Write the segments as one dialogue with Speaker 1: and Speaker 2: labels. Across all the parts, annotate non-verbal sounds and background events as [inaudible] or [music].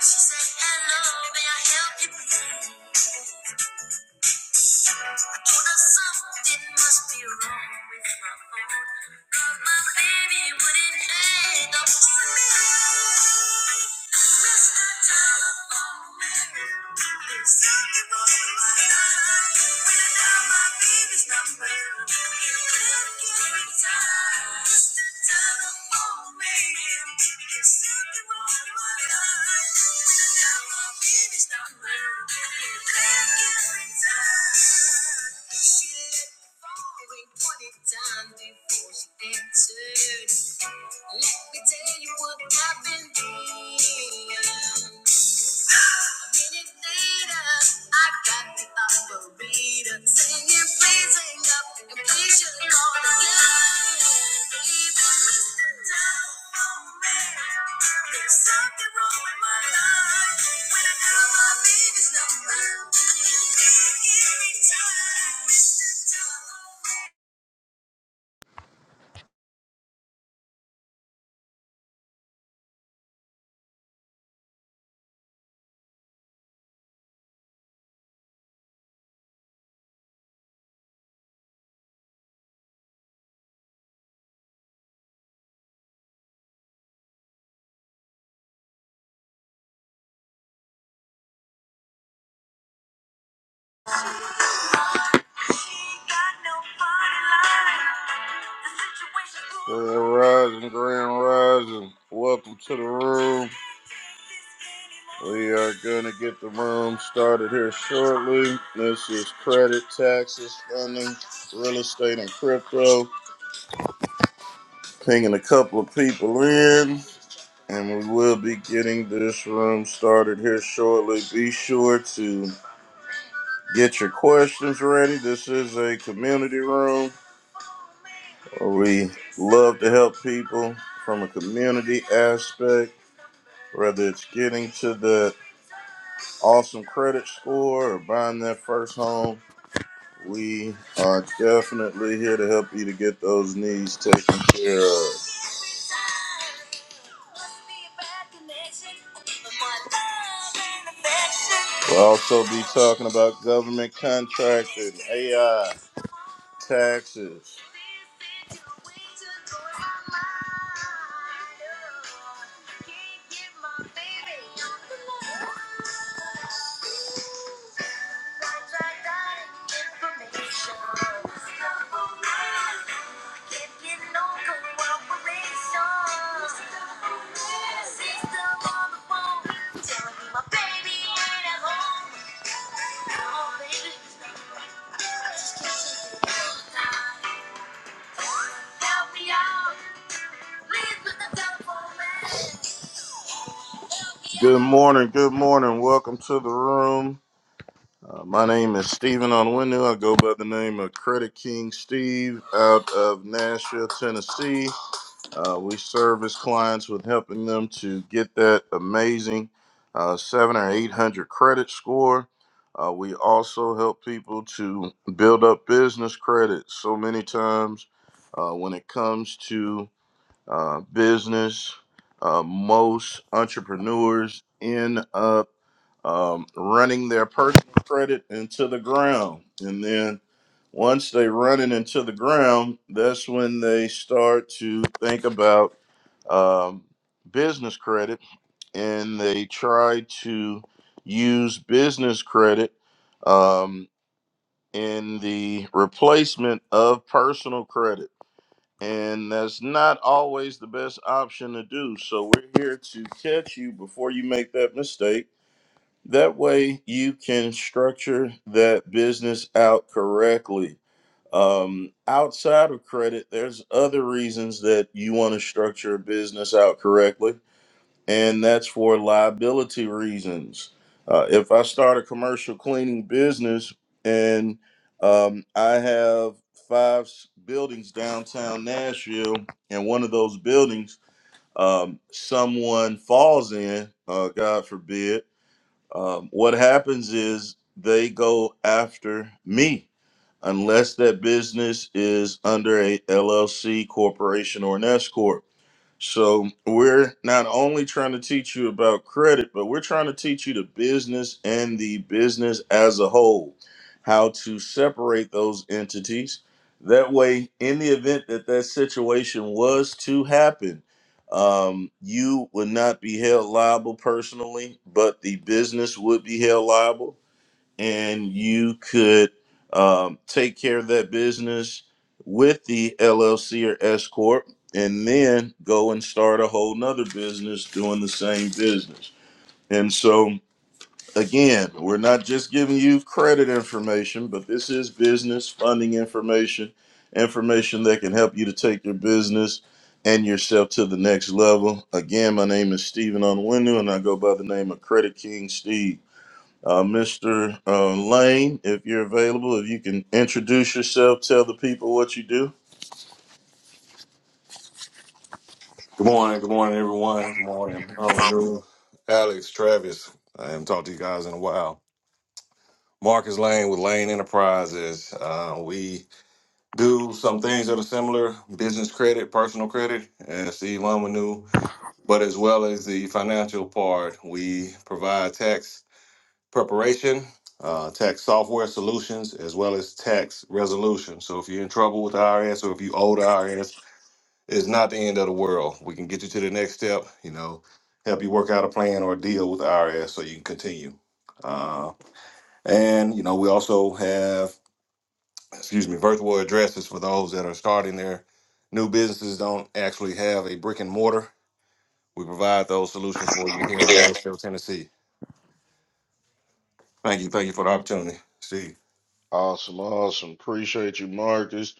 Speaker 1: She said, hello, may I help you please? I told her something must be wrong with my phone, 'cause my baby wouldn't hang up on me. Mr. Telephone Man, there's something wrong with my life. When I dial my let me tell you what happened. A minute later, I got the operator singing, please hang up, and please should call again. Mr. Telephone Man. There's something wrong with my life when I dial my baby's number. Every time Mr. Telephone Man ain't got nobody like. Grand Rising, Grand Rising. Welcome to the room. We are gonna get the room started here shortly. This is credit, taxes, funding, real estate, and crypto. Pinging a couple of people in, and we will be getting this room started here shortly. Be sure to get your questions ready. This is a community room. We love to help people from a community aspect, whether it's getting to the awesome credit score or buying their first home. We are definitely here to help you to get those needs taken care of. We'll also be talking about government contracting, AI taxes. Help me out. Good morning, good morning. Welcome to the room. Uh, my name is Stephen Onwenu. I go by the name of Credit King Steve out of Nashville, Tennessee. Uh, we service clients with helping them to get that amazing uh, seven or 800 credit score. Uh, we also help people to build up business credit. So many times uh, when it comes to uh, business. Uh, most entrepreneurs end up um, running their personal credit into the ground. And then once they run it into the ground, that's when they start to think about um, business credit and they try to use business credit um, in the replacement of personal credit and that's not always the best option to do. So we're here to catch you before you make that mistake. That way you can structure that business out correctly. Um, outside of credit, there's other reasons that you want to structure a business out correctly and that's for liability reasons. Uh, if I start a commercial cleaning business and um, I have five s- buildings downtown Nashville, and one of those buildings um, someone falls in, uh, God forbid, um, what happens is they go after me unless that business is under a LLC corporation or an S corp so we're not only trying to teach you about credit, but we're trying to teach you the business and the business as a whole, how to separate those entities. That way, in the event that that situation was to happen, um, you would not be held liable personally, but the business would be held liable and you could um, take care of that business with the LLC or S corp, and then go and start a whole nother business doing the same business. And so, again, we're not just giving you credit information, but this is business funding information, information that can help you to take your business and yourself to the next level. Again, my name is Stephen Onwenu, and I go by the name of Credit King Steve. Uh, Mr. Uh, Lane, if you're available, if you can introduce yourself, tell the people what you do.
Speaker 2: Good morning, good morning, everyone. Good morning. Oh, new Alex, Travis. I haven't talked to you guys in a while. Marcus Lane with Lane Enterprises. Uh, we do some things that are similar: business credit, personal credit, and Steve Lumenu. But as well as the financial part, we provide tax preparation, uh, tax software solutions, as well as tax resolution. So if you're in trouble with the IRS or if you owe the IRS it's not the end of the world. We can get you to the next step, you know, help you work out a plan or a deal with IRS so you can continue. Uh, and, you know, we also have, excuse me, virtual addresses for those that are starting their new businesses, don't actually have a brick and mortar. We provide those solutions for you here in Nashville, Tennessee. Thank you. Thank you for the opportunity. Steve.
Speaker 1: Awesome, awesome. Appreciate you, Marcus.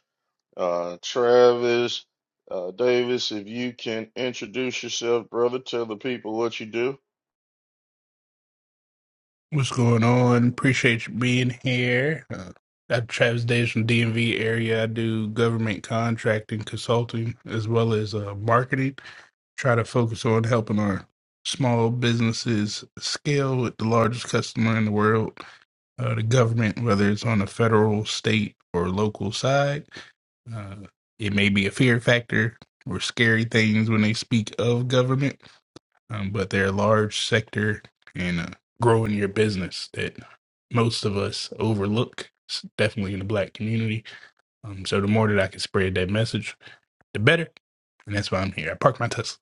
Speaker 1: Uh, Travis, uh, Davis, if you can introduce yourself, brother, tell the people what you do.
Speaker 3: What's going on? Appreciate you being here. Uh, I'm Travis Davis from DMV area. I do government contracting, consulting, as well as uh, marketing. Try to focus on helping our small businesses scale with the largest customer in the world, uh, the government, whether it's on the federal, state, or local side. Uh, it may be a fear factor or scary things when they speak of government um, but they're a large sector and uh, growing your business that most of us overlook, s- definitely in the black community. Um, so the more that I can spread that message, the better. And that's why I'm here. I parked my Tesla.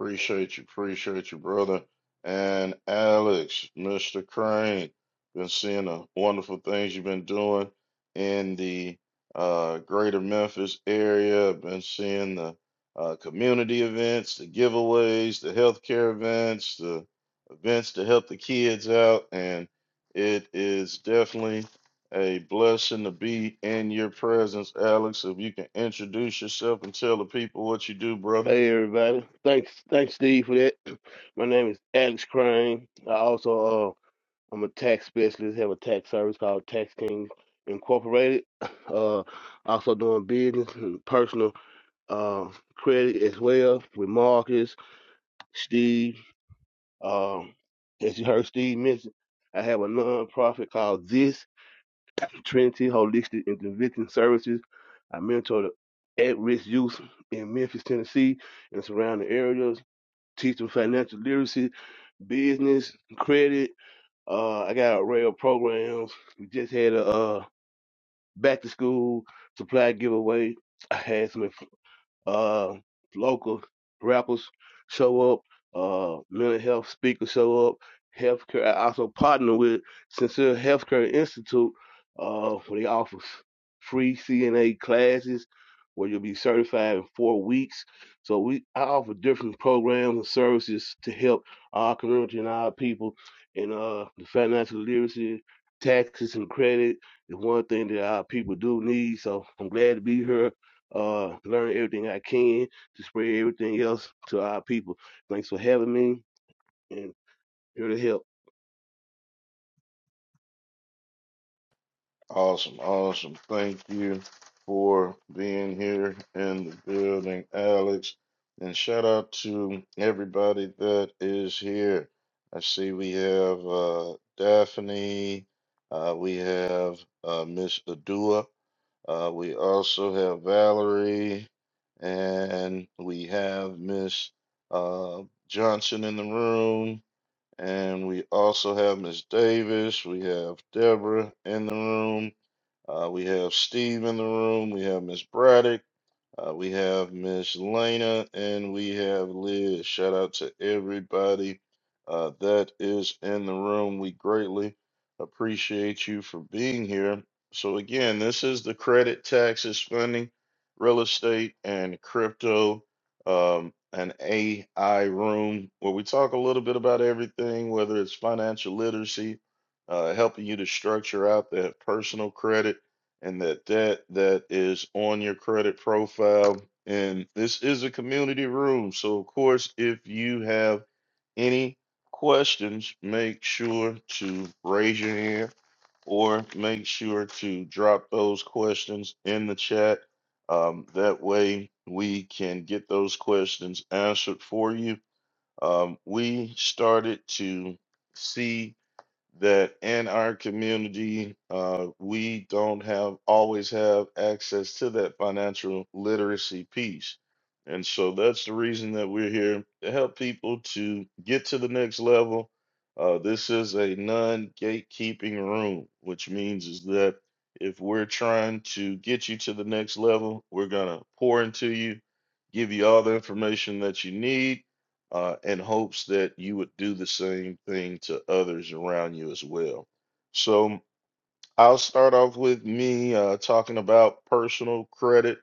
Speaker 1: Appreciate you, appreciate you, brother. And Alex, Mr. Crane, been seeing the wonderful things you've been doing in the uh, greater Memphis area. Been seeing the uh, community events, the giveaways, the healthcare events, the events to help the kids out. And it is definitely a blessing to be in your presence, Alex. If you can introduce yourself and tell the people what you do, brother.
Speaker 4: Hey everybody. Thanks thanks Steve for that. [clears throat] My name is Alex Crane. I also uh I'm a tax specialist, have a tax service called Tax King Incorporated. [clears throat] Uh also doing business and personal uh credit as well with Marcus, Steve. Um as you heard Steve mention, I have a nonprofit called This Trinity Holistic Intervention Services. I mentor the at risk youth in Memphis, Tennessee and surrounding areas teaching financial literacy, business, credit. Uh, I got array of programs. We just had a uh, back to school supply giveaway. I had some uh, local rappers show up, uh, mental health speakers show up, healthcare. I also partner with Sincere Healthcare Institute, uh, where they offer free CNA classes where you'll be certified in four weeks. So we I offer different programs and services to help our community and our people in uh, the financial literacy, taxes and credit is one thing that our people do need. So I'm glad to be here uh, learn everything I can to spread everything else to our people. Thanks for having me, and here to help.
Speaker 1: Awesome, awesome. Thank you for being here in the building, Alex. And shout out to everybody that is here. I see we have uh, Daphne, uh, we have uh, Miss Adua, uh, we also have Valerie, and we have Miss uh, Johnson in the room, and we also have Miss Davis, we have Deborah in the room. Uh, we have Steve in the room. We have Miss Braddock. Uh, we have Miss Lena, and we have Liz. Shout out to everybody uh, that is in the room. We greatly appreciate you for being here. So again, this is the credit taxes funding, real estate, and crypto, um, an AI room where we talk a little bit about everything, whether it's financial literacy, uh, helping you to structure out that personal credit and that that that is on your credit profile and this is a community room so of course if you have any questions make sure to raise your hand or make sure to drop those questions in the chat um, that way we can get those questions answered for you um, we started to see that in our community, uh, we don't have always have access to that financial literacy piece. And so that's the reason that we're here to help people to get to the next level. Uh, this is a non gatekeeping room, which means is that if we're trying to get you to the next level, we're going to pour into you, give you all the information that you need uh, in hopes that you would do the same thing to others around you as well. So I'll start off with me uh, talking about personal credit.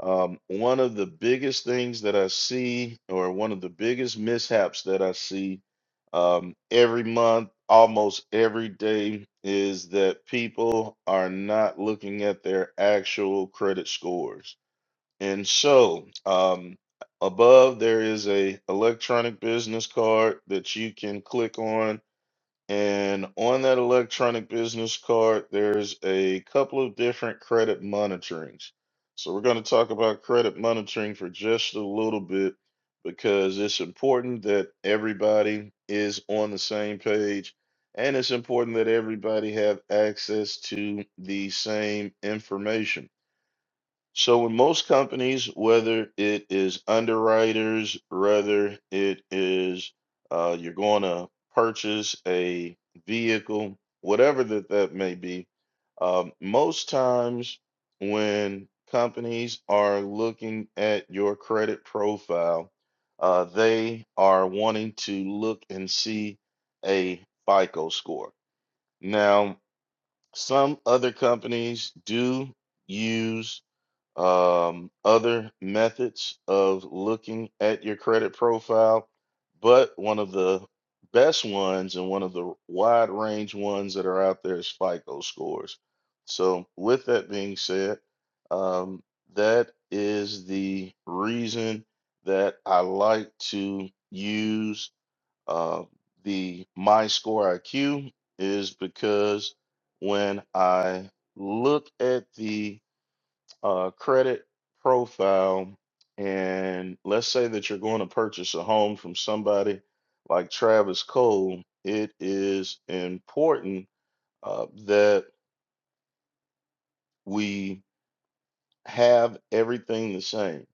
Speaker 1: Um, one of the biggest things that I see, or one of the biggest mishaps that I see um, every month, almost every day, is that people are not looking at their actual credit scores and so, um, above there is a electronic business card that you can click on. And on that electronic business card, there's a couple of different credit monitorings. So we're going to talk about credit monitoring for just a little bit because it's important that everybody is on the same page and it's important that everybody have access to the same information. So in most companies, whether it is underwriters, whether it is uh, you're going to purchase a vehicle, whatever that that may be, um, most times when companies are looking at your credit profile, uh, they are wanting to look and see a FICO score. Now, some other companies do use um, other methods of looking at your credit profile, but one of the best ones and one of the wide range ones that are out there is FICO scores. So, with that being said, um, that is the reason that I like to use uh, the MyScore IQ is because when I look at the uh, credit profile, and let's say that you're going to purchase a home from somebody like Travis Cole, it is important uh, that we have everything the same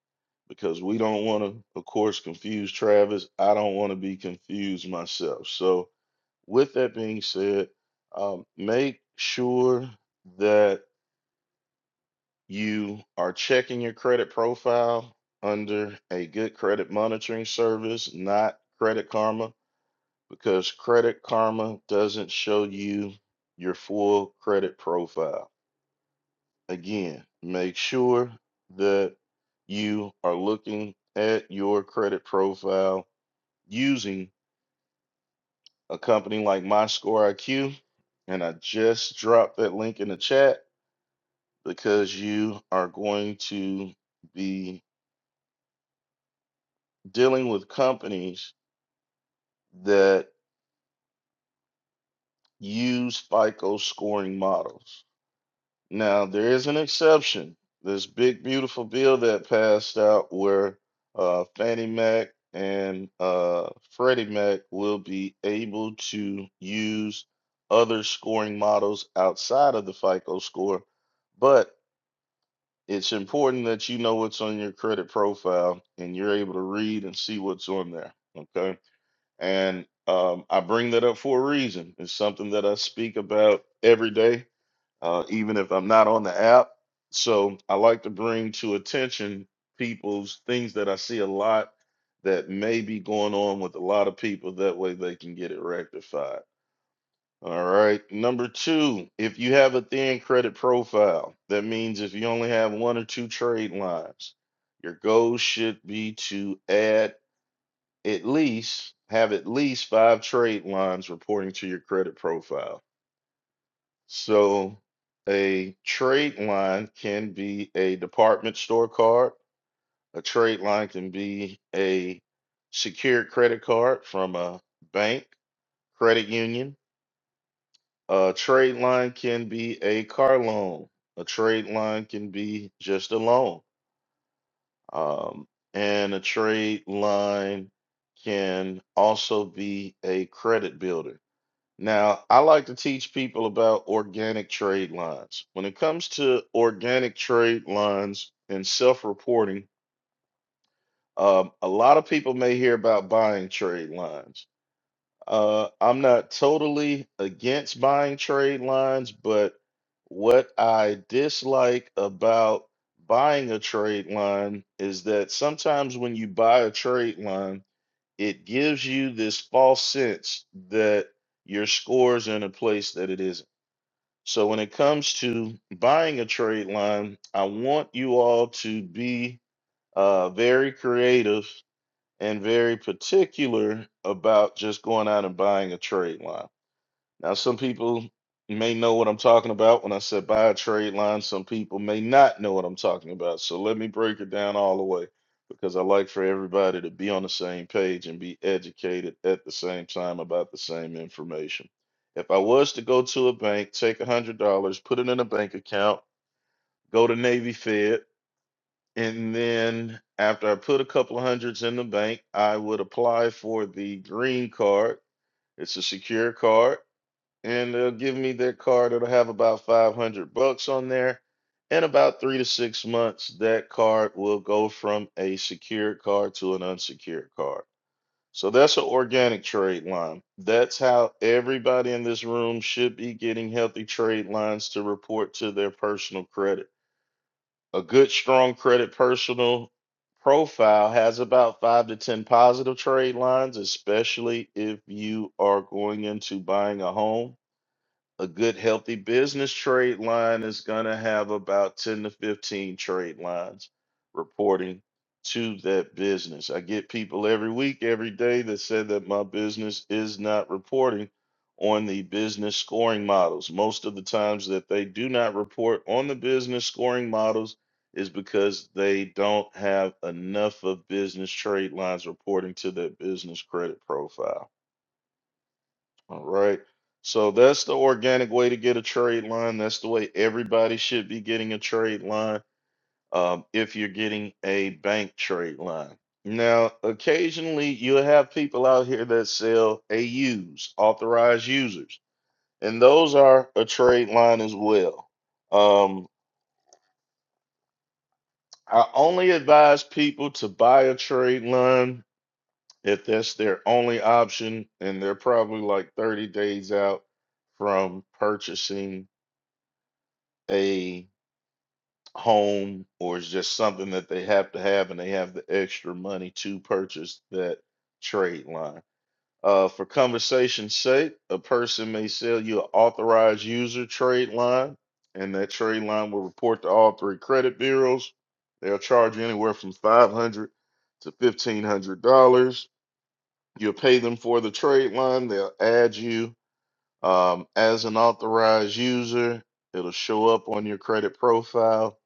Speaker 1: because we don't want to, of course, confuse Travis. I don't want to be confused myself. So, with that being said, um, make sure that you are checking your credit profile under a good credit monitoring service, not Credit Karma, because Credit Karma doesn't show you your full credit profile. Again, make sure that you are looking at your credit profile using a company like MyScoreIQ. And I just dropped that link in the chat because you are going to be dealing with companies that use FICO scoring models. Now, there is an exception. This big, beautiful bill that passed out where uh, Fannie Mac and uh, Freddie Mac will be able to use other scoring models outside of the FICO score. But it's important that you know what's on your credit profile and you're able to read and see what's on there. Okay. And um, I bring that up for a reason. It's something that I speak about every day, uh, even if I'm not on the app. So I like to bring to attention people's things that I see a lot that may be going on with a lot of people. That way they can get it rectified. All right. Number two, if you have a thin credit profile, that means if you only have one or two trade lines, your goal should be to add at least have at least five trade lines reporting to your credit profile. So a trade line can be a department store card. A trade line can be a secured credit card from a bank, credit union. A trade line can be a car loan. A trade line can be just a loan. Um, and a trade line can also be a credit builder Now, I like to teach people about organic trade lines. When it comes to organic trade lines and self-reporting, um, a lot of people may hear about buying trade lines. Uh, I'm not totally against buying trade lines, but what I dislike about buying a trade line is that sometimes when you buy a trade line, it gives you this false sense that your score's in a place that it isn't. So when it comes to buying a trade line, I want you all to be uh, very creative and very particular about just going out and buying a trade line. Now, some people may know what I'm talking about when I said buy a trade line. Some people may not know what I'm talking about. So let me break it down all the way because I like for everybody to be on the same page and be educated at the same time about the same information. If I was to go to a bank, take $100, put it in a bank account, go to Navy Fed, and then after I put a couple of hundreds in the bank, I would apply for the green card. It's a secure card and they'll give me their card. It'll have about 500 bucks on there. In about three to six months, that card will go from a secured card to an unsecured card. So that's an organic trade line. That's how everybody in this room should be getting healthy trade lines to report to their personal credit. A good, strong credit personal profile has about five to 10 positive trade lines, especially if you are going into buying a home a good healthy business trade line is going to have about 10 to 15 trade lines reporting to that business. I get people every week, every day that say that my business is not reporting on the business scoring models. Most of the times that they do not report on the business scoring models is because they don't have enough of business trade lines reporting to their business credit profile. All right. So that's the organic way to get a trade line. That's the way everybody should be getting a trade line um, if you're getting a bank trade line. Now, occasionally you'll have people out here that sell a AUs, authorized users, and those are a trade line as well. Um, I only advise people to buy a trade line if that's their only option, and they're probably like 30 days out from purchasing a home or it's just something that they have to have and they have the extra money to purchase that trade line. Uh, for conversation's sake, a person may sell you an authorized user trade line, and that trade line will report to all three credit bureaus. They'll charge you anywhere from five hundred dollars to fifteen hundred dollars. You'll pay them for the trade line. They'll add you um, as an authorized user, it'll show up on your credit profile.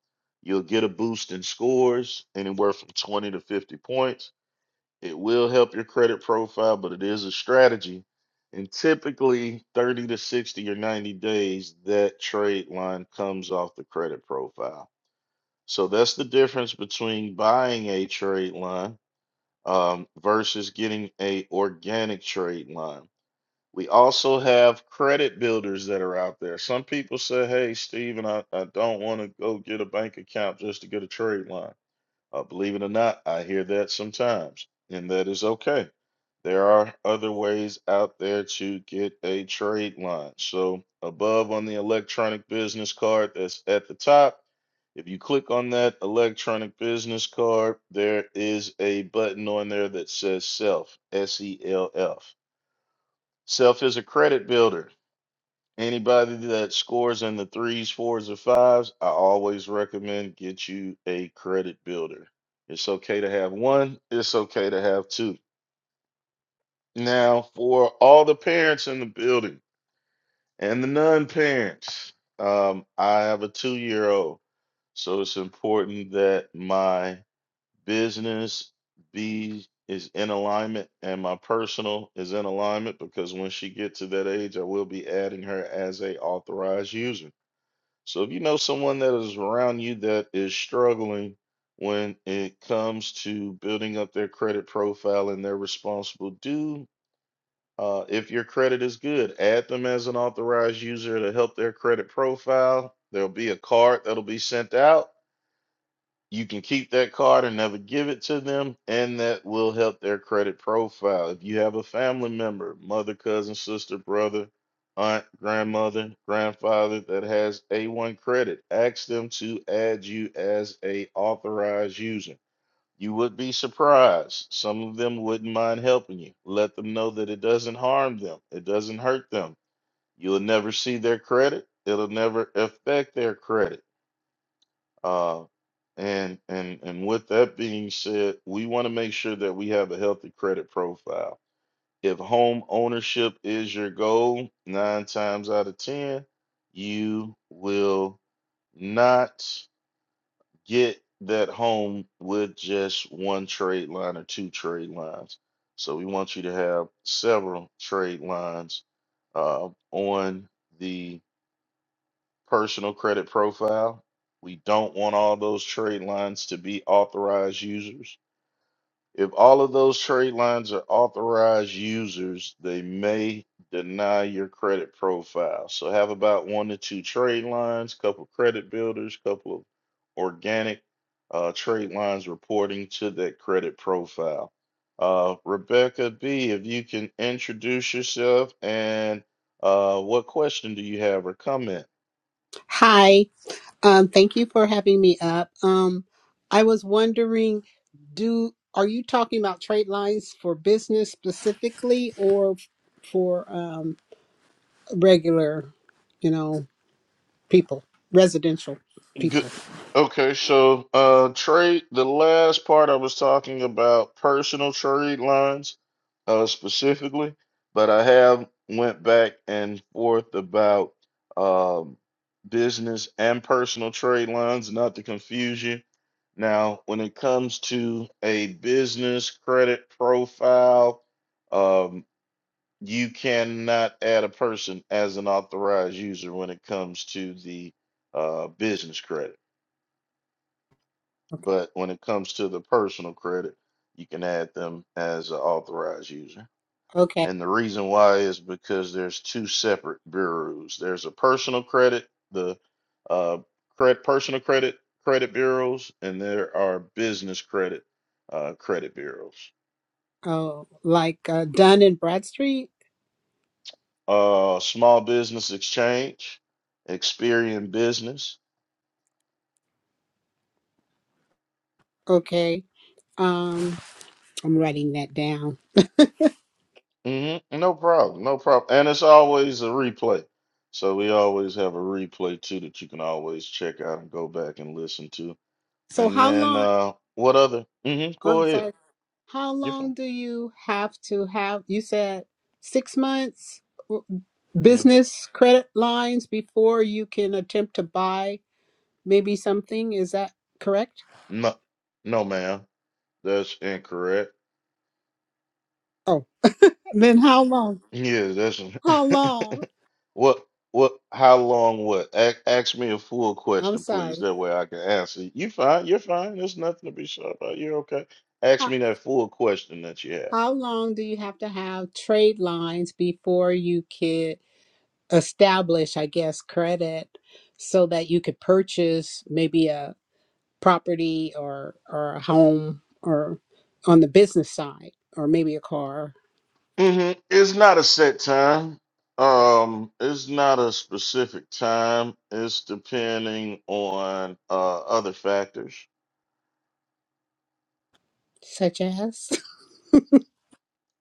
Speaker 1: You'll get a boost in scores, anywhere from 20 to 50 points. It will help your credit profile, but it is a strategy. And typically, 30 to 60 or 90 days, that trade line comes off the credit profile. So that's the difference between buying a trade line um, versus getting a organic trade line we also have credit builders that are out there. Some people say, hey, Steven, I, I don't want to go get a bank account just to get a trade line. Uh, believe it or not, I hear that sometimes, and that is okay. There are other ways out there to get a trade line. So, above on the electronic business card that's at the top, if you click on that electronic business card, there is a button on there that says SELF, S E L F Self is a credit builder. Anybody that scores in the threes, fours, or fives, I always recommend get you a credit builder. It's okay to have one, it's okay to have two. Now, for all the parents in the building and the non parents, um, I have a two year old. So it's important that my business B is in alignment and my personal is in alignment because when she gets to that age, I will be adding her as a authorized user. So if you know someone that is around you that is struggling when it comes to building up their credit profile and they're responsible, do uh, if your credit is good, add them as an authorized user to help their credit profile. There'll be a card that'll be sent out you can keep that card and never give it to them, and that will help their credit profile. If you have a family member, mother, cousin, sister, brother, aunt, grandmother, grandfather that has A1 credit, ask them to add you as a authorized user. You would be surprised. Some of them wouldn't mind helping you. Let them know that it doesn't harm them. It doesn't hurt them. You'll never see their credit. It'll never affect their credit uh, and and and with that being said, we want to make sure that we have a healthy credit profile. If home ownership is your goal, nine times out of ten, you will not get that home with just one trade line or two trade lines. So we want you to have several trade lines uh, on the personal credit profile. We don't want all those trade lines to be authorized users. If all of those trade lines are authorized users, they may deny your credit profile. So have about one to two trade lines, couple credit builders, couple of organic uh, trade lines reporting to that credit profile. Uh, Rebecca B, if you can introduce yourself and uh, what question do you have or comment?
Speaker 5: Hi. Um, thank you for having me up. Um, I was wondering, do are you talking about trade lines for business specifically, or for um, regular, you know, people, residential
Speaker 1: Good.
Speaker 5: people?
Speaker 1: Okay, so uh trade the last part I was talking about personal trade lines uh specifically, but I have went back and forth about um business and personal trade lines, not to confuse you. Now, when it comes to a business credit profile, um you cannot add a person as an authorized user when it comes to the uh business credit.
Speaker 5: Okay.
Speaker 1: But when it comes to the personal credit, you can add them as an authorized user.
Speaker 5: okay.
Speaker 1: And the reason why is because there's two separate bureaus. There's a personal credit, the uh, credit, personal credit credit bureaus, and there are business credit uh, credit bureaus.
Speaker 5: Oh, like uh, Dunn and Bradstreet.
Speaker 1: Uh, Small Business Exchange, Experian Business,
Speaker 5: Okay. Um, I'm writing that down.
Speaker 1: hmm No problem. No problem. And it's always a replay. So we always have a replay too that you can always check out and go back and listen to.
Speaker 5: So
Speaker 1: And
Speaker 5: how
Speaker 1: then
Speaker 5: long?
Speaker 1: uh what other? Mm-hmm. Go
Speaker 5: I'm sorry.
Speaker 1: ahead.
Speaker 5: How
Speaker 1: You're
Speaker 5: long
Speaker 1: fine.
Speaker 5: do you have to have? You said six months.
Speaker 1: hmm
Speaker 5: business credit lines before you can attempt to buy maybe something. Is that correct?
Speaker 1: No, no, ma'am. That's incorrect.
Speaker 5: Oh, then how long?
Speaker 1: Yeah, that's
Speaker 5: How long?
Speaker 1: [laughs] what what how long what? A- ask me a full
Speaker 5: I'm
Speaker 1: question, please.
Speaker 5: sorry.
Speaker 1: That way I can answer. You fine, you're fine. There's nothing to be sure about. You're okay. Ask
Speaker 5: How
Speaker 1: me that full question that you have.
Speaker 5: how long do you have to have trade lines before you can establish, I guess, credit so that you could purchase maybe a property or or a home or on the business side or maybe a car,
Speaker 1: hmm It's not a set time. Um, it's not a specific time. It's depending on uh, other factors.
Speaker 5: such as? [laughs]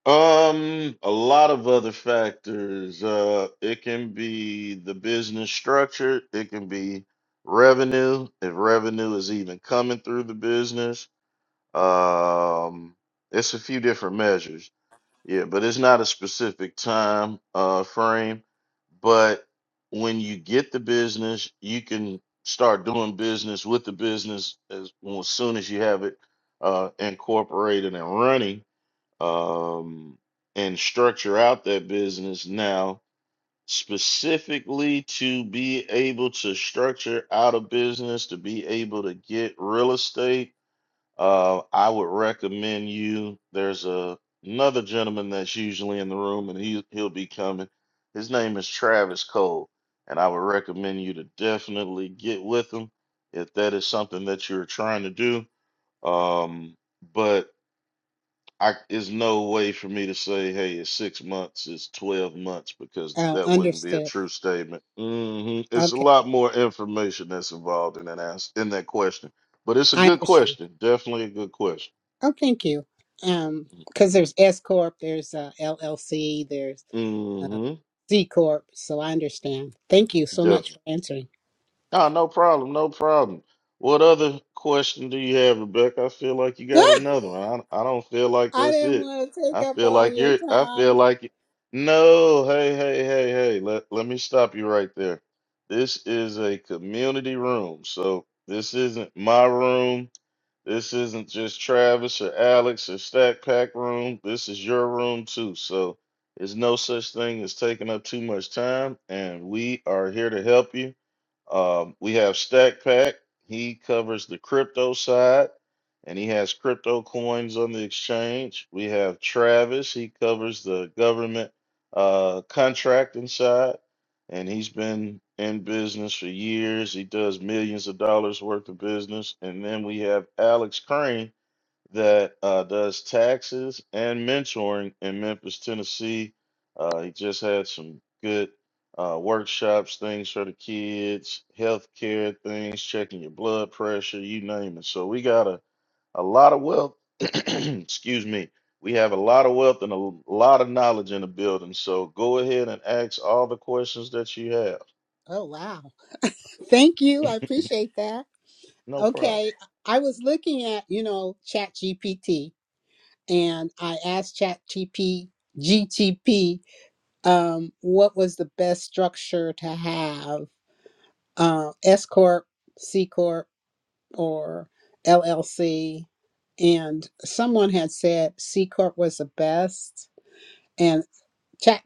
Speaker 1: Um, a lot of other factors. Uh, it can be the business structure. It can be revenue, if revenue is even coming through the business. Um, it's a few different measures. Yeah, but it's not a specific time uh frame. But when you get the business, you can start doing business with the business as, well, as soon as you have it uh incorporated and running, um, and structure out that business now specifically to be able to structure out a business, to be able to get real estate uh, I would recommend you. There's a, another gentleman that's usually in the room, and he he'll be coming. His name is Travis Cole, and I would recommend you to definitely get with him if that is something that you're trying to do. Um, but I is no way for me to say, hey, it's six months, it's twelve months, because
Speaker 5: Oh,
Speaker 1: that wouldn't be a
Speaker 5: understood.
Speaker 1: true statement. hmm It's a
Speaker 5: Okay,
Speaker 1: lot more information that's involved in that ask in that question, but it's a
Speaker 5: I
Speaker 1: good
Speaker 5: understand.
Speaker 1: question, definitely a good question.
Speaker 5: Oh, thank you. Um, because there's S corp, there's uh, LLC, there's uh,
Speaker 1: Mm-hmm.
Speaker 5: Z corp. So I understand. Thank you so much
Speaker 1: Definitely.
Speaker 5: for answering.
Speaker 1: Ah, no problem. No problem. What other question do you have, Rebecca? I feel like you
Speaker 5: [laughs]
Speaker 1: got
Speaker 5: I
Speaker 1: another one. I, I don't feel like that's
Speaker 5: didn't
Speaker 1: it.
Speaker 5: want to take
Speaker 1: I
Speaker 5: up
Speaker 1: feel
Speaker 5: all
Speaker 1: like
Speaker 5: your
Speaker 1: you're, I feel
Speaker 5: time.
Speaker 1: like, it- no, hey, hey, hey, hey, let, let me stop you right there. This is a community room. So this isn't my room. This isn't just Travis or Alex or Stack Pack room. This is your room too. So there's no such thing as taking up too much time, and we are here to help you. Um, we have Stack Pack. He covers the crypto side, and he has crypto coins on the exchange. We have Travis. He covers the government uh, contracting side and he's been in business for years. He does millions of dollars worth of business. And then we have Alex Crane that uh, does taxes and mentoring in Memphis, Tennessee. Uh, he just had some good uh, workshops, things for the kids, healthcare things, checking your blood pressure, you name it. So we got a a lot of wealth. [clears throat] Excuse me. We have a lot of wealth and a l- lot of knowledge in the building. So go ahead and ask all the questions that you have.
Speaker 5: Oh wow! Thank you. I appreciate that.
Speaker 1: No problem.
Speaker 5: Okay, I was looking at you know Chat GPT, and I asked Chat G P G T P, um, what was the best structure to have uh, S corp, C corp. or LLC. And someone had said C Corp was the best. And Chat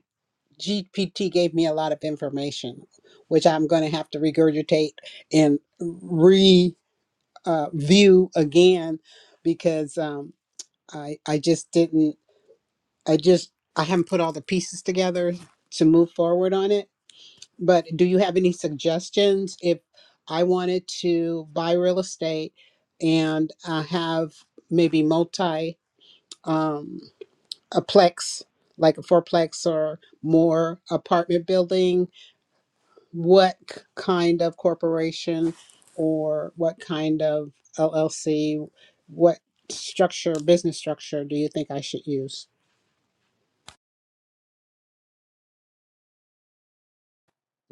Speaker 5: GPT gave me a lot of information, which I'm going to have to regurgitate and review uh, view again because um, I, I just didn't, I just, I haven't put all the pieces together to move forward on it. But do you have any suggestions if I wanted to buy real estate and uh, have maybe multi um, a plex, like a fourplex or more apartment building? What k- kind of corporation or what kind of LLC? What structure, business structure, do you think I should use?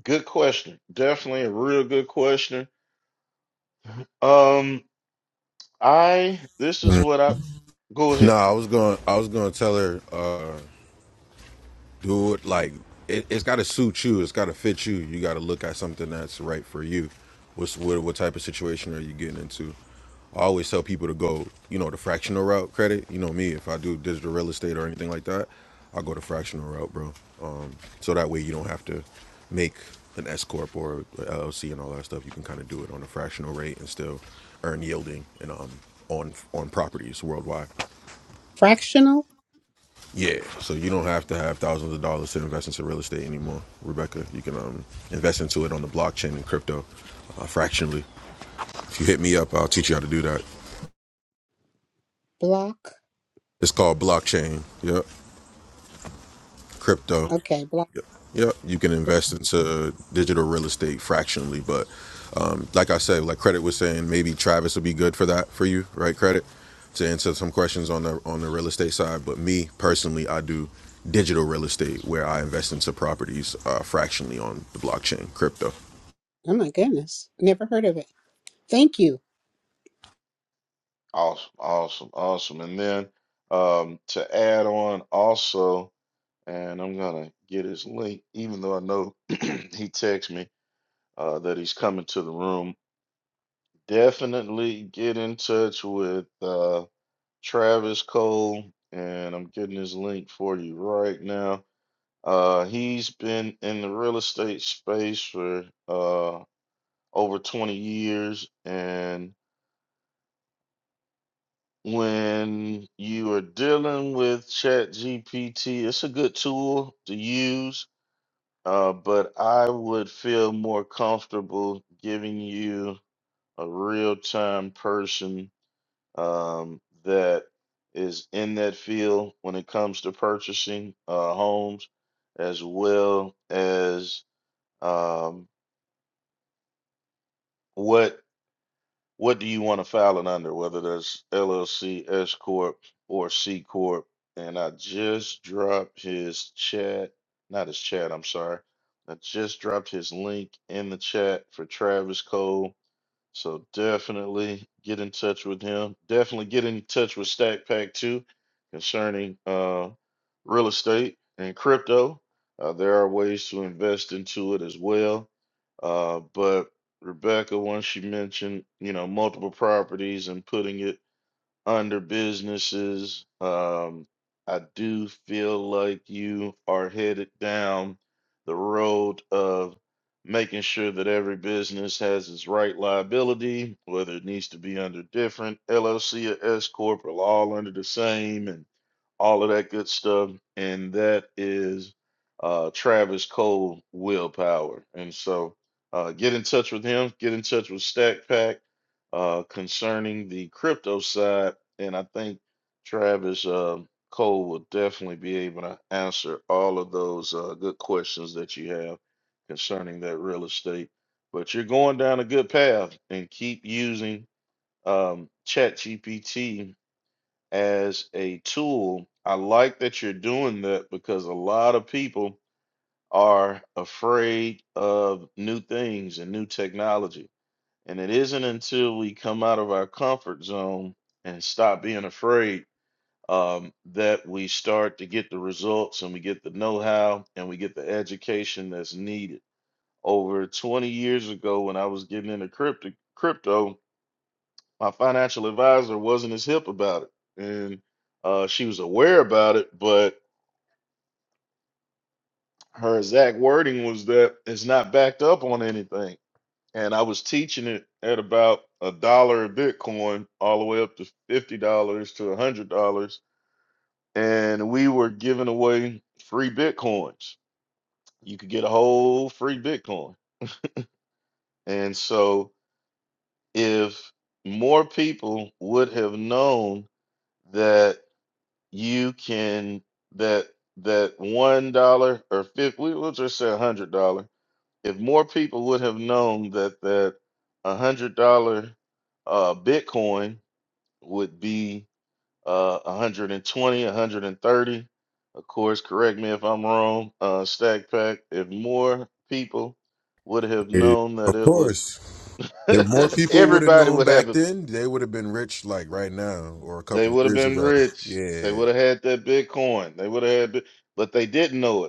Speaker 1: Good question. Definitely a real good question. Um, I this is what I go
Speaker 6: No,
Speaker 1: ahead.
Speaker 6: I was going. I was going to tell her, uh, do it like it, it's got to suit you. It's got to fit you. You got to look at something that's right for you. What's what? What type of situation are you getting into? I always tell people to go, you know, the fractional route credit. You know me, if I do digital real estate or anything like that, I go the fractional route, bro. Um, so that way you don't have to make an S corp or a LLC and all that stuff. You can kind of do it on a fractional rate and still earn yielding and um, on on properties worldwide.
Speaker 5: Fractional
Speaker 6: Yeah, so you don't have to have thousands of dollars to invest into real estate anymore, Rebecca. You can um, invest into it on the blockchain and crypto uh, fractionally. If you hit me up, I'll teach you how to do that.
Speaker 5: block.
Speaker 6: It's called blockchain. Yep, crypto.
Speaker 5: Okay, block.
Speaker 6: Yep, you can invest into digital real estate fractionally, but um, like I said, like credit was saying, maybe Travis would be good for that for you, right? Credit to answer some questions on the on the real estate side, but me personally, I do digital real estate where I invest into properties uh, fractionally on the blockchain, crypto.
Speaker 5: Oh my goodness, never heard of it. Thank you.
Speaker 1: Awesome, awesome, awesome. And then um to add on also, and I'm gonna get his link, even though I know [clears throat] he texted me uh that he's coming to the room. Definitely get in touch with uh, Travis Cole, and I'm getting his link for you right now. Uh, he's been in the real estate space for uh, over 20 years, and when you are dealing with ChatGPT, it's a good tool to use, uh, but I would feel more comfortable giving you a real-time person um, that is in that field when it comes to purchasing uh, homes, as well as um, what what do you want to file it under, whether that's LLC, S corp, or C corp. And I just dropped his chat, not his chat. I'm sorry. I just dropped his link in the chat for Travis Cole So definitely get in touch with him. Definitely get in touch with Stack Pack too concerning uh, real estate and crypto. Uh, there are ways to invest into it as well. Uh, but Rebecca, once she mentioned, you know, multiple properties and putting it under businesses. Um, I do feel like you are headed down the road of making sure that every business has its right liability, whether it needs to be under different LLC or S corp or all under the same, and all of that good stuff. And that is uh, Travis Cole Willpower. And so uh, get in touch with him, get in touch with Stack Pack uh, concerning the crypto side. And I think Travis uh, Cole will definitely be able to answer all of those uh, good questions that you have concerning that real estate. But you're going down a good path and keep using um, ChatGPT as a tool. I like that you're doing that because a lot of people are afraid of new things and new technology. And it isn't until we come out of our comfort zone and stop being afraid um, that we start to get the results and we get the know how and we get the education that's needed. Over 20 years ago, when I was getting into crypto, crypto my financial advisor wasn't as hip about it. And uh, she was aware about it, but her exact wording was that it's not backed up on anything. And I was teaching it at about a dollar a Bitcoin, all the way up to $50 to $100. And we were giving away free Bitcoins. You could get a whole free Bitcoin. And so if more people would have known that you can that that one dollar or fifty we will just say a hundred dollar if more people would have known that that a hundred dollar uh bitcoin would be uh 120 130 of course correct me if i'm wrong uh stack pack if more people would have
Speaker 6: Hey,
Speaker 1: known that
Speaker 6: Of
Speaker 1: it would
Speaker 6: course. If more
Speaker 1: [laughs]
Speaker 6: people would have
Speaker 1: everybody
Speaker 6: known
Speaker 1: would have
Speaker 6: back
Speaker 1: it
Speaker 6: then, they would have been rich like right now or a
Speaker 1: they
Speaker 6: couple of
Speaker 1: would have
Speaker 6: years
Speaker 1: been
Speaker 6: ago.
Speaker 1: rich they
Speaker 6: Yeah,
Speaker 1: would have had that bitcoin they would have had bi- but they didn't know it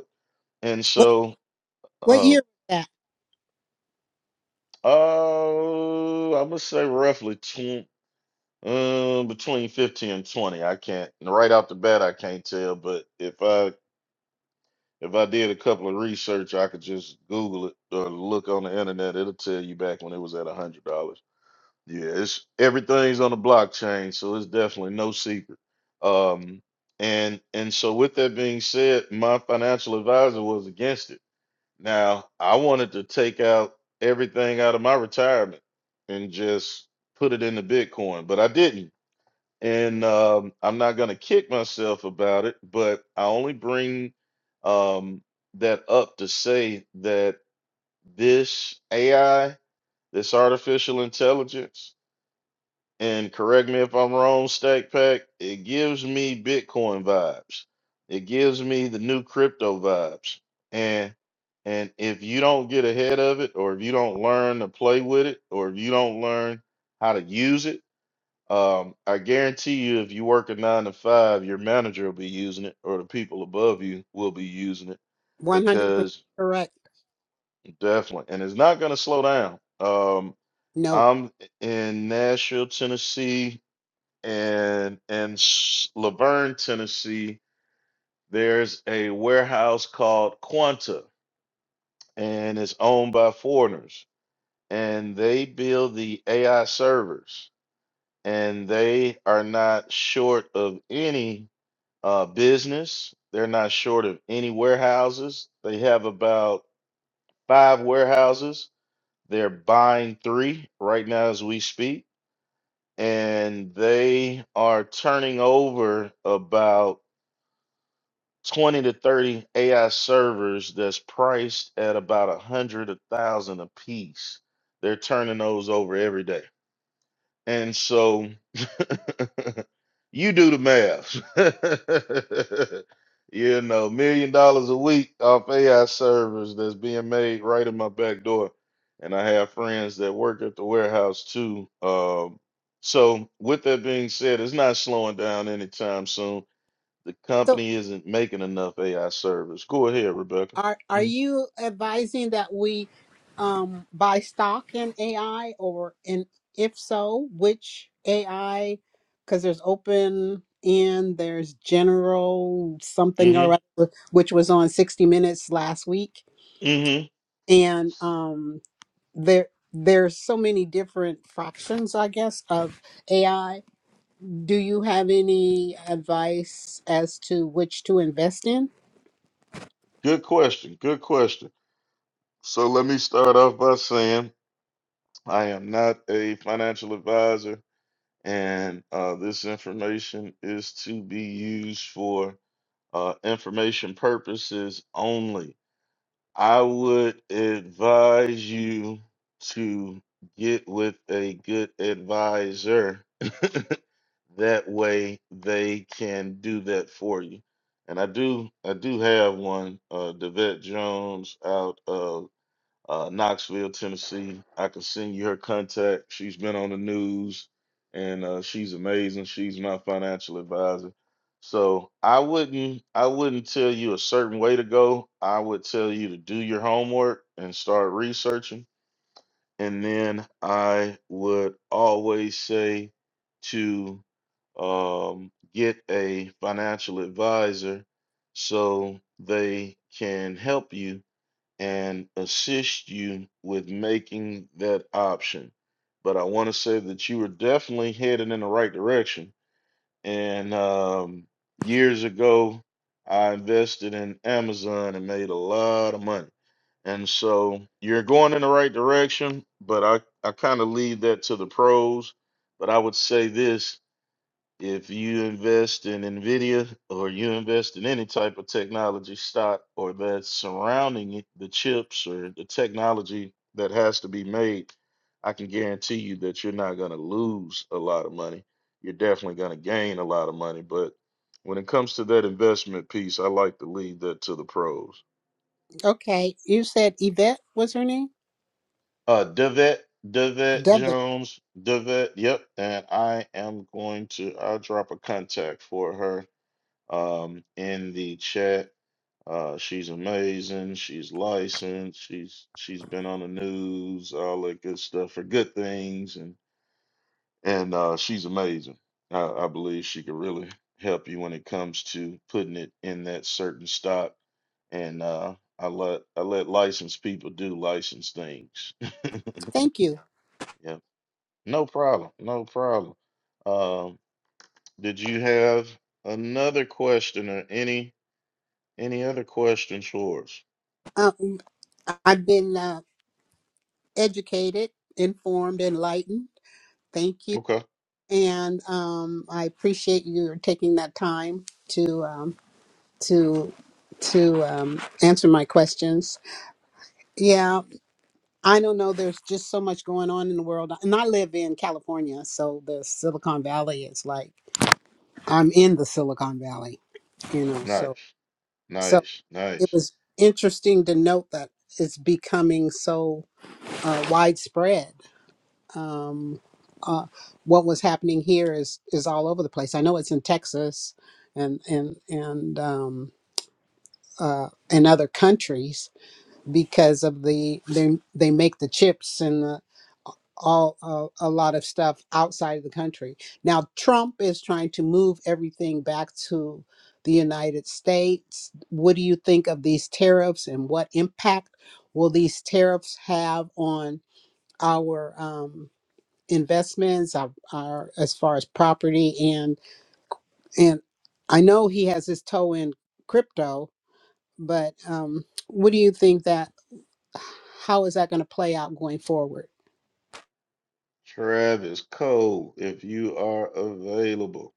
Speaker 1: And so,
Speaker 5: What
Speaker 1: uh,
Speaker 5: year was that?
Speaker 1: oh, I'm gonna say roughly 20, um, between 15 and 20. I can't, right off the bat, I can't tell, but if I if I did a couple of research, I could just Google it or look on the internet. It'll tell you back when it was at a hundred dollars. Yeah, it's everything's on the blockchain, so it's definitely no secret. Um, and and so with that being said, my financial advisor was against it Now, I wanted to take out everything out of my retirement and just put it into Bitcoin, but I didn't. And um, I'm not going to kick myself about it, but I only bring um, that up to say that this AI, this artificial intelligence, and correct me if I'm wrong, Stack Pack, it gives me Bitcoin vibes. It gives me the new crypto vibes. And and if you don't get ahead of it, or if you don't learn to play with it, or if you don't learn how to use it, um, I guarantee you, if you work a nine to five, your manager will be using it, or the people above you will be using it,
Speaker 5: One hundred percent
Speaker 1: because
Speaker 5: correct.
Speaker 1: definitely, and it's not going to slow down. Um,
Speaker 5: No.
Speaker 1: I'm in Nashville, Tennessee, and in S- Laverne, Tennessee, there's a warehouse called Quanta, and it's owned by foreigners, and they build the AI servers, and they are not short of any uh, business. They're not short of any warehouses. They have about five warehouses. They're buying three right now as we speak, and they are turning over about 20 to 30 AI servers that's priced at about a hundred a thousand a piece. They're turning those over every day. And so [laughs] you do the math. [laughs] you know, million dollars a week off AI servers that's being made right in my back door. And I have friends that work at the warehouse too. Um, so with that being said, it's not slowing down anytime soon the
Speaker 5: So
Speaker 1: company isn't making enough AI servers. Go ahead, Rebecca.
Speaker 5: are are you advising that we um buy stock in AI or and if so, which AI? Because there's open and there's general something
Speaker 1: Mm-hmm.
Speaker 5: or other, which was on 60 Minutes last week.
Speaker 1: Mm-hmm.
Speaker 5: And um there there's so many different fractions, I guess, of AI Do you have any advice as to which to invest in?
Speaker 1: Good question. Good question. So let me start off by saying I am not a financial advisor, and uh, this information is to be used for uh, information purposes only. I would advise you to get with a good advisor [laughs] That way they can do that for you. And I do I do have one, uh Devette Jones out of uh Knoxville, Tennessee. I can send you her contact. She's been on the news and uh she's amazing. She's my financial advisor. So I wouldn't I wouldn't tell you a certain way to go. I would tell you to do your homework and start researching and then I would always say to um, get a financial advisor so they can help you and assist you with making that option. But I want to say that you were definitely headed in the right direction. And um, years ago, I invested in Amazon and made a lot of money. And so you're going in the right direction, but I, I kind of leave that to the pros. But I would say this if you invest in NVIDIA or you invest in any type of technology stock or that's surrounding it, the chips or the technology that has to be made, I can guarantee you that you're not going to lose a lot of money. You're definitely going to gain a lot of money. But when it comes to that investment piece, I like to leave that to the pros.
Speaker 5: Okay, you said Yvette was her name?
Speaker 1: Uh, Devet, Devet
Speaker 5: Devin.
Speaker 1: Jones, Devet. Yep, and I am going to. I'll drop a contact for her. Um, in the chat. Uh, she's amazing. She's licensed. She's she's been on the news, all that good stuff for good things, and and uh, she's amazing. I, I believe she could really help you when it comes to putting it in that certain stock. And uh, I let I let licensed people do licensed things. [laughs]
Speaker 5: Thank you.
Speaker 1: Yep. No problem. No problem. Um, did you have another question or any any other questions for us?
Speaker 5: Um, I've been uh, educated, informed, enlightened. Thank you.
Speaker 1: Okay.
Speaker 5: And um, I appreciate you taking that time to um, to to um, answer my questions. Yeah, I don't know. There's just so much going on in the world, and I live in California, so the Silicon Valley is like I'm in the Silicon Valley, you know. So
Speaker 1: Nice.
Speaker 5: so
Speaker 1: Nice.
Speaker 5: it
Speaker 1: Nice.
Speaker 5: was interesting to note that it's becoming so uh, widespread. Um, uh, what was happening here is is all over the place. I know it's in Texas and and and um, uh, and other countries because of the they they make the chips all uh, a lot of stuff outside of the country. Now Trump is trying to move everything back to the United States. What do you think of these tariffs and what impact will these tariffs have on our um, investments, our, our as far as property and and I know he has his toe in crypto, but um, what do you think that how is that going to play out going forward?
Speaker 1: Travis Cole, if you are available,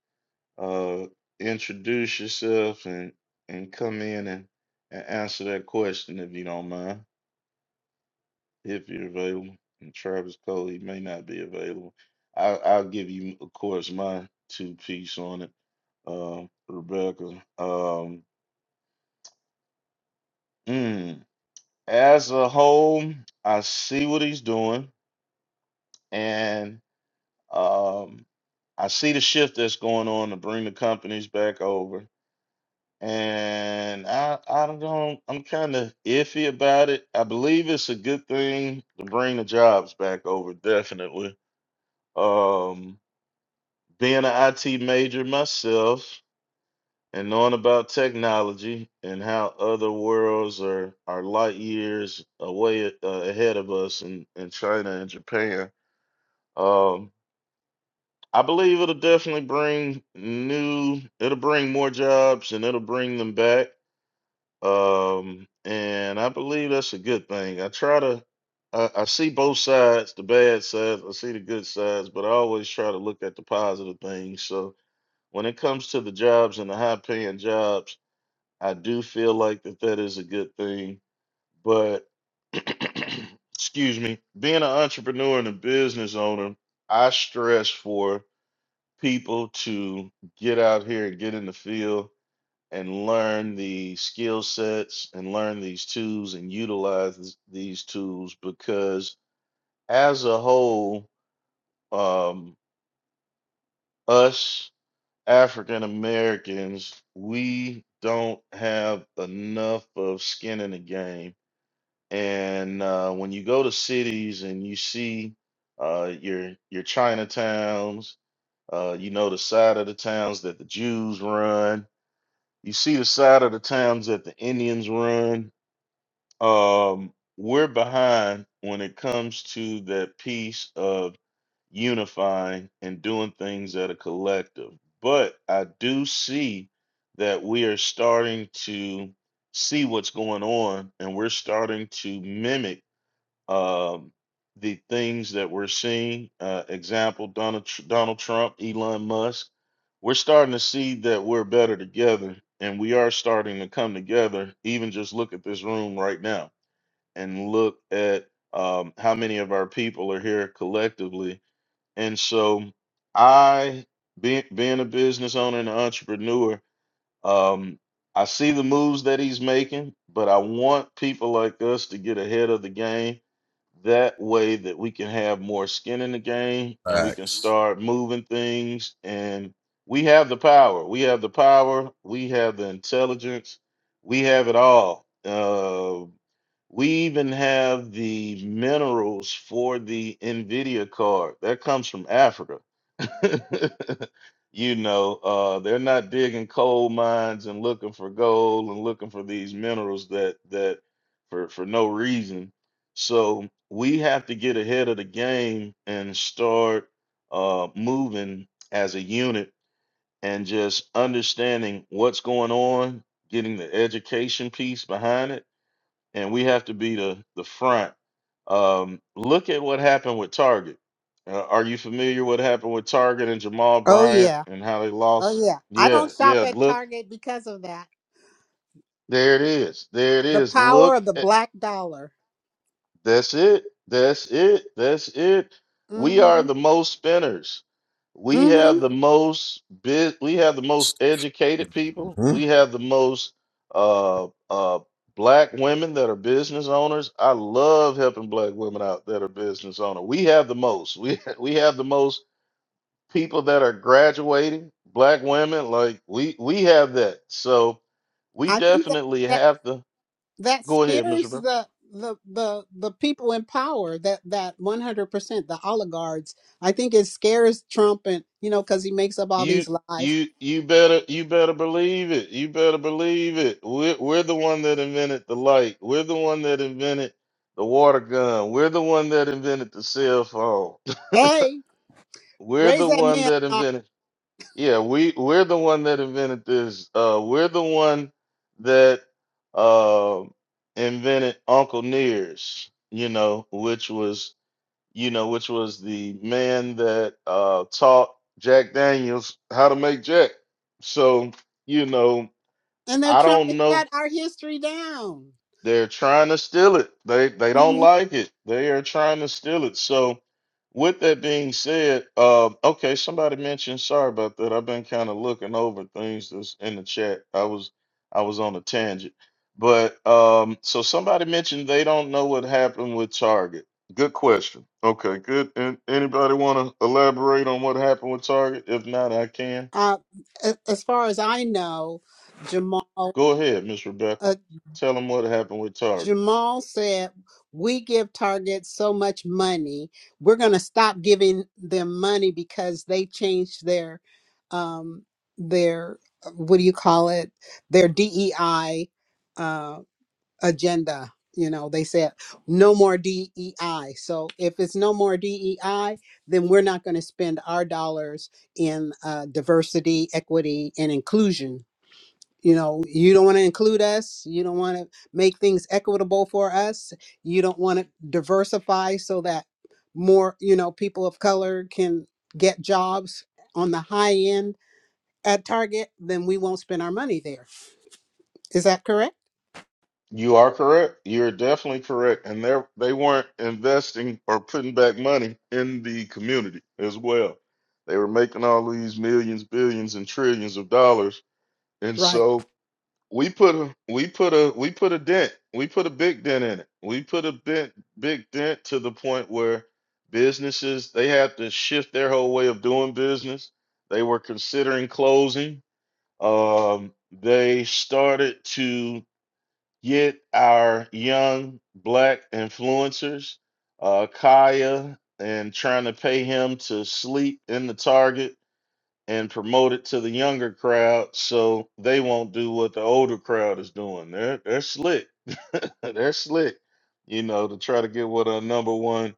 Speaker 1: uh, introduce yourself and and come in and, and answer that question if you don't mind. if you're available. And Travis Cole, he may not be available. I, I'll give you, of course, my two piece on it, uh, Rebecca. Um, mm, as a whole, I see what he's doing, and um, I see the shift that's going on to bring the companies back over. And I, I don't, I'm kind of iffy about it. I believe it's a good thing to bring the jobs back over, definitely. Um, being an IT major myself and knowing about technology and how other worlds are, are light years away uh, ahead of us in, in China and Japan, um, I believe it'll definitely bring new, it'll bring more jobs and it'll bring them back. Um, and I believe that's a good thing. I try to, I, I see both sides, the bad sides, I see the good sides, but I always try to look at the positive things. So, when it comes to the jobs and the high paying jobs, I do feel like that that is a good thing. But [clears throat] excuse me, being an entrepreneur and a business owner, I stress for people to get out here and get in the field and learn the skill sets and learn these tools and utilize th- these tools because as a whole, um, us African Americans, we don't have enough of skin in the game. And uh, when you go to cities and you see uh, your your Chinatowns, uh, you know the side of the towns that the Jews run. You see the side of the towns that the Indians run. Um, we're behind when it comes to that piece of unifying and doing things that are collective. But I do see that we are starting to see what's going on and we're starting to mimic um, the things that we're seeing. Uh, example Donald, Tr- Donald Trump, Elon Musk. We're starting to see that we're better together and we are starting to come together. Even just look at this room right now and look at um, how many of our people are here collectively and so I being being a business owner and an entrepreneur, um, I see the moves that he's making, but I want people like us to get ahead of the game. That way that we can have more skin in the game and we can
Speaker 6: facts.
Speaker 1: start moving things and we have the power. We have the power, we have the intelligence, we have it all. Uh, we even have the minerals for the NVIDIA card. That comes from Africa. [laughs] you know, uh, they're not digging coal mines and looking for gold and looking for these minerals that that for for no reason. So we have to get ahead of the game and start uh, moving as a unit and just understanding what's going on, getting the education piece behind it and we have to be the the front. Um, look at what happened with Target. Uh, are you familiar what happened with Target and Jamal
Speaker 5: Oh
Speaker 1: Bryant
Speaker 5: yeah.
Speaker 1: and how they
Speaker 5: Oh
Speaker 1: lost?
Speaker 5: yeah. I
Speaker 1: Yeah,
Speaker 5: don't shop
Speaker 1: yeah.
Speaker 5: at
Speaker 1: Look,
Speaker 5: Target because of that.
Speaker 1: there it is. There it
Speaker 5: The
Speaker 1: is.
Speaker 5: power
Speaker 1: Look.
Speaker 5: of the black dollar.
Speaker 1: That's it. That's it. That's it. We are
Speaker 5: Mhm.
Speaker 1: the most spinners. We have
Speaker 5: Mhm.
Speaker 1: the most bit. We have the most educated people.
Speaker 6: Mhm.
Speaker 1: We have the most uh uh black women that are business owners. I love helping black women out that are business owners. We have the most. We [laughs] we have the most people that are graduating. Black women, like we we have that. So we
Speaker 5: I think that
Speaker 1: definitely
Speaker 5: that
Speaker 1: have to
Speaker 5: that
Speaker 1: go ahead, Mr.
Speaker 5: scares
Speaker 1: Brown.
Speaker 5: the the the the people in power that that 100% the oligarchs. I think it scares Trump and you know cuz he makes up all
Speaker 1: You
Speaker 5: these lies.
Speaker 1: you you better you better believe it. You better believe it. We're we're the one that invented the light. We're the one that invented the water gun. We're the one that invented the cell phone. [laughs]
Speaker 5: Hey,
Speaker 1: We're
Speaker 5: Raise
Speaker 1: the
Speaker 5: that
Speaker 1: one
Speaker 5: man
Speaker 1: that
Speaker 5: up.
Speaker 1: invented yeah, we we're the one that invented this. Uh we're the one that uh invented Uncle Nears, you know, which was you know, which was the man that uh, taught Jack Daniels how to make Jack. So, you know,
Speaker 5: And they're
Speaker 1: I
Speaker 5: trying to
Speaker 1: don't know
Speaker 5: shut our history down.
Speaker 1: they're trying to steal it. They they don't
Speaker 5: Mhm.
Speaker 1: like it. They are trying to steal it. So, with that being said, uh, okay, somebody mentioned. Sorry about that. I've been kind of looking over things that's in the chat. I was I was on a tangent, but um, so somebody mentioned they don't know what happened with Target. Good question. Okay, good. And anybody want to elaborate on what happened with Target? If not, I can.
Speaker 5: Uh, a- as far as I know, Jamal
Speaker 1: Go ahead, Miss Rebecca.
Speaker 5: uh,
Speaker 1: Tell them what happened with Target.
Speaker 5: Jamal said, "We give Target so much money, we're going to stop giving them money because they changed their um, their uh, what do you call it? Their DEI." agenda. You know, they said no more DEI. So if it's no more DEI, then we're not going to spend our dollars in uh, diversity, equity, and inclusion. You know, you don't want to include us. You don't want to make things equitable for us. You don't want to diversify so that more, you know, people of color can get jobs on the high end at Target, then we won't spend our money there. Is that correct?
Speaker 1: You are correct. You're definitely correct. And they they weren't investing or putting back money in the community as well. They were making all these millions, billions, and trillions of dollars. And
Speaker 5: Right.
Speaker 1: so we put a we put a we put a dent. We put a big dent in it. We put a big big dent to the point where businesses they had to shift their whole way of doing business. They were considering closing. Um, they started to get our young black influencers, uh, Kaya, and trying to pay him to sleep in the target and promote it to the younger crowd so they won't do what the older crowd is doing. They're they're slick. [laughs] they're slick, you know, to try to get one of our number one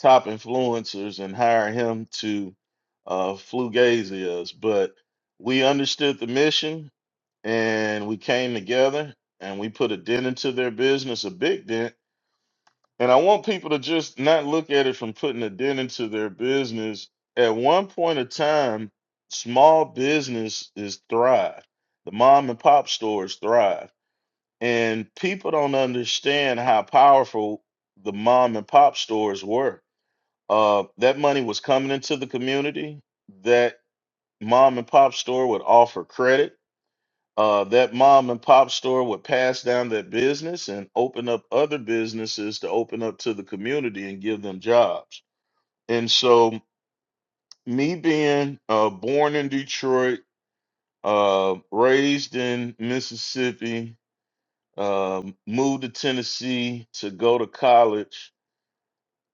Speaker 1: top influencers and hire him to uh flugazi us. But we understood the mission and we came together and we put a dent into their business, a big dent. And I want people to just not look at it from putting a dent into their business. At one point of time, small business is thrive. The mom and pop stores thrive. And people don't understand how powerful the mom and pop stores were. Uh, that money was coming into the community. That mom and pop store would offer credit uh, that mom and pop store would pass down their business and open up other businesses to open up to the community and give them jobs. And so, me being uh, born in Detroit, uh, raised in Mississippi, um, moved to Tennessee to go to college.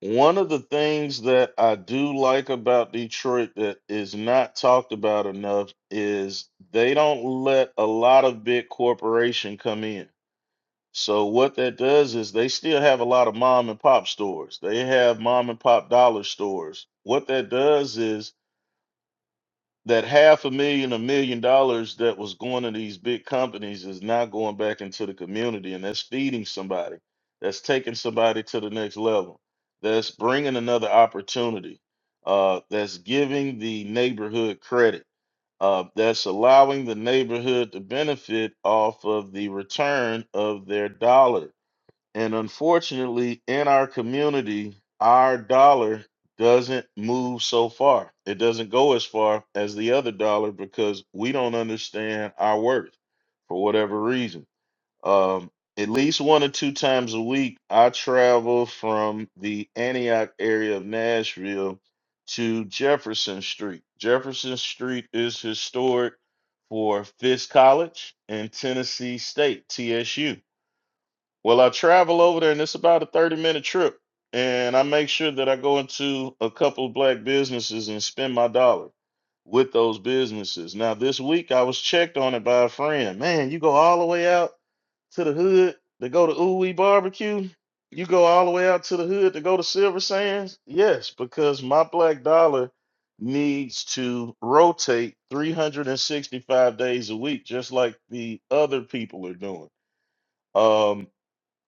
Speaker 1: One of the things that I do like about Detroit that is not talked about enough is they don't let a lot of big corporation come in So what that does is they still have a lot of mom and pop stores. They have mom and pop dollar stores. What that does is that half a million, a million dollars that was going to these big companies is now going back into the community, and that's feeding somebody. That's taking somebody to the next level. That's bringing another opportunity. Uh, that's giving the neighborhood credit. Uh, that's allowing the neighborhood to benefit off of the return of their dollars and unfortunately, in our community, our dollar doesn't move so far. It doesn't go as far as the other dollar because we don't understand our worth for whatever reason. Um, at least one or two times a week, I travel from the Antioch area of Nashville to Jefferson Street. Jefferson Street is historic for Fisk College and Tennessee State, TSU well, I travel over there, and it's about a 30 minute trip. And I make sure that I go into a couple of black businesses and spend my dollar with those businesses. Now, this week I was checked on it by a friend. Man, you go all the way out to the hood to go to Ooey Barbecue? You go all the way out to the hood to go to Silver Sands? Yes, because my black dollar needs to rotate 365 days a week, just like the other people are doing. Um,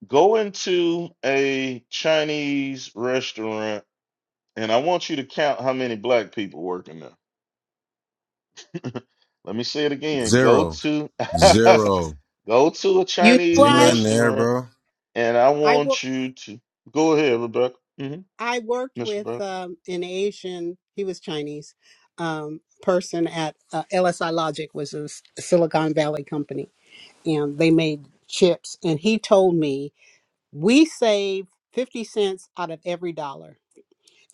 Speaker 1: Go into a Chinese restaurant and I want you to count how many black people working there. [laughs] Let me say it again. Go
Speaker 6: Zero,
Speaker 1: to [laughs]
Speaker 6: zero.
Speaker 1: go to a
Speaker 5: You know
Speaker 1: Chinese
Speaker 6: Ain't nothing
Speaker 5: why?
Speaker 6: there,
Speaker 1: restaurant
Speaker 6: bro.
Speaker 1: and I
Speaker 5: I wo-
Speaker 1: want you to go ahead, Rebecca. Mm-hmm.
Speaker 5: I worked
Speaker 1: Miss
Speaker 5: with
Speaker 1: Rebecca.
Speaker 5: um, an Asian. He was Chinese um, person at uh, LSI Logic, was a S- Silicon Valley company, and they made chips. And he told me we save fifty cents out of every dollar.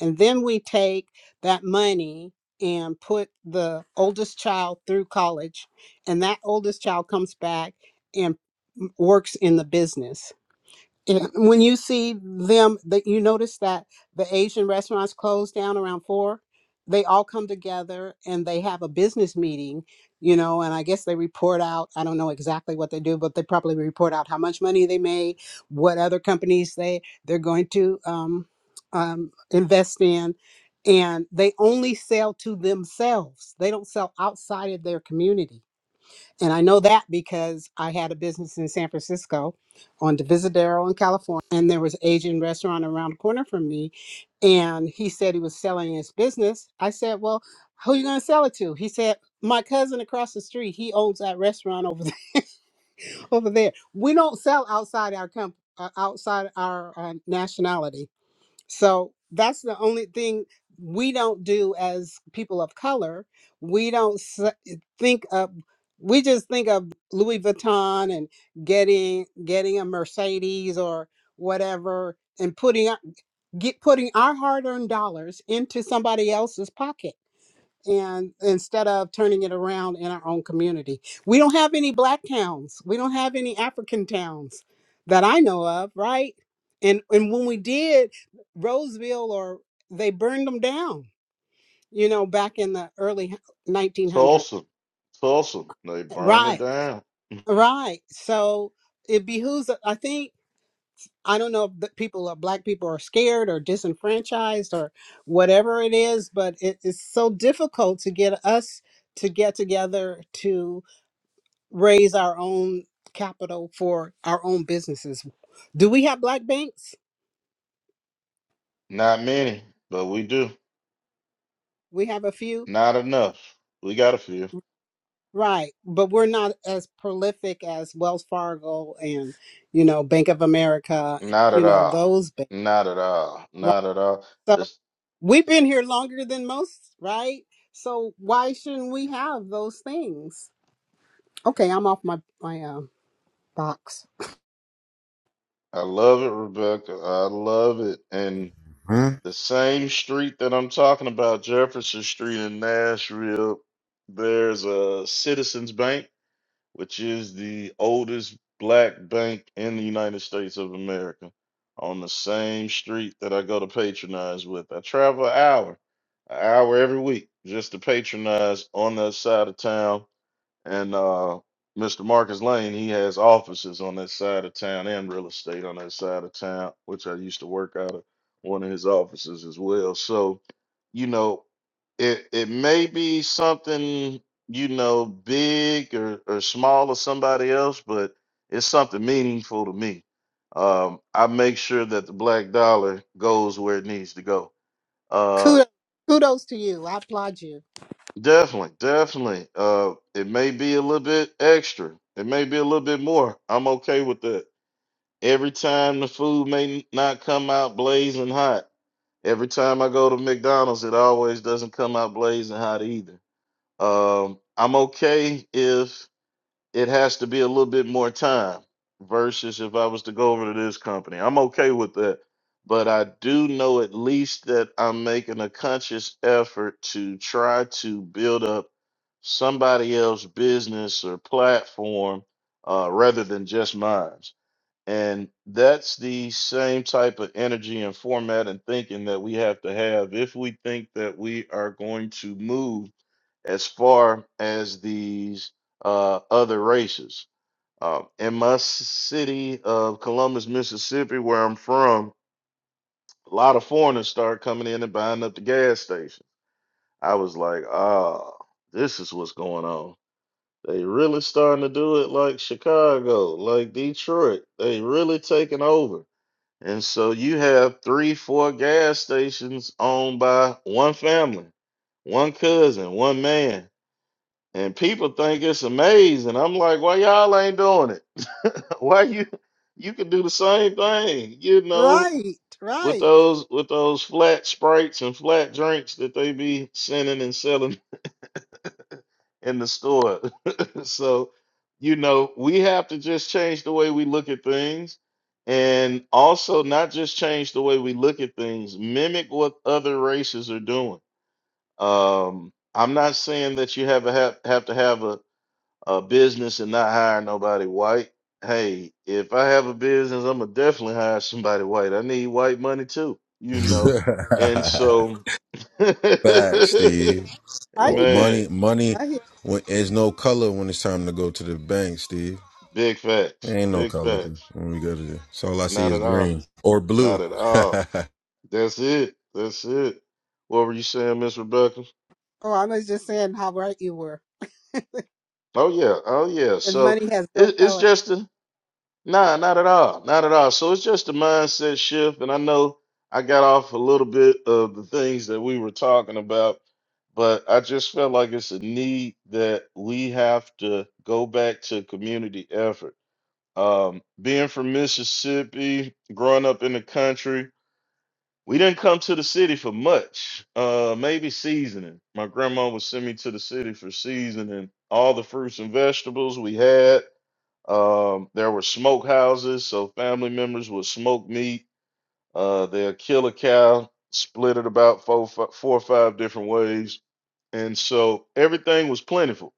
Speaker 5: And then we take that money and put the oldest child through college, and that oldest child comes back and m- works in the business yeah, when you see them that you notice that the asian restaurants close down around four they all come together and they have a business meeting you know and i guess they report out i don't know exactly what they do but they probably report out how much money they made what other companies they they're going to um, um, invest in and they only sell to themselves they don't sell outside of their community and I know that because I had a business in San Francisco on Divisadero in California. And there was an Asian restaurant around the corner from me. And he said he was selling his business. I said, Well, who you gonna sell it to? He said, My cousin across the street, he owns that restaurant over [laughs] there, over there. We don't sell outside our company. Uh, outside our uh, nationality so that's the only thing we don't do as people of color. We don't s- eh, think of we just think of Louis Vuitton and getting getting a Mercedes or whatever and putting our- get putting our hard-earned dollars into somebody else's pocket and instead of turning it around in our own community. We don't have any black towns. We don't have any African towns that I know of, right? And and when we did Roseville or they burned them down, you know, back in the early 1900s.
Speaker 1: Tulsa. Tulsa. They burned it
Speaker 5: Right.
Speaker 1: down.
Speaker 5: Right. So it behooves I think I don't know if the people or black people are scared or disenfranchised or whatever it is, but it is so difficult to get us to get together to raise our own capital for our own businesses. Do we have black banks?
Speaker 1: Not many, but we do.
Speaker 5: We have a few,
Speaker 1: Not enough. We got a few.
Speaker 5: right? But we're not as prolific as Wells Fargo and you know Bank of America,
Speaker 1: Not
Speaker 5: you
Speaker 1: at
Speaker 5: know
Speaker 1: all.
Speaker 5: those banks,
Speaker 1: Not at all.
Speaker 5: right?
Speaker 1: Not at all.
Speaker 5: So we've been here longer than most, right? So why shouldn't we have those things? Okay, I'm off my my uh, box.
Speaker 1: I love it, Rebecca. I love it. And
Speaker 6: Hmm?
Speaker 1: the same street that I'm talking about, Jefferson Street in Nashville, there's a Citizens Bank, which is the oldest black bank in the United States of America, on the same street that I go to patronize with. I travel an hour, an hour every week just to patronize on that side of town and uh, Mr. Marcus Lane, he has offices on that side of town and real estate on that side of town, which I used to work out of one of his offices as well. So, you know, it it may be something, you know, big or, or small or somebody else, but it's something meaningful to me. Um, I make sure that the black dollar goes where it needs to go. Uh,
Speaker 5: Kudos, kudos to you. I applaud you.
Speaker 1: Definitely, definitely. Uh, it may be a little bit extra. It may be a little bit more. I'm okay with that. Every time the food may n- not come out blazing hot. Every time I go to McDonald's, it always doesn't come out blazing hot either. Um, I'm okay if it has to be a little bit more time versus if I was to go over to this company. I'm okay with that. But I do know at least that I'm making a conscious effort to try to build up somebody else's business or platform uh, rather than just mine. And that's the same type of energy and format and thinking that we have to have if we think that we are going to move as far as these uh, other races. Uh, in my s- city of Columbus, Mississippi, where I'm from, a lot of foreigners started coming in and buying up the gas station. I was like, ah, this is what's going on. They really starting to do it like Chicago, like Detroit. They really taking over. And so you have three, four gas stations owned by one family, one cousin, one man. And people think it's amazing. I'm like, why y'all ain't doing it? [laughs] Why you you can do the same thing, you know,
Speaker 5: Right,
Speaker 1: with
Speaker 5: right.
Speaker 1: those with those flat sprites and flat drinks that they be sending and selling [laughs] in the store. So, you know, we have to just change the way we look at things and also not just change the way we look at things, mimic what other races are doing. Um, I'm not saying that you have a have, have to have a, a business and not hire nobody white. Hey, if I have a business, I'm gonna definitely hire somebody white. I need white money too,
Speaker 6: [laughs]
Speaker 1: you know. And so, [laughs]
Speaker 6: Facts, Steve.
Speaker 5: I
Speaker 6: Oh,
Speaker 5: hear you.
Speaker 1: man,
Speaker 6: money, money.
Speaker 5: I hear.
Speaker 6: When, there's no color when it's time to go to the bank, Steve.
Speaker 1: big
Speaker 6: There
Speaker 1: facts,
Speaker 6: ain't no
Speaker 1: big
Speaker 6: color
Speaker 1: facts.
Speaker 6: when we go to the. So all I see
Speaker 1: Not
Speaker 6: is
Speaker 1: at all.
Speaker 6: green or
Speaker 1: Not
Speaker 6: blue.
Speaker 1: at
Speaker 6: [laughs]
Speaker 1: all. That's it. That's it. What were you saying, Miss Rebecca?
Speaker 5: Oh, I was just saying how right you were.
Speaker 1: Oh yeah. Oh yeah.
Speaker 5: And
Speaker 1: So
Speaker 5: money has no
Speaker 1: it, it's
Speaker 5: color.
Speaker 1: just a nah, not at all. Not at all. So it's just a mindset shift. And I know I got off a little bit of the things that we were talking about, but I just felt like it's a need that we have to go back to community effort. Um, being from Mississippi, growing up in the country, We didn't come to the city for much. Uh, maybe seasoning. My grandma would send me to the city for seasoning all the fruits and vegetables we had. Um, there were smoke houses, so family members would smoke meat. Uh, they'll kill a cow, split it about four, fi- four or five different ways, and so everything was plentiful.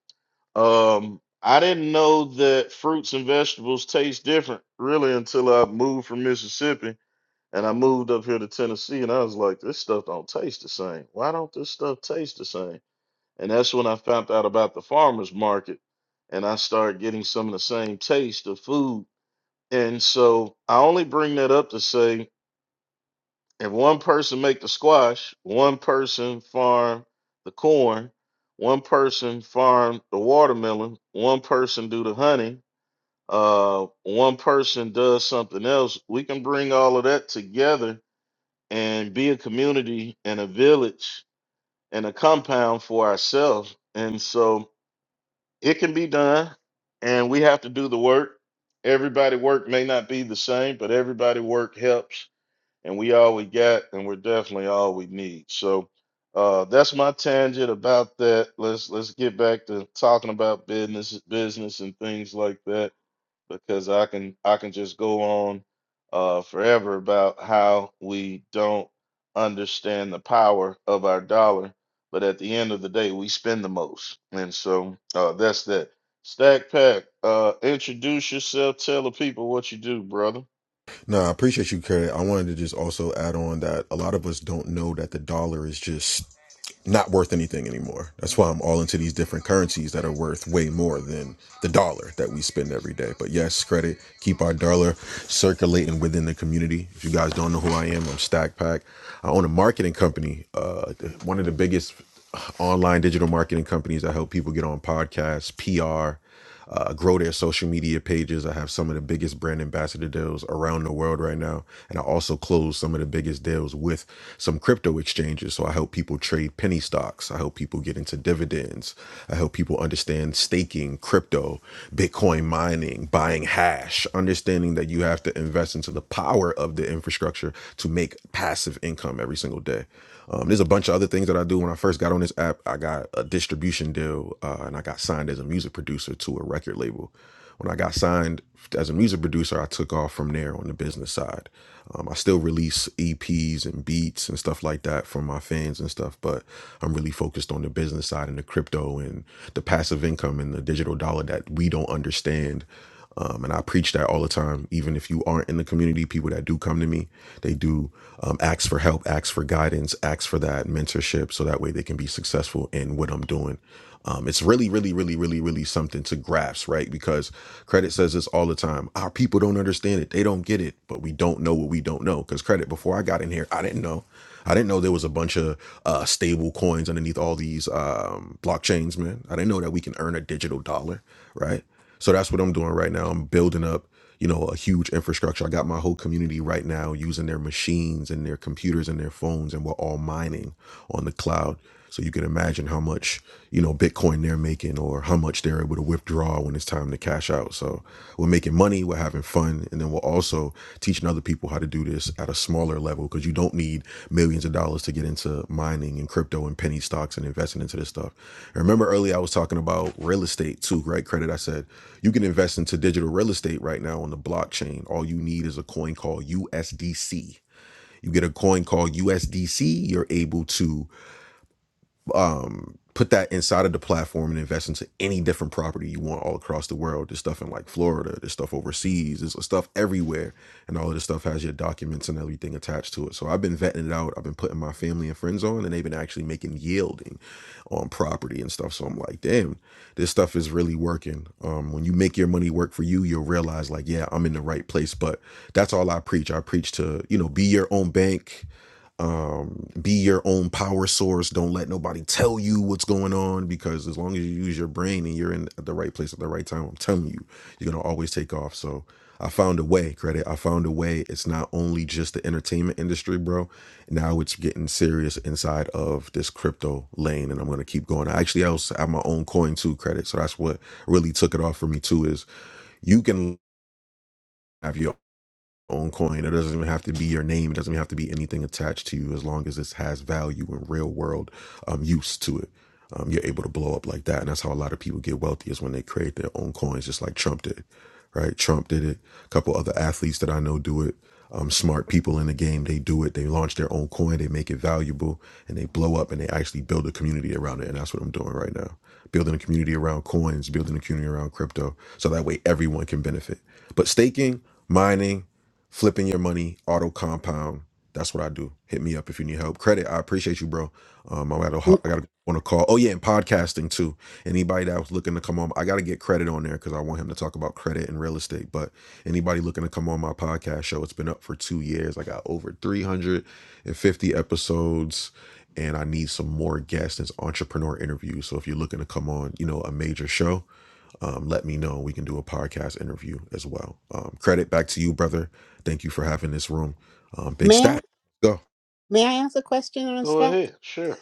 Speaker 1: Um, I didn't know that fruits and vegetables taste different really until I moved from Mississippi and I moved up here to Tennessee and I was like, this stuff don't taste the same. Why don't this stuff taste the same? And that's when I found out about the farmers market and I started getting some of the same taste of food. And so I only bring that up to say if one person make the squash, one person farm the corn, one person farm the watermelon, one person do the honey, uh, one person does something else, we can bring all of that together and be a community and a village and a compound for ourselves. And so it can be done, and we have to do the work. Everybody work may not be the same, but everybody work helps, and we all we got, and we're definitely all we need. So uh, that's my tangent about that. Let's let's get back to talking about business, business, and things like that because I can I can just go on uh, forever about how we don't understand the power of our dollar, but at the end of the day, we spend the most, and so uh, that's that. Stack Pack, uh, introduce yourself. Tell the people what you do, brother.
Speaker 6: no, I appreciate you, Kurt. I wanted to just also add on that a lot of us don't know that the dollar is just not worth anything anymore. That's why I'm all into these different currencies that are worth way more than the dollar that we spend every day. But yes, credit, keep our dollar circulating within the community. If you guys don't know who I am, I'm Stack Pack. I own a marketing company, uh, one of the biggest online digital marketing companies. I help people get on podcasts, PR uh, grow their social media pages. I have some of the biggest brand ambassador deals around the world right now. And I also close some of the biggest deals with some crypto exchanges. So I help people trade penny stocks. I help people get into dividends. I help people understand staking, crypto, Bitcoin mining, buying hash, understanding that you have to invest into the power of the infrastructure to make passive income every single day. Um, there's a bunch of other things that I do. When I first got on this app, I got a distribution deal uh, and I got signed as a music producer to a record label. When I got signed as a music producer, I took off from there on the business side. Um, I still release EPs and beats and stuff like that for my fans and stuff, but I'm really focused on the business side and the crypto and the passive income and the digital dollar that we don't understand um, and I preach that all the time. Even if you aren't in the community, people that do come to me, they do um, ask for help, ask for guidance, ask for that mentorship so that way they can be successful in what I'm doing. Um, it's really, really, really, really, really something to grasp, right? Because credit says this all the time. Our people don't understand it. They don't get it, but we don't know what we don't know. Because credit, before I got in here, I didn't know. I didn't know there was a bunch of uh, stable coins underneath all these um, blockchains, man. I didn't know that we can earn a digital dollar, right? So that's what I'm doing right now. I'm building up, you know, a huge infrastructure. I got my whole community right now using their machines and their computers and their phones, and we're all mining on the cloud. So you can imagine how much, you know, Bitcoin they're making or how much they're able to withdraw when it's time to cash out. So we're making money, we're having fun, and then we're also teaching other people how to do this at a smaller level because you don't need millions of dollars to get into mining and crypto and penny stocks and investing into this stuff. And remember earlier I was talking about real estate too, right? Credit. I said you can invest into digital real estate right now on the blockchain. All you need is a coin called USDC. You get a coin called USDC, you're able to um put that inside of the platform and invest into any different property you want all across the world. There's stuff in like Florida, there's stuff overseas, there's stuff everywhere. And all of this stuff has your documents and everything attached to it. So I've been vetting it out. I've been putting my family and friends on and they've been actually making yielding on property and stuff. So I'm like, damn, this stuff is really working. Um when you make your money work for you, you'll realize like, yeah, I'm in the right place. But that's all I preach. I preach to, you know, be your own bank, um be your own power source don't let nobody tell you what's going on because as long as you use your brain and you're in the right place at the right time i'm telling you you're going to always take off so i found a way credit i found a way it's not only just the entertainment industry bro now it's getting serious inside of this crypto lane and i'm going to keep going i actually also have my own coin too credit so that's what really took it off for me too is you can have your own coin. It doesn't even have to be your name. It doesn't even have to be anything attached to you as long as this has value and real world um, use to it. Um, you're able to blow up like that. And that's how a lot of people get wealthy is when they create their own coins, just like Trump did, right? Trump did it. A couple other athletes that I know do it. Um, smart people in the game, they do it. They launch their own coin, they make it valuable, and they blow up and they actually build a community around it. And that's what I'm doing right now building a community around coins, building a community around crypto, so that way everyone can benefit. But staking, mining flipping your money, auto compound. That's what I do. Hit me up if you need help. Credit, I appreciate you, bro. Um, I got to
Speaker 5: M-
Speaker 6: I got to on a call. Oh yeah, and podcasting too. Anybody that was looking to come on, I got to get credit on there because I want him to talk about credit and real estate. But anybody looking to come on my podcast show, it's been up for two years. I got over three hundred and fifty episodes, and I need some more guests. It's entrepreneur interviews. So if you're looking to come on, you know, a major show, um, let me know. We can do a podcast interview as well. Um, credit back to you, brother. Thank you for having this room. Um, big
Speaker 5: May I
Speaker 6: stat. Go.
Speaker 5: may I ask a question on
Speaker 1: Go
Speaker 5: stack?
Speaker 1: ahead. Sure.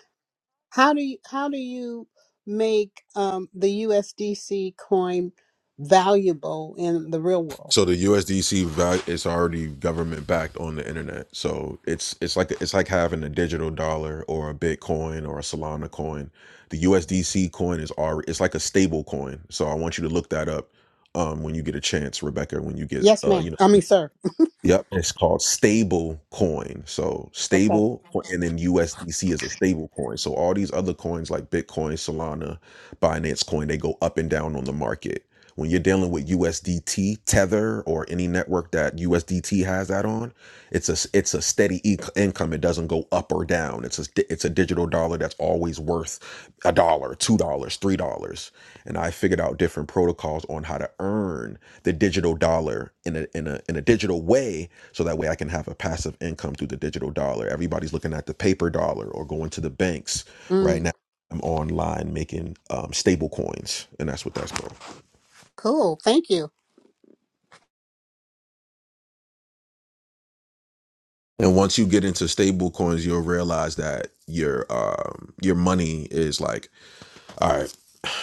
Speaker 5: How do you how do you make um, the USDC coin valuable in the real world?
Speaker 6: So the USDC value is already government backed on the internet. So it's it's like it's like having a digital dollar or a Bitcoin or a Solana coin. The USDC coin is already it's like a stable coin. So I want you to look that up um, when you get a chance, Rebecca. When you get
Speaker 5: Yes,
Speaker 6: uh,
Speaker 5: ma'am.
Speaker 6: you know.
Speaker 5: I mean, sir.
Speaker 6: Yep, it's called stable coin. So
Speaker 5: Okay.
Speaker 6: stable co- and then USDC is a stable coin. So all these other coins like Bitcoin, Solana, Binance Coin, they go up and down on the market. When you're dealing with USDT, Tether, or any network that USDT has that on, it's a s- it's a steady e- income. It doesn't go up or down. It's a st- it's a digital dollar that's always worth a dollar, two dollars, three dollars. And I figured out different protocols on how to earn the digital dollar in a in a in a digital way so that way I can have a passive income through the digital dollar. Everybody's looking at the paper dollar or going to the banks right
Speaker 5: Mm,
Speaker 6: now. I'm online making um, stable coins, and that's what that's called.
Speaker 5: cool. Thank you.
Speaker 6: And once you get into stable coins, you'll realize that your um, your money is like, all right.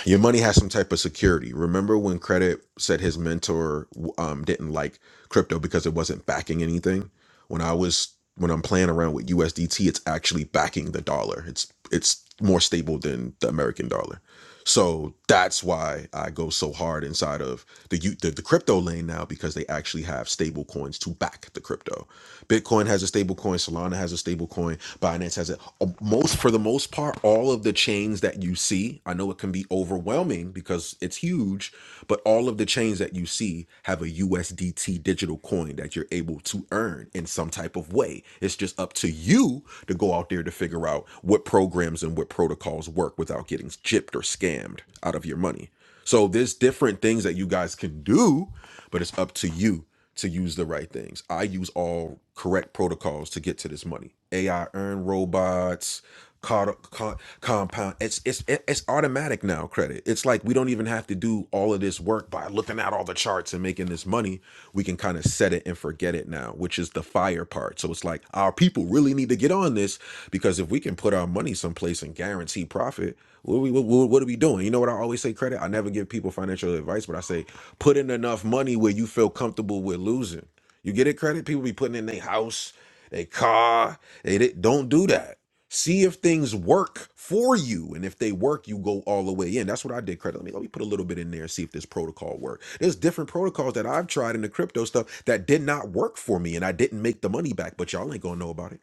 Speaker 6: your money has some type of security. Remember when Credit said his mentor um, didn't like crypto because it wasn't backing anything? When I was when I'm playing around with USDT, it's actually backing the dollar. It's it's more stable than the American dollar. So that's why I go so hard inside of the, U- the the crypto lane now because they actually have stable coins to back the crypto. Bitcoin has a stable coin, Solana has a stable coin, Binance has it. Uh, Most for the most part, all of the chains that you see, I know it can be overwhelming because it's huge, but all of the chains that you see have a USDT digital coin that you're able to earn in some type of way. It's just up to you to go out there to figure out what programs and what protocols work without getting gypped or scammed out of your money. So there's different things that you guys can do, but it's up to you to use the right things. I use all correct protocols to get to this money. AI earn robots, co- co- compound. It's it's it's automatic now. Credit. It's like we don't even have to do all of this work by looking at all the charts and making this money. We can kind of set it and forget it now, which is the fire part. So it's like our people really need to get on this because if we can put our money someplace and guarantee guarantee profit, what are we what, what are we doing? You know what I always say credit? I never give people financial advice, but I say put in enough money where you feel comfortable with losing. You get it credit? People be putting in their house, their car. They di- don't do that. See if things work for you. And if they work, you go all the way in. That's what I did credit. Let me let me put a little bit in there and see if this protocol worked. There's different protocols that I've tried in the crypto stuff that did not work for me and I didn't make the money back, but y'all ain't gonna know about it.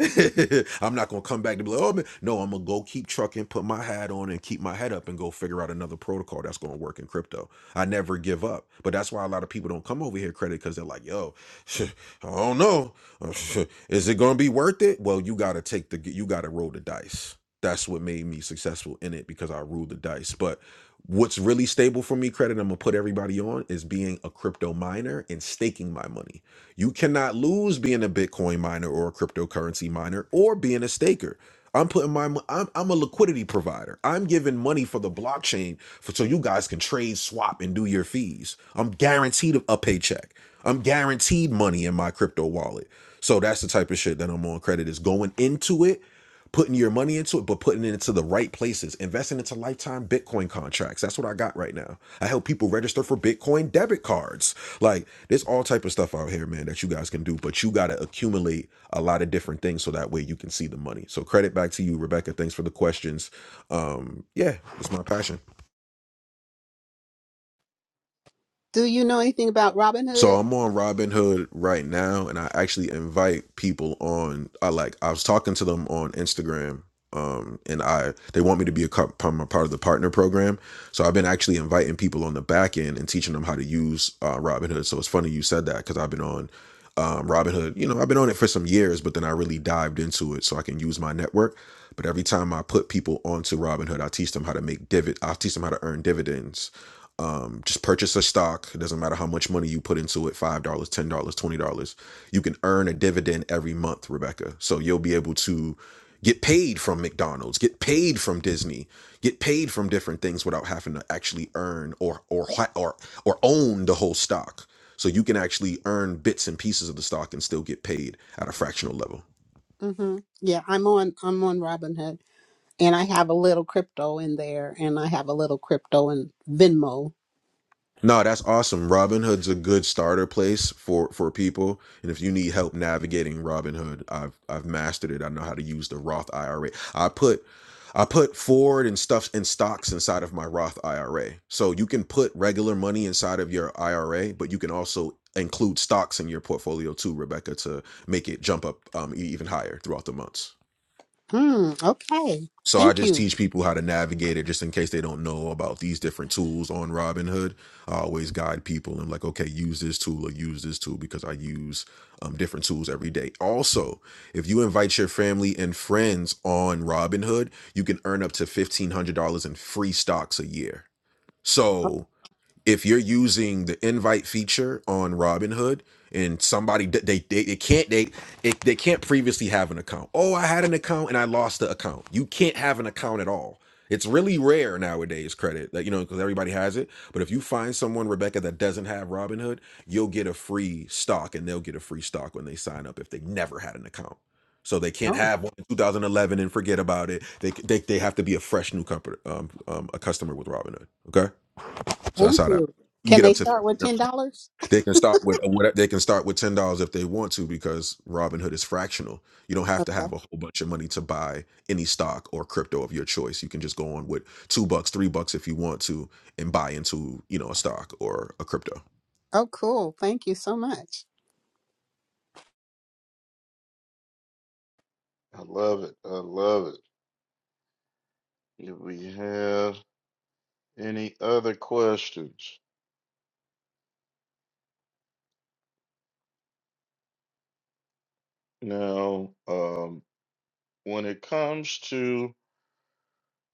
Speaker 6: [laughs] I'm not gonna come back to be like, oh man. No, I'm gonna go keep trucking, put my hat on, and keep my head up, and go figure out another protocol that's gonna work in crypto. I never give up, but that's why a lot of people don't come over here credit because they're like, yo, [laughs] I don't know, [laughs] is it gonna be worth it? Well, you gotta take the, you gotta roll the dice. That's what made me successful in it because I ruled the dice. But what's really stable for me, credit I'm gonna put everybody on is being a crypto miner and staking my money you cannot lose being a Bitcoin miner or a cryptocurrency miner or being a staker. I'm putting my mo- I'm, I'm a liquidity provider. I'm giving money for the blockchain for, so you guys can trade, swap, and do your fees. I'm guaranteed a paycheck. I'm guaranteed money in my crypto wallet. So that's the type of shit that I'm on credit is going into it, putting your money into it, but putting it into the right places, investing into lifetime Bitcoin contracts. That's what I got right now. I help people register for Bitcoin debit cards. Like there's all type of stuff out here, man, that you guys can do, but you got to accumulate a lot of different things so that way you can see the money. So credit back to you, Rebecca. Thanks for the questions. Um, yeah, it's my passion.
Speaker 5: Do you know anything about
Speaker 6: So
Speaker 5: Robinhood?
Speaker 6: I'm on Robinhood right now, and I actually invite people on. I like I was talking to them on Instagram, um, and I they want me to be a, am a part of the partner program. So I've been actually inviting people on the back end and teaching them how to use uh, Robinhood. So it's funny you said that because I've been on um, Robinhood. You know, I've been on it for some years, but then I really dived into it so I can use my network. But every time I put people onto Robinhood, I teach them how to make divid. I teach them how to earn dividends um, just purchase a stock. It doesn't matter how much money you put into it $5, dollars, $10, dollars, $20. You can earn a dividend every month, Rebecca. So you'll be able to get paid from McDonald's, get paid from Disney, get paid from different things without having to actually earn or or ha- or or own the whole stock. So you can actually earn bits and pieces of the stock and still get paid at a fractional level.
Speaker 5: Mm-hmm. Yeah, I'm on I'm on Robinhood, and I have a little crypto in there, and I have a little crypto in Venmo.
Speaker 6: No, that's awesome. Robinhood's a good starter place for for people, and if you need help navigating Robinhood, I've I've mastered it. I know how to use the Roth IRA. I put I put Ford and stuff and stocks inside of my Roth IRA. So you can put regular money inside of your IRA, but you can also include stocks in your portfolio too, Rebecca, to make it jump up um, e- even higher throughout the months.
Speaker 5: Hmm. Okay.
Speaker 6: So I
Speaker 5: Thank
Speaker 6: just
Speaker 5: you.
Speaker 6: teach people how to navigate it just in case they don't know about these different tools on Robinhood. I always guide people and like, okay, use this tool or use this tool because I use um, different tools every day. Also, if you invite your family and friends on Robinhood, you can earn up to $1,500 in free stocks a year. So if you're using the invite feature on Robinhood and somebody d- they they, they can't they it, they can't previously have an account. Oh, I had an account and I lost the account. You can't have an account at all. It's really rare nowadays credit that you know because everybody has it. But if you find someone Rebecca that doesn't have Robinhood, you'll get a free stock and they'll get a free stock when they sign up if they never had an account. So they can't
Speaker 5: Oh.
Speaker 6: have one in 2011 and forget about it. They they, they have to be a fresh new company um, um, a customer with Robinhood. Okay. So that's
Speaker 5: Thank
Speaker 6: how that
Speaker 5: you.
Speaker 6: you can
Speaker 5: Can
Speaker 6: get
Speaker 5: they
Speaker 6: up to.
Speaker 5: start with
Speaker 6: fifteen
Speaker 5: ten
Speaker 6: hundred.
Speaker 5: dollars?
Speaker 6: They can start with what they can start with ten dollars if they want to because Robinhood is fractional. You don't have to have
Speaker 5: Okay.
Speaker 6: a whole bunch of money to buy any stock or crypto of your choice. You can just go on with two bucks, three bucks if you want to, and buy into you know a stock or a crypto.
Speaker 5: Oh, cool. Thank you so much.
Speaker 1: I love it. I love it. If we have any other questions now, um, when it comes to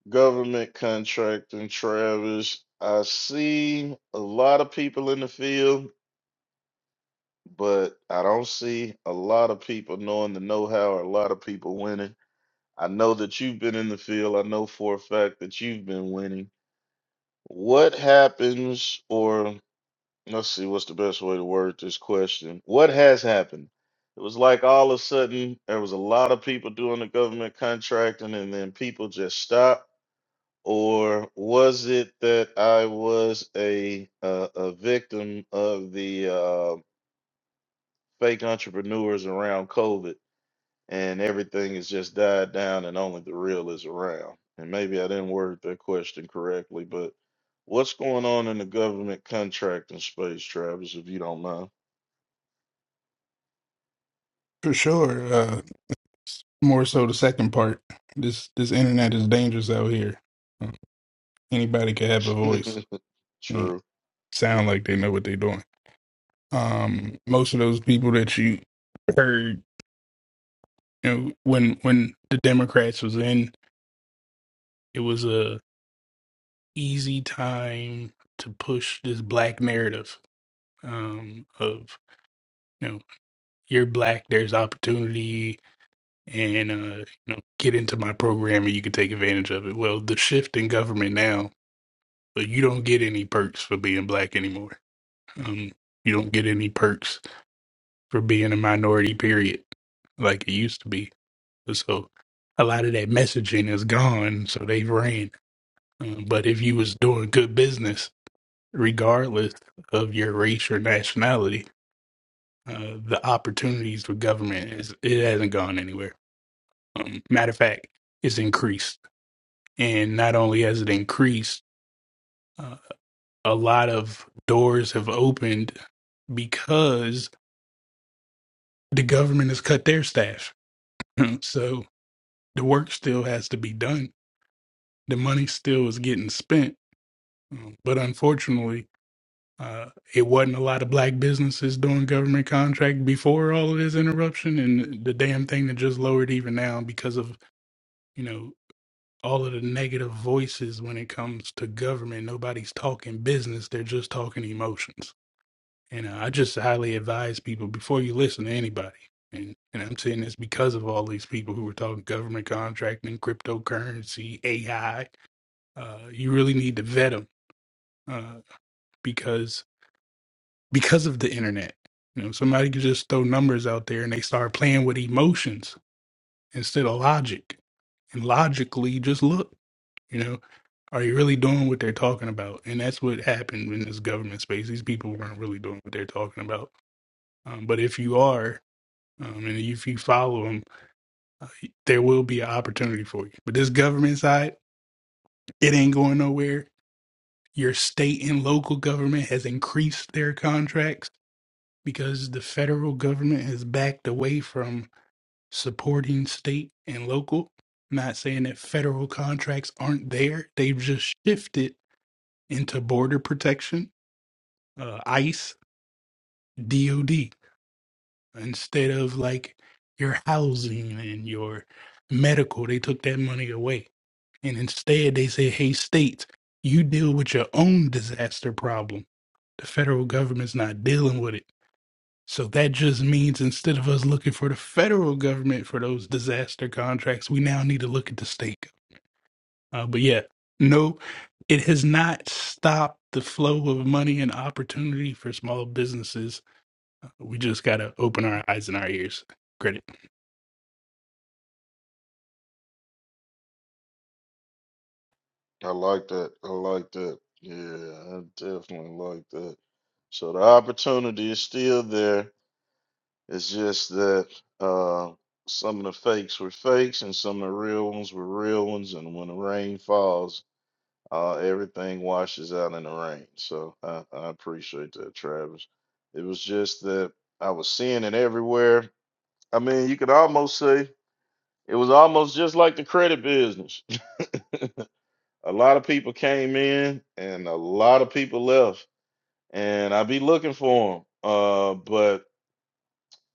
Speaker 1: government contracting, Travis. I see a lot of people in the field, but I don't see a lot of people knowing the know how or a lot of people winning. I know that you've been in the field. I know for a fact that you've been winning. What happens, or let's see, what's the best way to word this question? What has happened? It was like all of a sudden there was a lot of people doing the government contracting, and then people just stopped Or was it that I was a uh, a victim of the uh, fake entrepreneurs around COVID, and everything has just died down, and only the real is around? And maybe I didn't word that question correctly, but what's going on in the government contracting space, Travis? If you don't mind.
Speaker 3: For sure. Uh, more so the second part. This this internet is dangerous out here. Um, Anybody could have a voice.
Speaker 1: [laughs]
Speaker 3: and
Speaker 1: True,
Speaker 3: Sound like they know what they're doing. Um, most of those people that you heard, you know, when when the Democrats was in, it was easy time to push this black narrative um, of you know you're black, there's opportunity, and uh, you know get into my program and you can take advantage of it. Well, the shift in government now, but you don't get any perks for being black anymore. Um, you don't get any perks for being a minority. Period, like it used to be. So a lot of that messaging is gone. So they've ran. Um, but if you was doing good business regardless of your race or nationality, uh, the opportunities for government is it hasn't gone anywhere. Um, matter of fact, it's increased, and not only has it increased, uh, a lot of doors have opened because the government has cut their staff. [laughs] so the work still has to be done. The money still is getting spent, Um, but unfortunately. Uh, it wasn't a lot of black businesses doing government contract before all of this interruption, and the damn thing that just lowered even now because of you know all of the negative voices when it comes to government. Nobody's talking business; they're just talking emotions. And uh, I just highly advise people before you listen to anybody. And, and I'm saying this because of all these people who were talking government contracting, cryptocurrency, AI. Uh, you really need to vet them uh, because because of the internet. You know, somebody could just throw numbers out there and they start playing with emotions instead of logic. And logically just look, you know, are you really doing what they're talking about? And that's what happened in this government space. These people weren't really doing what they're talking about. Um, but if you are, um, and if you follow them, uh, there will be an opportunity for you. But this government side, it ain't going nowhere. Your state and local government has increased their contracts because the federal government has backed away from supporting state and local. Not saying that federal contracts aren't there, they've just shifted into border protection, uh, ICE, DOD, instead of like your housing and your medical. They took that money away. And instead, they say, hey, states, you deal with your own disaster problem. The federal government's not dealing with it. So that just means instead of us looking for the federal government for those disaster contracts, we now need to look at the state. Uh, but yeah, no, it has not stopped the flow of money and opportunity for small businesses. We just got to open our eyes and our ears. Credit.
Speaker 1: I like that. I like that. Yeah, I definitely like that. So the opportunity is still there It's just that uh, some of the fakes were fakes and some of the real ones were real ones. And when the rain falls, uh, everything washes out in the rain. So I, I appreciate that, Travis. It was just that I was seeing it everywhere. I mean, you could almost say it was almost just like the credit business. [laughs] A lot of people came in and a lot of people left, and I'd be looking for them. Uh, but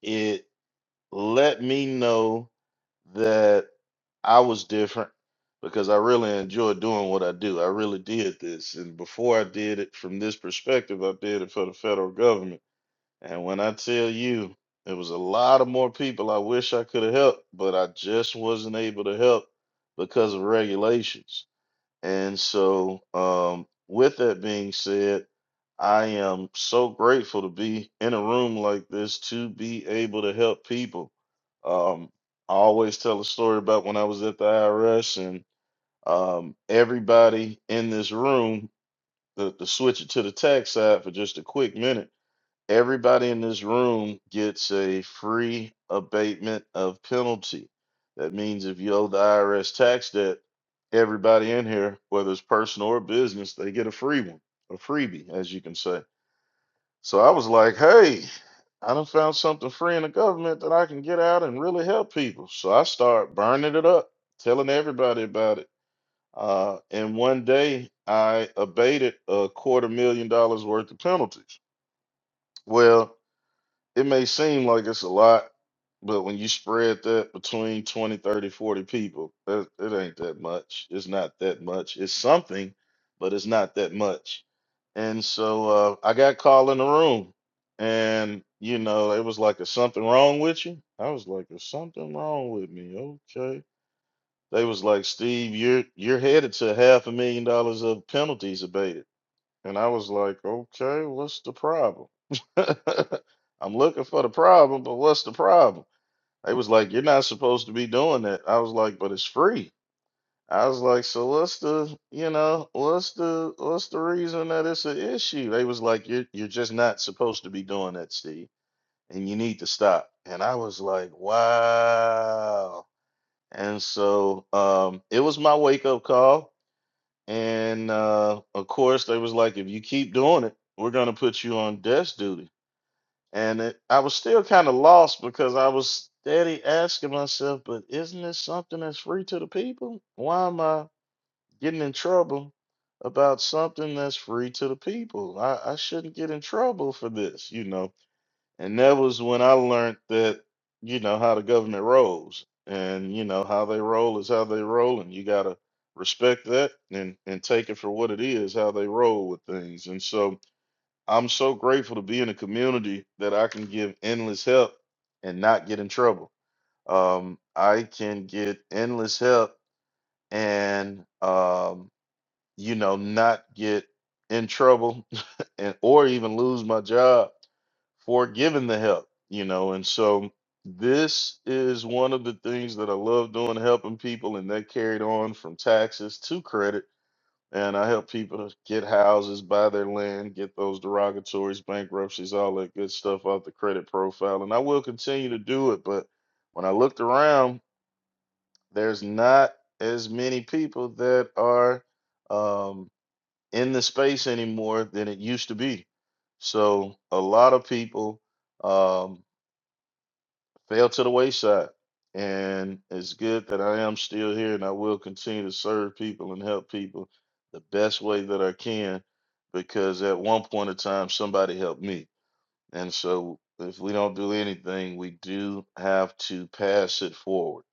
Speaker 1: it let me know that I was different because I really enjoy doing what I do. I really did this. And before I did it from this perspective, I did it for the federal government. And when I tell you, there was a lot of more people I wish I could have helped, but I just wasn't able to help because of regulations. And so, um, with that being said, I am so grateful to be in a room like this to be able to help people. Um, I always tell a story about when I was at the IRS and um, everybody in this room, to, to switch it to the tax side for just a quick minute everybody in this room gets a free abatement of penalty. That means if you owe the IRS tax debt, everybody in here, whether it's personal or business, they get a free one, a freebie, as you can say. So I was like, hey, I done found something free in the government that I can get out and really help people. So I start burning it up, telling everybody about it. Uh, and one day I abated a quarter million dollars worth of penalties. Well, it may seem like it's a lot, but when you spread that between 20, 30, 40 people, that, it ain't that much. It's not that much. It's something, but it's not that much. And so uh, I got called in the room, and you know, it was like, "Is something wrong with you?" I was like, "Is something wrong with me?" Okay. They was like, "Steve, you're you're headed to half a million dollars of penalties abated." And I was like, okay, what's the problem? [laughs] I'm looking for the problem, but what's the problem? They was like, you're not supposed to be doing that. I was like, but it's free. I was like, so what's the, you know, what's the, what's the reason that it's an issue? They was like, you're, you're just not supposed to be doing that, Steve, and you need to stop. And I was like, wow. And so, um, it was my wake up call. And uh, of course, they was like, if you keep doing it, we're gonna put you on desk duty. And it, I was still kind of lost because I was steady asking myself, but isn't this something that's free to the people? Why am I getting in trouble about something that's free to the people? I, I shouldn't get in trouble for this, you know. And that was when I learned that, you know, how the government rolls and, you know, how they roll is how they roll. And you got to respect that and, and take it for what it is, how they roll with things. And so I'm so grateful to be in a community that I can give endless help and not get in trouble. Um, I can get endless help and, um, you know, not get in trouble [laughs] and or even lose my job for giving the help, you know. And so this is one of the things that I love doing, helping people, and that carried on from taxes to credit. And I help people to get houses, buy their land, get those derogatories, bankruptcies, all that good stuff off the credit profile. And I will continue to do it. But when I looked around, there's not as many people that are um, in the space anymore than it used to be. So a lot of people um, fell to the wayside. And it's good that I am still here and I will continue to serve people and help people the best way that I can because at one point in time, somebody helped me. And so if we don't do anything, we do have to pass it forward.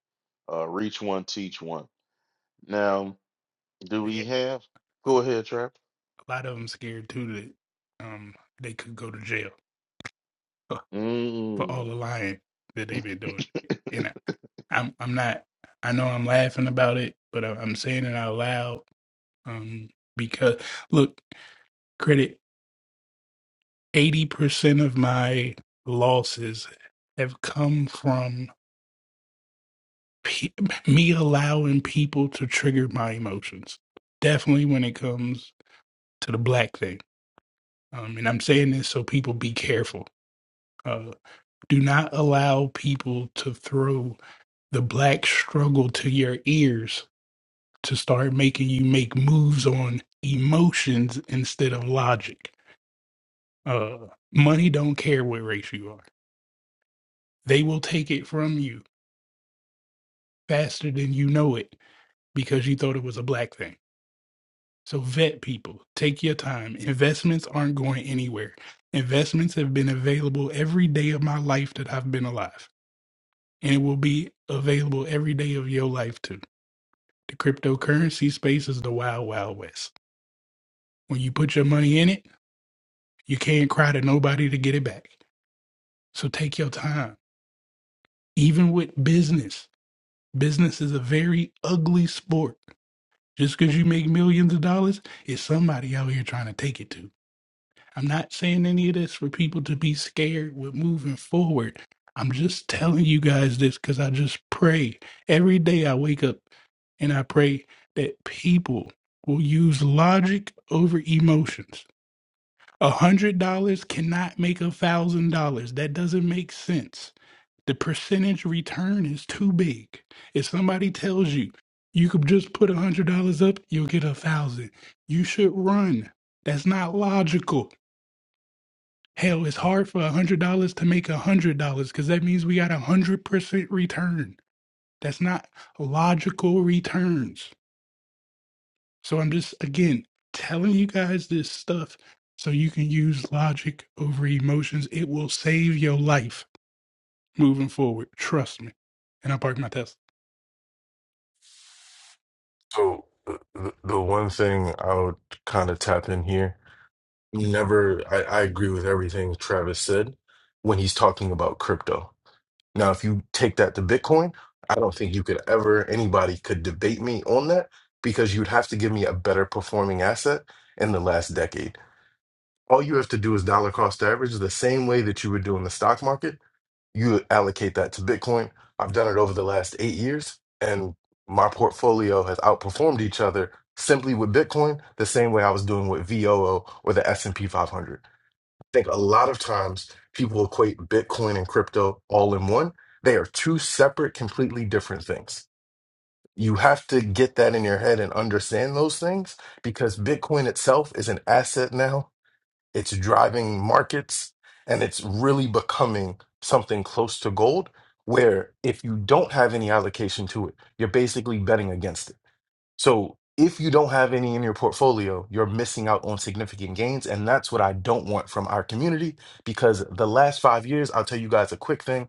Speaker 1: Uh, reach one, teach one. Now, do
Speaker 3: A
Speaker 1: we have? Go ahead, Trap.
Speaker 3: lot of them scared too that um, they could go to jail for all
Speaker 1: Mm.
Speaker 3: the lying that they've been
Speaker 1: [coughs]
Speaker 3: doing. And I- I'm, I'm not, I know I'm laughing about it, but I- I'm saying it out loud Um, because look, credit 80% of my losses have come from pe- me allowing people to trigger my emotions. Definitely when it comes to the black thing. Um, and I'm saying this so people be careful. Uh, do not allow people to throw the black struggle to your ears to start making you make moves on emotions instead of logic Uh, money don't care what race you are. They will take it from you faster than you know it because you thought it was a black thing. So vet people, take your time. Investments aren't going anywhere. Investments have been available every day of my life that I've been alive, and it will be available every day of your life too. The cryptocurrency space is the wild, wild west. When you put your money in it, you can't cry to nobody to get it back. So take your time. Even with business, Business is a very ugly sport. Just because you make millions of dollars, it's somebody out here trying to take it to. I'm not saying any of this for people to be scared with moving forward. I'm just telling you guys this because I just pray. Every day I wake up and I pray that people will use logic over emotions. A hundred dollars cannot make a thousand dollars. That doesn't make sense the percentage return is too big. If somebody tells you you could just put a hundred dollars up, you'll get a thousand. You should run. That's not logical. Hell, it's hard for a hundred dollars to make a hundred dollars because that means we got a hundred percent return. That's not logical returns. So I'm just again telling you guys this stuff so you can use logic over emotions. It will save your life moving forward. Trust me. And I parked my Tesla.
Speaker 7: So uh, the, the one thing I would kind of tap in here, you never, I, I agree with everything Travis said when he's talking about crypto. Now, if you take that to Bitcoin, I don't think you could ever, anybody could debate me on that because you'd have to give me a better performing asset in the last decade. All you have to do is dollar cost average the same way that you would do in the stock market you allocate that to Bitcoin. I've done it over the last eight years, and my portfolio has outperformed each other simply with Bitcoin, the same way I was doing with VOO or the S and P 500. I think a lot of times people equate Bitcoin and crypto all in one. They are two separate, completely different things. You have to get that in your head and understand those things because Bitcoin itself is an asset now it's driving markets and it's really becoming something close to gold where if you don't have any allocation to it you're basically betting against it so if you don't have any in your portfolio you're missing out on significant gains and that's what i don't want from our community because the last five years i'll tell you guys a quick thing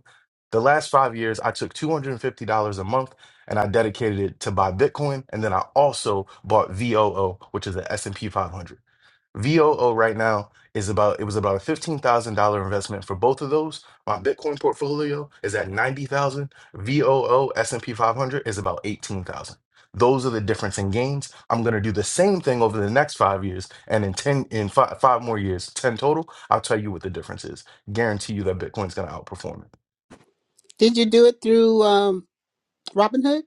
Speaker 7: the last five years i took $250 a month and i dedicated it to buy bitcoin and then i also bought voo which is the s&p 500 VOO right now is about it was about a fifteen thousand dollar investment for both of those. My Bitcoin portfolio is at ninety thousand. V O O S and P five hundred is about eighteen thousand. Those are the difference in gains. I'm gonna do the same thing over the next five years, and in ten in five five more years, ten total. I'll tell you what the difference is. Guarantee you that Bitcoin's gonna outperform it.
Speaker 5: Did you do it through um, Robinhood?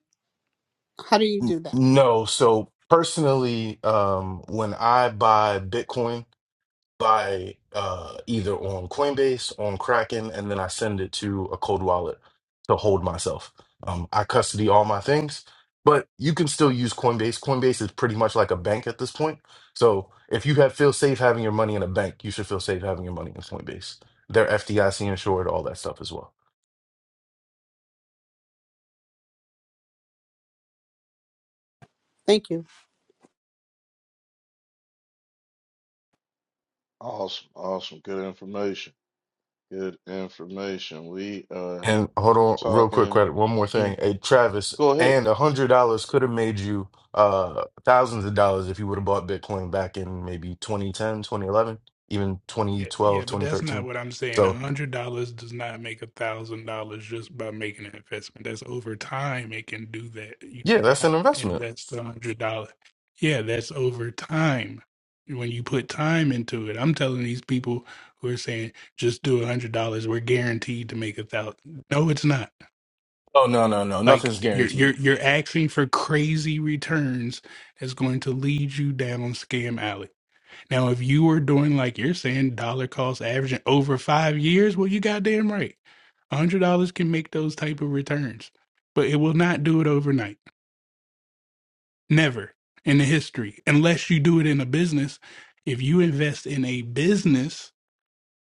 Speaker 5: How do you
Speaker 7: N-
Speaker 5: do that?
Speaker 7: No, so personally, um, when I buy Bitcoin. buy uh, either on Coinbase, on Kraken, and then I send it to a cold wallet to hold myself. Um, I custody all my things, but you can still use Coinbase. Coinbase is pretty much like a bank at this point. So if you have feel safe having your money in a bank, you should feel safe having your money in Coinbase. They're FDIC insured, all that stuff as well.
Speaker 5: Thank you.
Speaker 1: Awesome, awesome. Good information. Good information. We are
Speaker 7: And hold on, real quick,
Speaker 1: talking.
Speaker 7: credit. One more thing. Hey, Travis,
Speaker 1: Go ahead.
Speaker 7: and a hundred dollars could have made you uh thousands of dollars if you would have bought Bitcoin back in maybe 2010, 2011, even twenty
Speaker 3: Yeah,
Speaker 7: twelve,
Speaker 3: yeah, but
Speaker 7: twenty
Speaker 3: that's not
Speaker 7: thirteen.
Speaker 3: what I'm saying. A
Speaker 7: So
Speaker 3: hundred dollars does not make a thousand dollars just by making an investment. That's over time it can do that. You
Speaker 7: yeah, that's
Speaker 3: cannot
Speaker 7: an investment.
Speaker 3: invest a hundred dollars. Yeah, that's over time. When you put time into it, I'm telling these people who are saying just do a hundred dollars, we're guaranteed to make a thousand. No, it's not.
Speaker 7: Oh no, no, no,
Speaker 3: Like
Speaker 7: nothing's
Speaker 3: you're
Speaker 7: guaranteed.
Speaker 3: you're you're asking for crazy returns that's going to lead you down scam alley. Now, if you were doing like you're saying, dollar cost averaging over five years, well, you goddamn right. a hundred dollars can make those type of returns, but it will not do it overnight. Never in the history, unless you do it in a business. If you invest in a business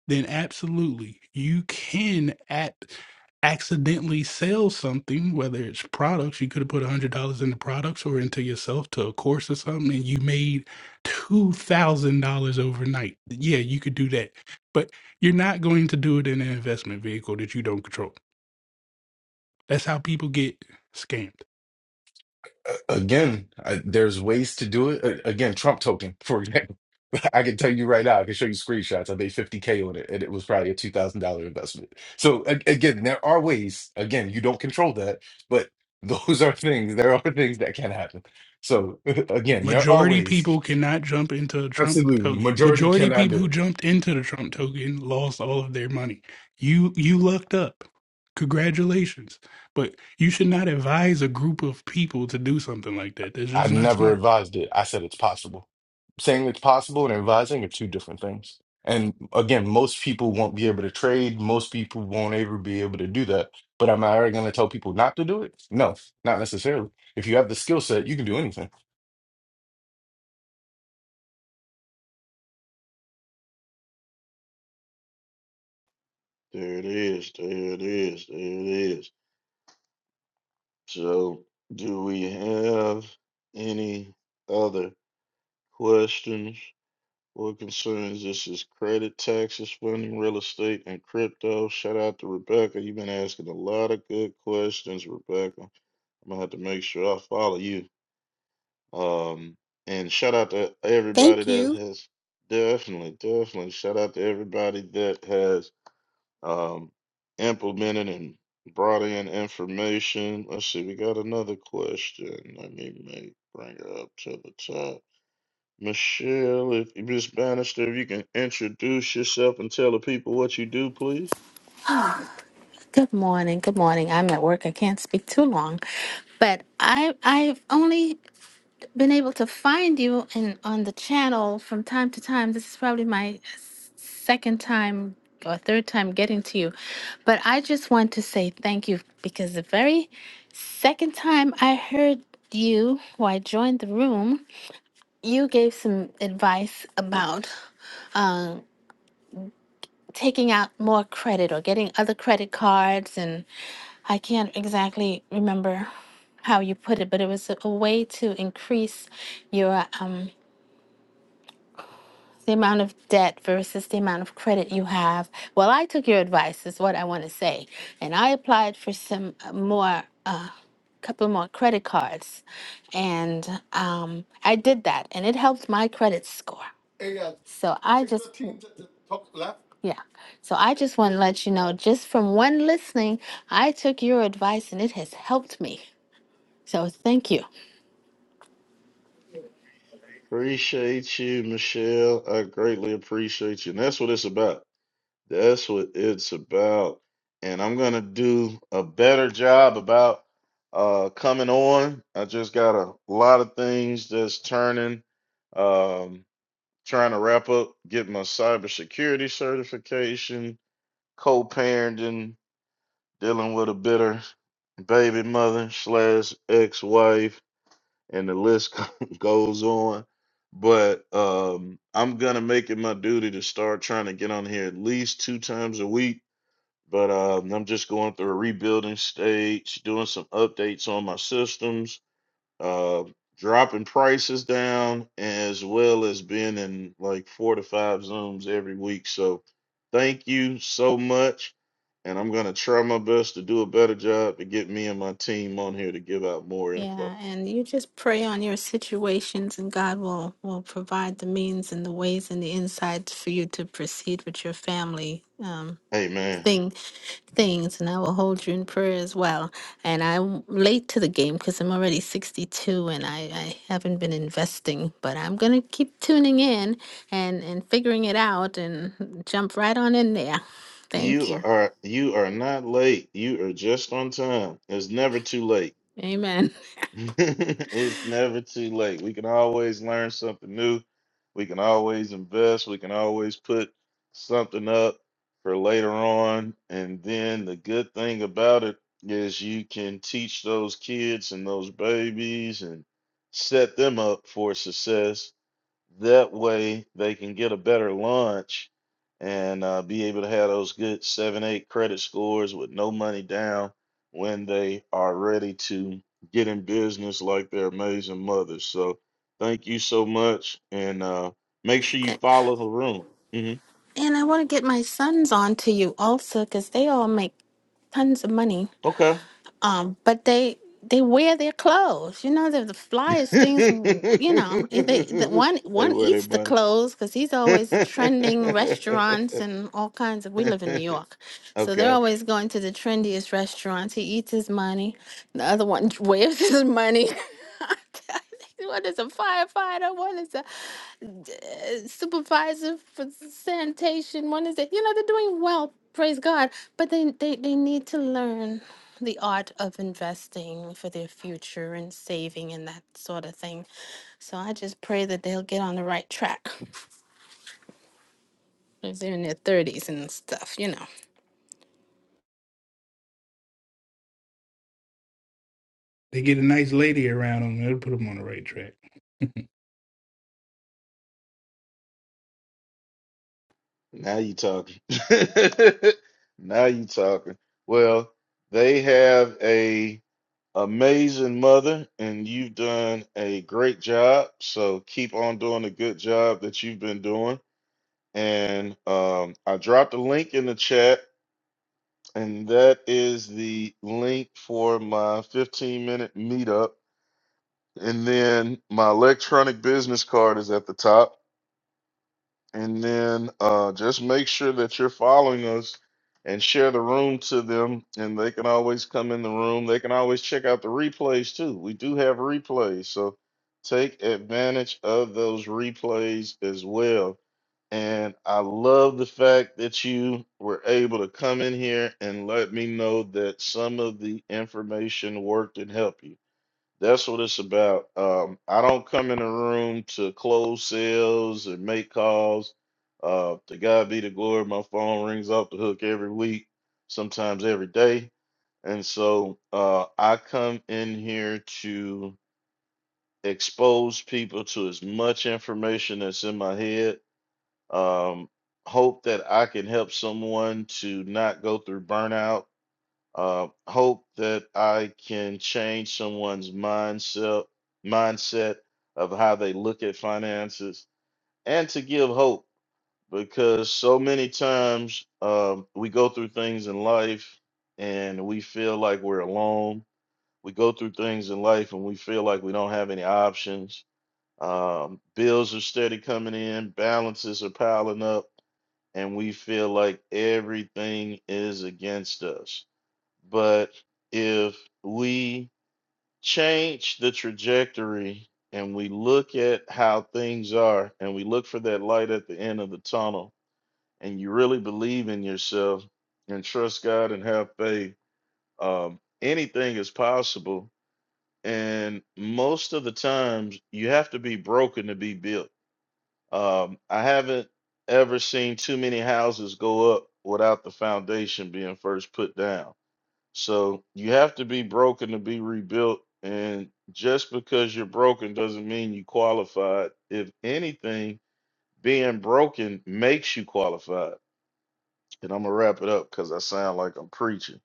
Speaker 3: then absolutely you can at accidentally sell something, whether it's products, you could have put a hundred dollars into products or into yourself to a course or something, and you made two thousand dollars overnight. Yeah, you could do that. But you're not going to do it in an investment vehicle that you don't control. That's how people get scammed.
Speaker 7: again, I, there's ways to do it. A- Again, Trump token, for example. [laughs] I can tell you right now, I can show you screenshots. I made 50K on it, and it was probably a $2,000 investment. So, a- again, there are ways. Again, you don't control that, but [laughs] those are things, there are things that can happen. So, [laughs] again,
Speaker 3: Yeah.
Speaker 7: there are
Speaker 3: Majority
Speaker 7: ways.
Speaker 3: people cannot jump into a Trump
Speaker 7: Absolutely.
Speaker 3: token.
Speaker 7: Majority
Speaker 3: Majority
Speaker 7: cannot do
Speaker 3: people
Speaker 7: it.
Speaker 3: who jumped into the Trump token lost all of their money. You you lucked up. Congratulations. But you should not advise a group of people to do something like that. That's
Speaker 7: I
Speaker 3: just not
Speaker 7: never
Speaker 3: smart.
Speaker 7: advised it. I said it's possible. Saying it's possible and advising are two different things. And again, most people won't be able to trade. Most people won't ever be able to do that. But am I ever going to tell people not to do it? No, not necessarily. If you have the skill set, you can do anything.
Speaker 1: There it is. There it is. There it is. So, do we have any other questions or concerns? This is credit, taxes, funding, real estate, and crypto. Shout out to Rebecca. You've been asking a lot of good questions, Rebecca. I'm gonna have to make sure I follow you. Um, and shout out to everybody
Speaker 5: Thank
Speaker 1: that
Speaker 5: you.
Speaker 1: has definitely, definitely shout out to everybody that has um, implemented and brought in information. Let's see, we got another question. Let me make bring her up to the top. Michelle, if Miss Bannister, if you can introduce yourself and tell the people what you do, please.
Speaker 8: Good morning. Good morning. I'm at work. I can't speak too long, but I I've only been able to find you in on the channel from time to time. This is probably my s- second time or third time getting to you, but I just want to say thank you because the very second time I heard you, or I joined the room, you gave some advice about taking out more credit or getting other credit cards and I can't exactly remember how you put it, but it was a, a way to increase your um the amount of debt versus the amount of credit you have. Well, I took your advice is what I want to say, and I applied for some uh, more uh couple more credit cards and um I did that and it helped my credit score. So I Six just fifteen, t- t- top left. yeah. So I just want to let you know, just from one listening, I took your advice and it has helped me. So thank you.
Speaker 1: Appreciate you, Michelle. I greatly appreciate you. And that's what it's about. That's what it's about. And I'm gonna do a better job about uh coming on. I just got a lot of things that's turning. Um trying to wrap up, get my cybersecurity certification, co-parenting, dealing with a bitter baby mother slash ex-wife, and the list [laughs] goes on. But um I'm gonna make it my duty to start trying to get on here at least two times a week but um, I'm just going through a rebuilding stage, doing some updates on my systems, uh, dropping prices down, as well as being in like four to five Zooms every week. So thank you so much. And I'm going to try my best to do a better job to get me and my team on here to give out more info.
Speaker 8: Yeah, and you just pray on your situations, and God will will provide the means and the ways and the insights for you to proceed with your family. um,
Speaker 1: Hey, man.
Speaker 8: thing things and I will hold you in prayer as well. And I'm late to the game because I'm already 62 and I, I haven't been investing, but I'm going to keep tuning in and, and figuring it out and jump right on in there. Thank
Speaker 1: You
Speaker 8: you.
Speaker 1: are you are not late. You are just on time. It's never too late.
Speaker 8: Amen.
Speaker 1: [laughs] it's never too late. We can always learn something new. We can always invest. We can always put something up for later on. And then the good thing about it is you can teach those kids and those babies and set them up for success that way they can get a better lunch and uh, be able to have those good seven, eight credit scores with no money down when they are ready to get in business like their amazing mothers. So thank you so much. And uh, make sure you
Speaker 8: [laughs]
Speaker 1: follow the room. hmm
Speaker 8: And I want to get my sons on to you also because they all make tons of money
Speaker 1: Okay.
Speaker 8: um but they they wear their clothes you know they're the
Speaker 1: [laughs]
Speaker 8: flyest things w- you know eh, they the one
Speaker 1: they
Speaker 8: one
Speaker 1: wear their
Speaker 8: eats the
Speaker 1: money.
Speaker 8: clothes because he's always at trending restaurants and all kinds of we live in new york
Speaker 1: [laughs]
Speaker 8: so they're
Speaker 1: okay.
Speaker 8: always going to the trendiest restaurants he eats his money the other one [laughs] waves his money [laughs] one is a firefighter one is a uh, supervisor for sanitation. One is that you know they're doing well, praise God, but they they they need to learn the art of investing for their future and saving and that sort of thing. So I just pray that they'll get on the right track if they're in their thirties and stuff, you know.
Speaker 3: They get a nice lady around them. It'll put them on the right track.
Speaker 1: Now you talking. [laughs] Now you talking. Well, they have a amazing mother, and you've done a great job. So keep on doing the good job that you've been doing. And um, I dropped a link in the chat, and that is the link for my 15 minute meetup. And then my electronic business card is at the top. And then uh, just make sure that you're following us and share the room to them, and they can always come in the room. They can always check out the replays too. We do have replays, so take advantage of those replays as well. And I love the fact that you were able to come in here and let me know that some of the information worked and helped you. That's what it's about. Um, I don't come in the room to close sales and make calls. Uh, to God be the glory. My phone rings off the hook every week, sometimes every day. And so uh, I come in here to expose people to as much information that's in my head. Um, hope that I can help someone to not go through burnout uh, hope that I can change someone's mindset mindset of how they look at finances and to give hope because so many times um, we go through things in life and we feel like we're alone. We go through things in life and we feel like we don't have any options. Um, bills are steady coming in, balances are piling up, and we feel like everything is against us but if we change the trajectory and we look at how things are and we look for that light at the end of the tunnel and you really believe in yourself and trust God and have faith, um, anything is possible. And most of the times you have to be broken to be built. Um, I haven't ever seen too many houses go up without the foundation being first put down so you have to be broken to be rebuilt. And just because you're broken doesn't mean you qualified. If anything, being broken makes you qualified. And I'm gonna wrap it up because I sound like I'm preaching.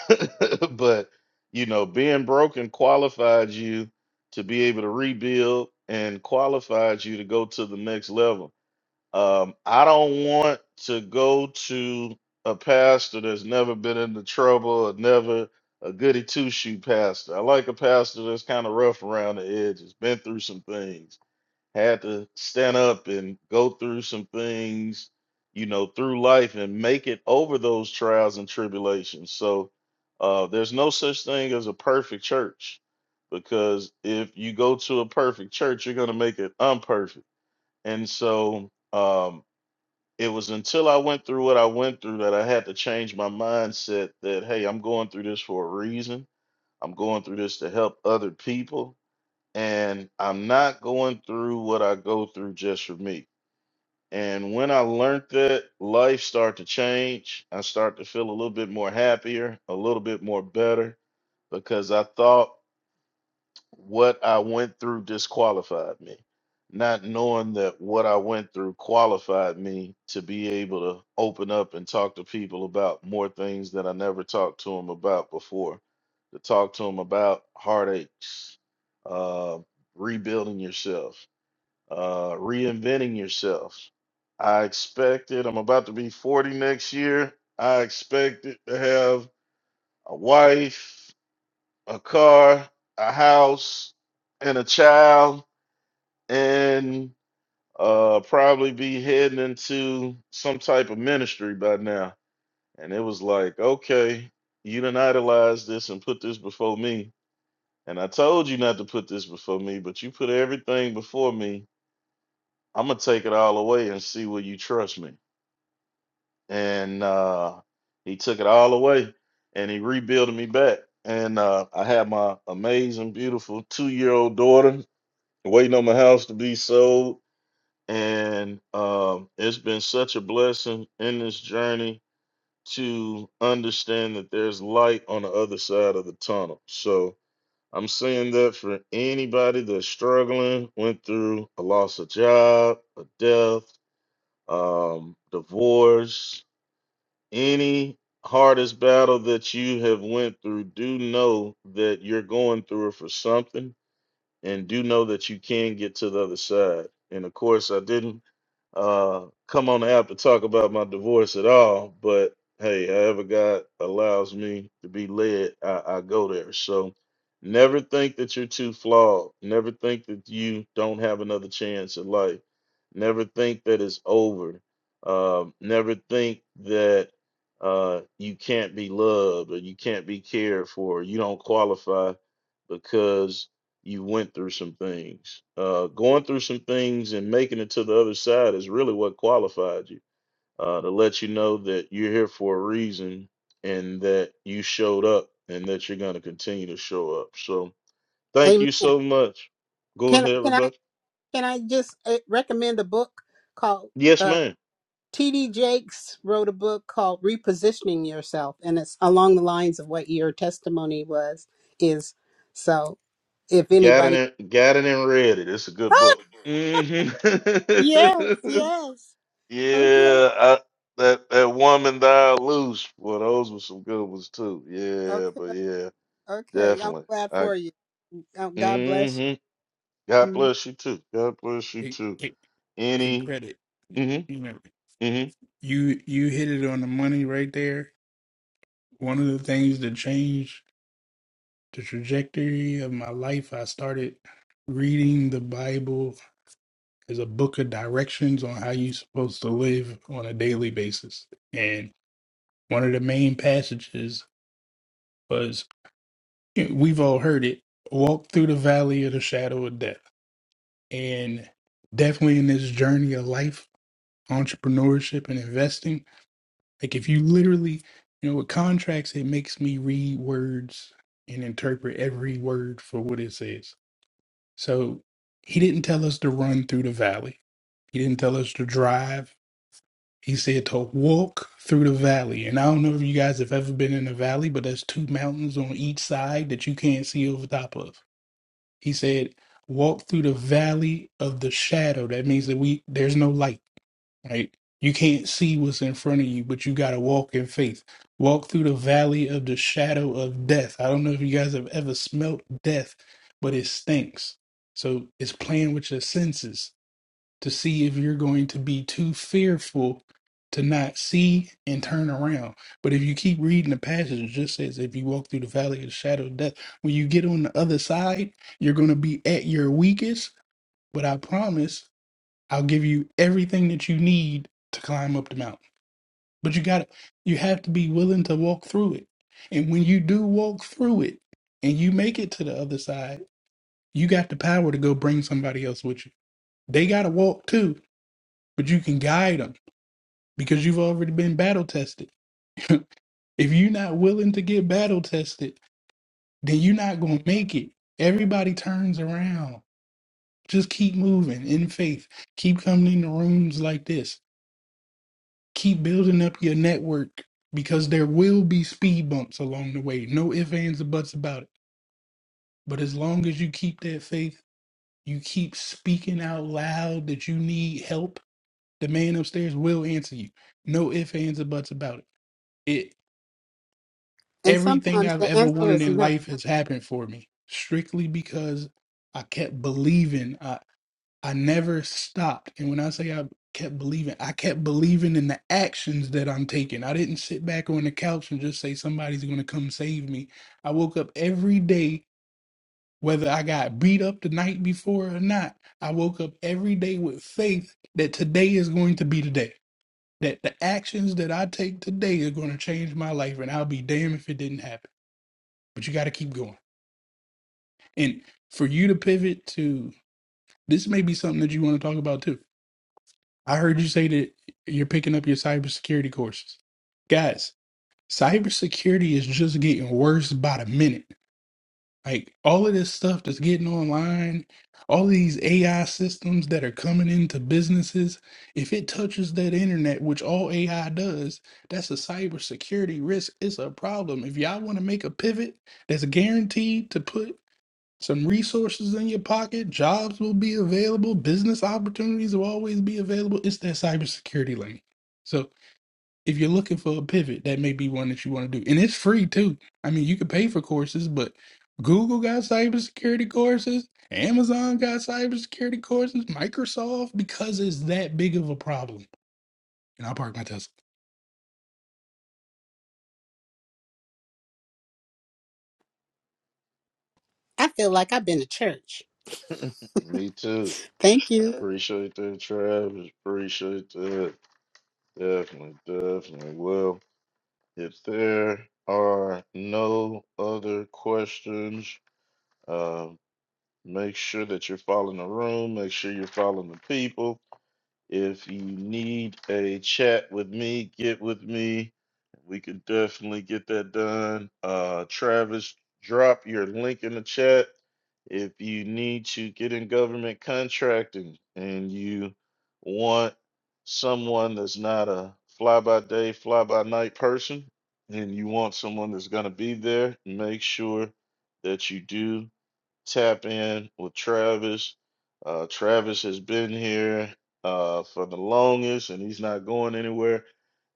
Speaker 1: [laughs] but you know, being broken qualified you to be able to rebuild and qualified you to go to the next level um, I don't want to go to a pastor that's never been into trouble or never a goody two shoe pastor. I like a pastor that's kind of rough around the edges, been through some things, had to stand up and go through some things, you know, through life and make it over those trials and tribulations. So uh, there's no such thing as a perfect church because if you go to a perfect church, you're going to make it unperfect. And so, um, it was until I went through what I went through that I had to change my mindset that, hey, I'm going through this for a reason. I'm going through this to help other people. And I'm not going through what I go through just for me. And when I learned that, life started to change. I start to feel a little bit more happier, a little bit more better because I thought what I went through disqualified me. Not knowing that what I went through qualified me to be able to open up and talk to people about more things that I never talked to them about before, to talk to them about heartaches, uh, rebuilding yourself, uh, reinventing yourself. I expected, I'm about to be 40 next year. I expected to have a wife, a car, a house, and a child, and uh, probably be heading into some type of ministry by now. And it was like, okay, you done idolized this and put this before me. And I told you not to put this before me, but you put everything before me. I'm gonna take it all away and see will you trust me. And uh, he took it all away, and he rebuilt me back. And uh, I had my amazing, beautiful two-year-old daughter waiting on my house to be sold and um, it's been such a blessing in this journey to understand that there's light on the other side of the tunnel so i'm saying that for anybody that's struggling went through a loss of job a death um, divorce any hardest battle that you have went through do know that you're going through it for something and do know that you can get to the other side. And of course, I didn't uh, come on the app to talk about my divorce at all, but hey, however God allows me to be led, I, I go there. So never think that you're too flawed. Never think that you don't have another chance at life. Never think that it's over. Um, never think that uh, you can't be loved or you can't be cared for. You don't qualify because you went through some things. Uh, going through some things and making it to the other side is really what qualified you uh, to let you know that you're here for a reason and that you showed up and that you're going to continue to show up. So thank
Speaker 5: Amen.
Speaker 1: you so much. Go
Speaker 5: Can
Speaker 1: ahead,
Speaker 5: can I
Speaker 1: everybody.
Speaker 5: can I just uh, recommend a book called
Speaker 1: Yes,
Speaker 5: uh,
Speaker 1: ma'am.
Speaker 5: T.D. Jakes wrote a book called Repositioning Yourself, and it's along the lines of what your testimony was is. So if
Speaker 1: Got
Speaker 5: anybody,
Speaker 1: it and got it and read it. It's a good
Speaker 5: ah,
Speaker 1: book. hmm
Speaker 5: yes,
Speaker 1: [laughs]
Speaker 5: yes, okay,
Speaker 1: Yeah, I, that that woman died loose. Well, those were some good ones too. Yeah,
Speaker 5: okay,
Speaker 1: but yeah,
Speaker 5: okay, I'm
Speaker 1: definitely.
Speaker 5: glad
Speaker 1: I
Speaker 5: for you. Oh, God bless
Speaker 1: mm-hmm.
Speaker 5: you.
Speaker 1: God
Speaker 5: Mhm.
Speaker 1: bless you too. God bless you
Speaker 3: Hey,
Speaker 1: too.
Speaker 3: hey, hey
Speaker 1: Any
Speaker 3: credit.
Speaker 1: mm-hmm.
Speaker 3: You know,
Speaker 1: hmm
Speaker 3: you you hit it on the money right there. One of the things that changed the trajectory of my life, I started reading the Bible as a book of directions on how you're supposed to live on a daily basis. And one of the main passages was we've all heard it walk through the valley of the shadow of death. And definitely in this journey of life, entrepreneurship, and investing, like if you literally, you know, with contracts, it makes me read words and interpret every word for what it says So he didn't tell us to run through the valley. He didn't tell us to drive. He said to walk through the valley. And I don't know if you guys have ever been in a valley, but there's two mountains on each side that you can't see over top of. He said, walk through the valley of the shadow. That means that we there's no light right? You can't see what's in front of you, but you got to walk in faith. Walk through the valley of the shadow of death. I don't know if you guys have ever smelt death, but it stinks. So it's playing with your senses to see if you're going to be too fearful to not see and turn around. But if you keep reading the passage, it just says, if you walk through the valley of the shadow of death, when you get on the other side, you're going to be at your weakest. But I promise I'll give you everything that you need to climb up the mountain. But you got to you have to be willing to walk through it. And when you do walk through it and you make it to the other side, you got the power to go bring somebody else with you. They got to walk too, but you can guide them because you've already been battle tested. [laughs] if you're not willing to get battle tested, then you're not going to make it. Everybody turns around. Just keep moving in faith. Keep coming into rooms like this keep building up your network because there will be speed bumps along the way. No ifs, ands, or buts about it. But as long as you keep that faith, you keep speaking out loud that you need help, the man upstairs will answer you. No ifs, ands, or buts about it. It
Speaker 5: And
Speaker 3: everything
Speaker 5: sometimes
Speaker 3: I've
Speaker 5: the
Speaker 3: ever
Speaker 5: answer
Speaker 3: wanted
Speaker 5: is
Speaker 3: in
Speaker 5: no.
Speaker 3: life has happened for me strictly because I kept believing. I I never stopped. And when I say I kept believing, I kept believing in the actions that I'm taking. I didn't sit back on the couch and just say, somebody's going to come save me. I woke up every day, whether I got beat up the night before or not, I woke up every day with faith that today is going to be the day, that the actions that I take today are going to change my life. And I'll be damned if it didn't happen. But you got to keep going. And for you to pivot to this, may be something that you want to talk about too I heard you say that you're picking up your cybersecurity courses. Guys, cybersecurity is just getting worse by the minute. Like all of this stuff that's getting online, all these AI systems that are coming into businesses, if it touches that internet, which all AI does, that's a cybersecurity risk. It's a problem. If y'all want to make a pivot that's guaranteed to put some resources in your pocket. Jobs will be available. Business opportunities will always be available. It's that cybersecurity lane. So if you're looking for a pivot, that may be one that you want to do. And it's free too. I mean, you can pay for courses, but Google got cybersecurity courses. Amazon got cybersecurity courses. Microsoft, because it's that big of a problem. And I'll park my Tesla.
Speaker 5: I feel like I've been to church.
Speaker 1: [laughs] Me too.
Speaker 5: Thank you.
Speaker 1: Appreciate that, Travis. Appreciate that. Definitely, definitely. Well, if there are no other questions, uh, make sure that you're following the room. Make sure you're following the people If you need a chat with me, get with me. We could definitely get that done. Uh, Travis, drop your link in the chat. If you need to get in government contracting and you want someone that's not a fly by day, fly by night person, and you want someone that's going to be there, make sure that you do tap in with Travis. Uh, Travis has been here uh, for the longest, and he's not going anywhere.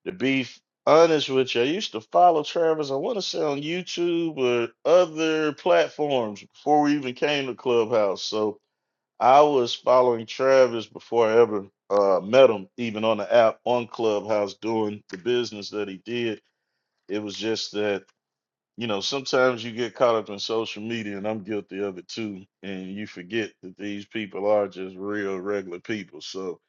Speaker 1: To be f- honest with you, I used to follow Travis. I want to say on YouTube or other platforms before we even came to Clubhouse. So I was following Travis before I ever uh, met him, even on the app on Clubhouse, doing the business that he did. It was just that you know, sometimes you get caught up in social media, and I'm guilty of it too, and you forget that these people are just real regular people. So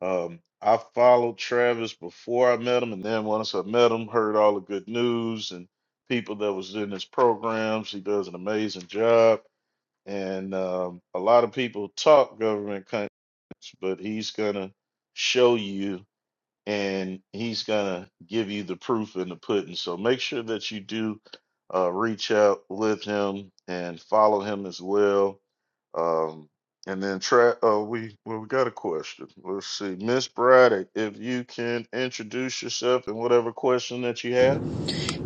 Speaker 1: um, I followed Travis before I met him, and then once I met him, heard all the good news and people that was in his programs. He does an amazing job, and um, a lot of people talk government contracts, but he's gonna show you and he's gonna give you the proof in the pudding. So make sure that you do uh, reach out with him and follow him as well. Um, and then try. Uh, we well, we got a question. Let's see, Miss Braddock, if you can introduce yourself and whatever question that you have.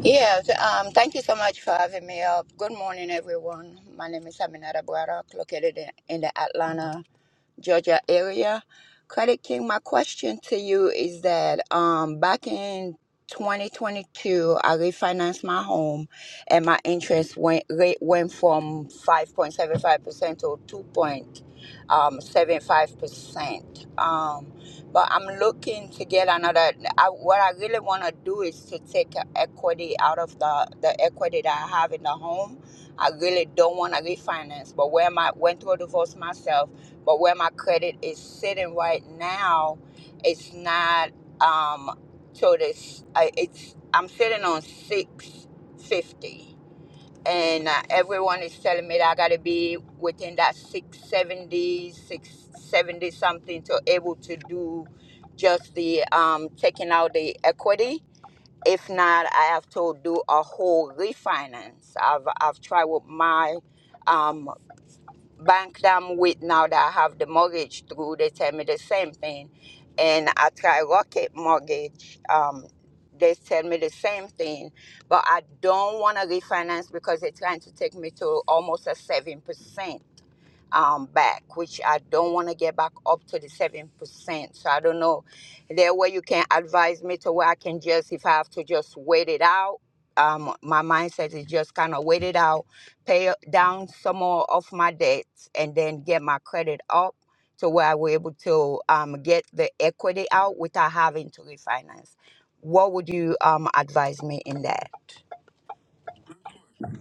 Speaker 9: Yes, um, thank you so much for having me up. Good morning, everyone. My name is Aminata Braddock, located in, in the Atlanta Georgia area. Credit King, my question to you is that um, back in 2022, I refinanced my home and my interest went, rate went from 5.75% to 2.75%. Um, but I'm looking to get another. I, what I really want to do is to take equity out of the, the equity that I have in the home. I really don't want to refinance, but where my went through a divorce myself but where my credit is sitting right now, it's not um so this I, it's I'm sitting on 650 and uh, everyone is telling me that I got to be within that six seventy six seventy something to able to do just the um taking out the equity. If not, I have to do a whole refinance. I've I've tried with my um, bank that I'm with now that I have the mortgage through, they tell me the same thing. And I try Rocket Mortgage, um, they tell me the same thing. But I don't want to refinance because they're trying to take me to almost a 7% um, back, which I don't want to get back up to the seven percent. So I don't know. Is There a way you can advise me to where I can just, if I have to just wait it out. Um, my mindset is just kind of wait it out, pay down some more of my debts, and then get my credit up to where I were able to um, get the equity out without having to refinance. What would you um, advise me in that?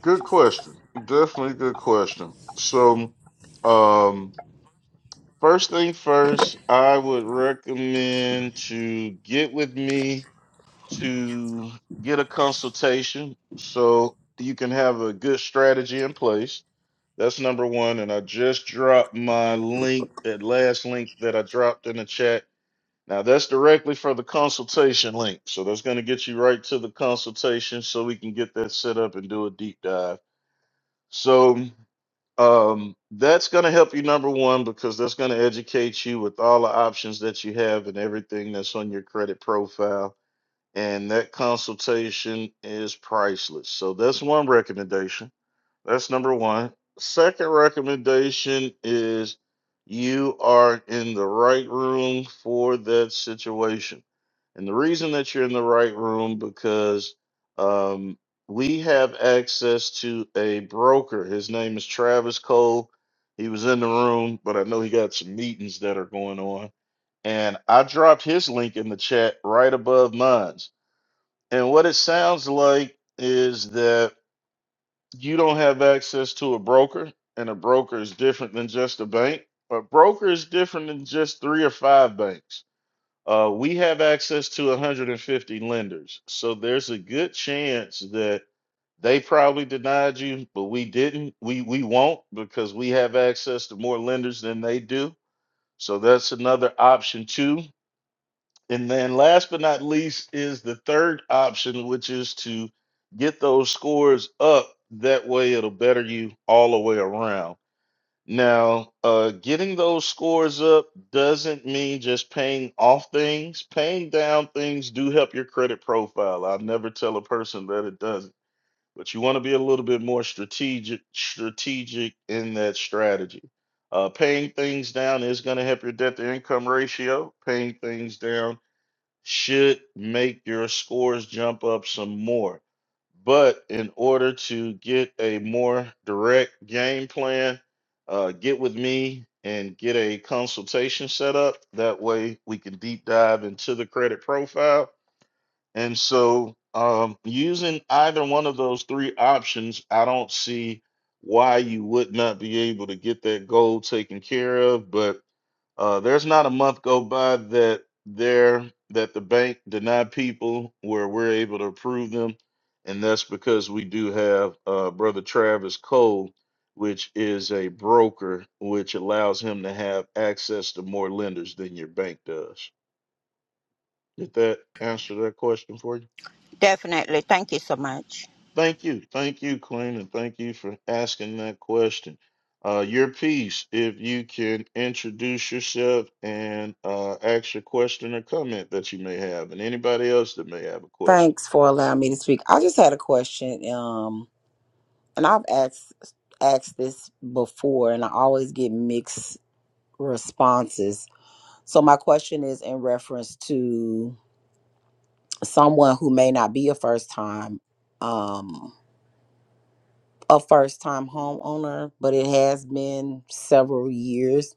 Speaker 1: Good question. Definitely good question. So, um, first thing first, I would recommend to get with me to get a consultation so you can have a good strategy in place. That's number one. And I just dropped my link, that last link that I dropped in the chat. Now, that's directly for the consultation link. So that's going to get you right to the consultation so we can get that set up and do a deep dive. So um, that's going to help you, number one, because that's going to educate you with all the options that you have and everything that's on your credit profile and that consultation is priceless. So that's one recommendation. That's number one. Second recommendation is you are in the right room for that situation. And the reason that you're in the right room because um, we have access to a broker. His name is Travis Cole. He was in the room, but I know he got some meetings that are going on. And I dropped his link in the chat right above mine's. And what it sounds like is that you don't have access to a broker, and a broker is different than just a bank. A broker is different than just three or five banks. Uh, we have access to 150 lenders. So there's a good chance that they probably denied you, but we didn't. We, we won't because we have access to more lenders than they do. So that's another option, too. And then last but not least is the third option, which is to get those scores up. That way it'll better you all the way around. Now, uh, getting those scores up doesn't mean just paying off things. Paying down things do help your credit profile. I'll never tell a person that it doesn't, but you want to be a little bit more strategic, strategic in that strategy. Uh, paying things down is going to help your debt to income ratio. Paying things down should make your scores jump up some more. But in order to get a more direct game plan, uh, get with me and get a consultation set up. That way we can deep dive into the credit profile. And so, um, using either one of those three options, I don't see why you would not be able to get that goal taken care of. But uh, there's not a month go by that there that the bank deny people where we're able to approve them, and that's because we do have uh, Brother Travis Cole, which is a broker, which allows him to have access to more lenders than your bank does. Did that answer that question for you?
Speaker 9: Definitely. Thank you so much.
Speaker 1: Thank you. Thank you, Queen, and thank you for asking that question. Uh, your piece, if you can introduce yourself and uh, ask your question or comment that you may have, and anybody else that may have a question.
Speaker 10: Thanks for allowing me to speak. I just had a question, um, and I've asked asked this before, and I always get mixed responses. So my question is in reference to someone who may not be a first time, um, a first time homeowner, but it has been several years.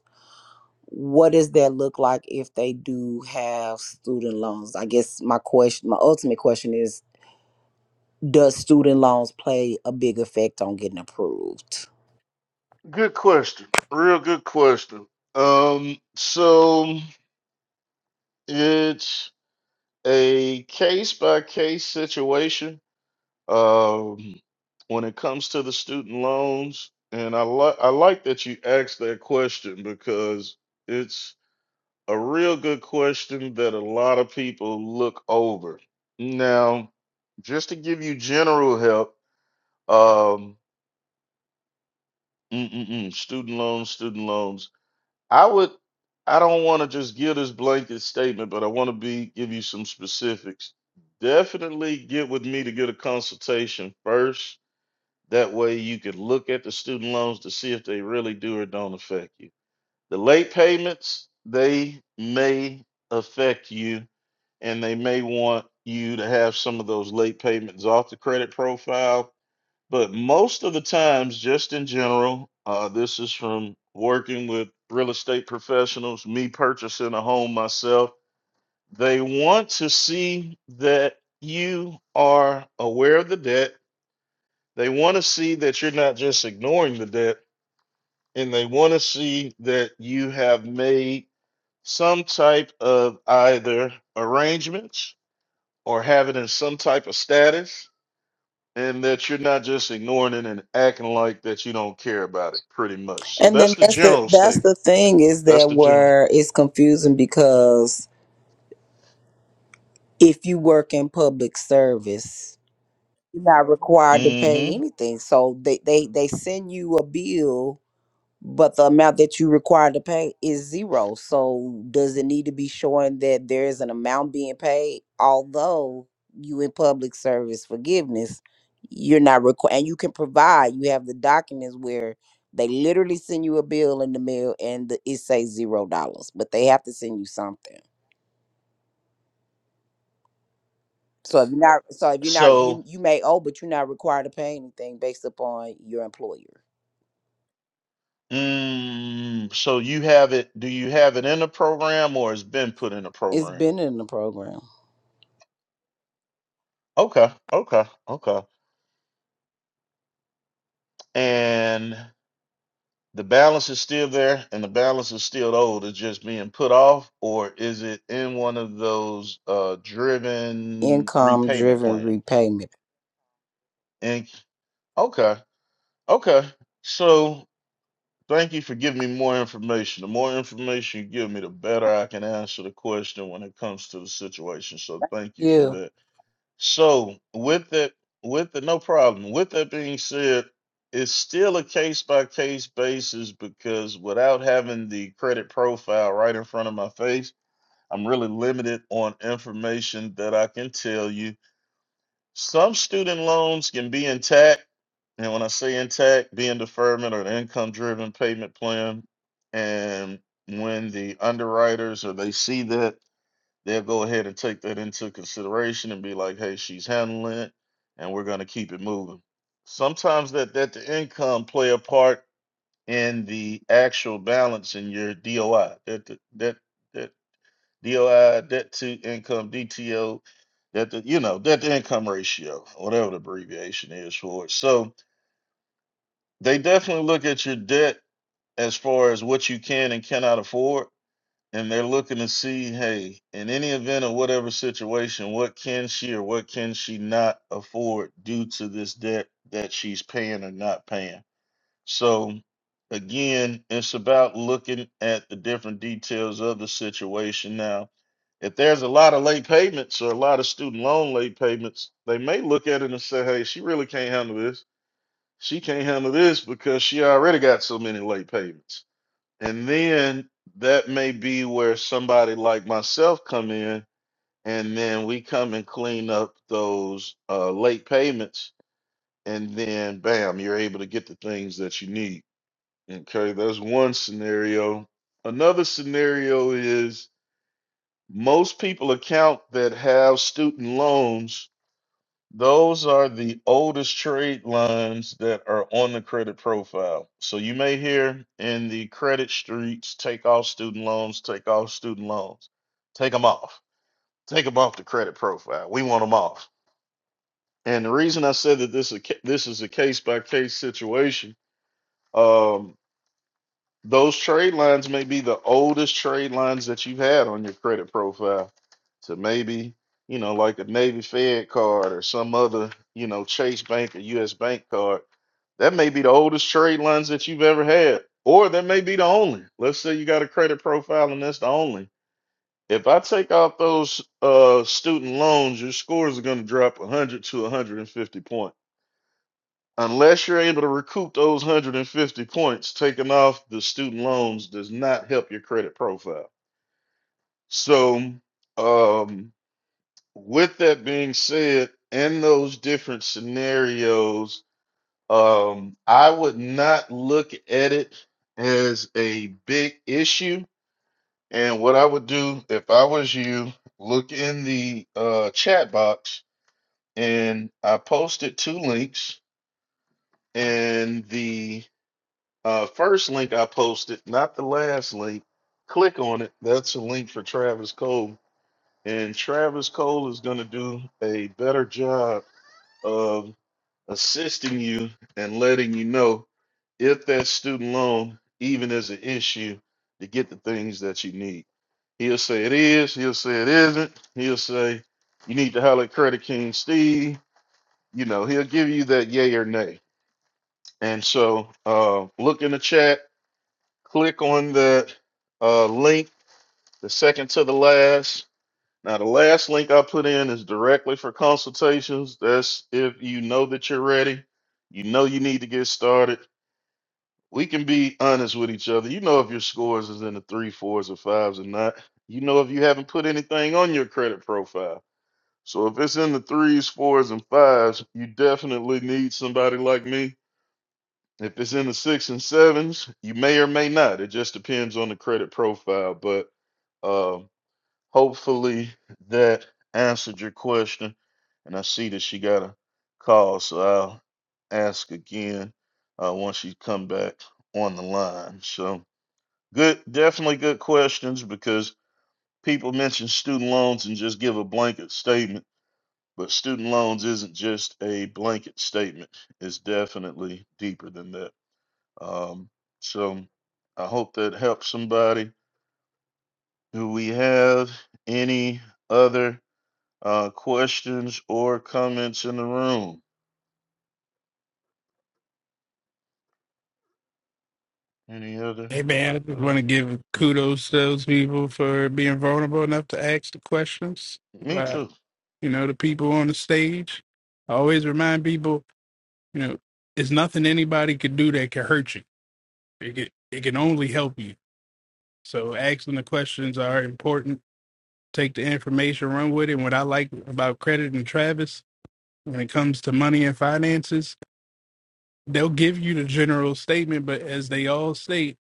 Speaker 10: What does that look like if they do have student loans? I guess my question, my ultimate question is does student loans play a big effect on getting approved?
Speaker 1: Good question. Real good question. Um, so it's a case by case situation. Um, when it comes to the student loans, and I like I like that you asked that question because it's a real good question that a lot of people look over. Now, just to give you general help, um, mm-mm-mm, student loans, student loans. I would, I don't want to just give this blanket statement, but I want to be give you some specifics. Definitely get with me to get a consultation first. That way, you could look at the student loans to see if they really do or don't affect you The late payments, they may affect you and they may want you to have some of those late payments off the credit profile. But most of the times, just in general, uh, this is from working with real estate professionals, me purchasing a home myself. They want to see that you are aware of the debt. They want to see that you're not just ignoring the debt, and they want to see that you have made some type of either arrangements or have it in some type of status and that you're not just ignoring it and acting like that you don't care about it pretty much so
Speaker 10: And then
Speaker 1: that's the
Speaker 10: that's the
Speaker 1: general
Speaker 10: that's
Speaker 1: statement
Speaker 10: the thing is
Speaker 1: that's
Speaker 10: that
Speaker 1: the general
Speaker 10: where it's confusing because if you work in public service, you're not required to pay
Speaker 1: hmm
Speaker 10: anything. So they they, they send you a bill but the amount that you require to pay is zero. So does it need to be showing that there is an amount being paid? Although you in public service forgiveness, you're not required, and you can provide. You have the documents where they literally send you a bill in the mail, and the, it says zero dollars, but they have to send you something. So if you're not, so if you're not, you
Speaker 1: so
Speaker 10: you may owe, but you're not required to pay anything based upon your employer.
Speaker 1: mm, so you have it do you have it in the program or it's been put in the
Speaker 10: It's
Speaker 1: program
Speaker 10: been in the program,
Speaker 1: okay okay okay and the balance is still there and the balance is still owed it's just being put off or is it in one of those uh driven
Speaker 10: income
Speaker 1: repayment
Speaker 10: driven
Speaker 1: plans
Speaker 10: repayment.
Speaker 1: and okay okay so thank you for giving me more information the more information you give me the better i can answer the question when it comes to the situation so thank you for
Speaker 10: Yeah.
Speaker 1: that So with that, with the no problem. With that being said, it's still a case by case basis because without having the credit profile right in front of my face, I'm really limited on information that I can tell you. Some student loans can be intact, and when I say intact, be in deferment or an income driven payment plan. And when the underwriters or they see that they'll go ahead and take that into consideration and be like, hey, she's handling it and we're going to keep it moving. Sometimes that that the income play a part in the actual balance in your DOI. That the, that that DOI debt to income DTO that the you know debt to income ratio whatever the abbreviation is for it. So they definitely look at your debt as far as what you can and cannot afford and they're looking to see, hey, in any event or whatever situation, what can she or what can she not afford due to this debt that she's paying or not paying? So, again, it's about looking at the different details of the situation. Now, if there's a lot of late payments or a lot of student loan late payments, they may look at it and say, hey, she really can't handle this. She can't handle this because she already got so many late payments and then that may be where somebody like myself come in, and then we come and clean up those uh, late payments, and then bam, you're able to get the things that you need. Okay, that's one scenario. Another scenario is most people account that have student loans those are the oldest trade lines that are on the credit profile. So you may hear in the credit streets, take off student loans, take off student loans, take them off, take them off the credit profile. We want them off. And the reason I said that this is a ca- this is a case by case situation um, those trade lines may be the oldest trade lines that you've had on your credit profile. So maybe, you know, like a Navy Fed card or some other, you know, Chase Bank or US Bank card. That may be the oldest trade lines that you've ever had, or that may be the only. Let's say you got a credit profile and that's the only. If I take out those uh, student loans, your scores are going to drop 100 to 150 points unless you're able to recoup those 150 points, taking off the student loans does not help your credit profile. So, um, with that being said, in those different scenarios, um, I would not look at it as a big issue. And what I would do if I was you, look in the uh, chat box and I posted two links and the Uh, first link I posted, not the last link. Click on it. That's a link for Travis Cole. And Travis Cole is going to do a better job of assisting you and letting you know if that student loan even is an issue to get the things that you need. He'll say it is. He'll say it isn't. He'll say you need to holler at Credit King Steve. You know, he'll give you that yay or nay. And so uh, look in the chat Click on that uh, link, the second to the last. Now, the last link I put in is directly for consultations. That's if you know that you're ready, you know you need to get started. We can be honest with each other. You know if your scores is in the three, fours, or fives or not. You know if you haven't put anything on your credit profile. So if it's in the threes, fours, and fives, you definitely need somebody like me if it's in the six and sevens, you may or may not. It just depends on the credit profile. But um, hopefully that answered your question. And I see that she got a call, so I'll ask again uh, once she come back on the line. So good, definitely good questions because people mention student loans and just give a blanket statement. But student loans isn't just a blanket statement. It's definitely deeper than that. Um, so I hope that helps somebody. Do we have any other uh, questions or comments in the room? Any other
Speaker 3: Hey man, I just want to
Speaker 1: questions?
Speaker 3: give kudos to those people for being vulnerable enough to ask the questions.
Speaker 1: Me too.
Speaker 3: you know, the people on the stage. I always remind people, you know, it's nothing anybody could do that can hurt you. It can, it can only help you. So asking the questions are important. Take the information, run with it. And what I like about credit and Travis when it comes to money and finances, they'll give you the general statement, but as they all state,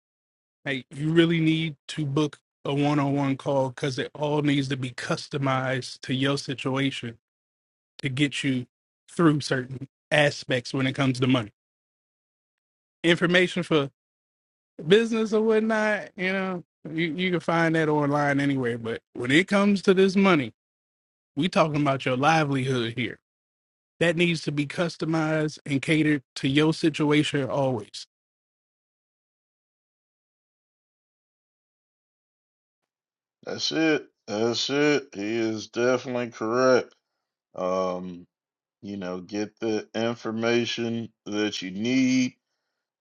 Speaker 3: hey, you really need to book a one-on-one call because it all needs to be customized to your situation to get you through certain aspects when it comes to money. Information for business or whatnot, you know, you, you can find that online anywhere. But when it comes to this money, we talking about your livelihood here. That needs to be customized and catered to your situation always.
Speaker 1: That's it. That's it. He is definitely correct. Um, you know, get the information that you need.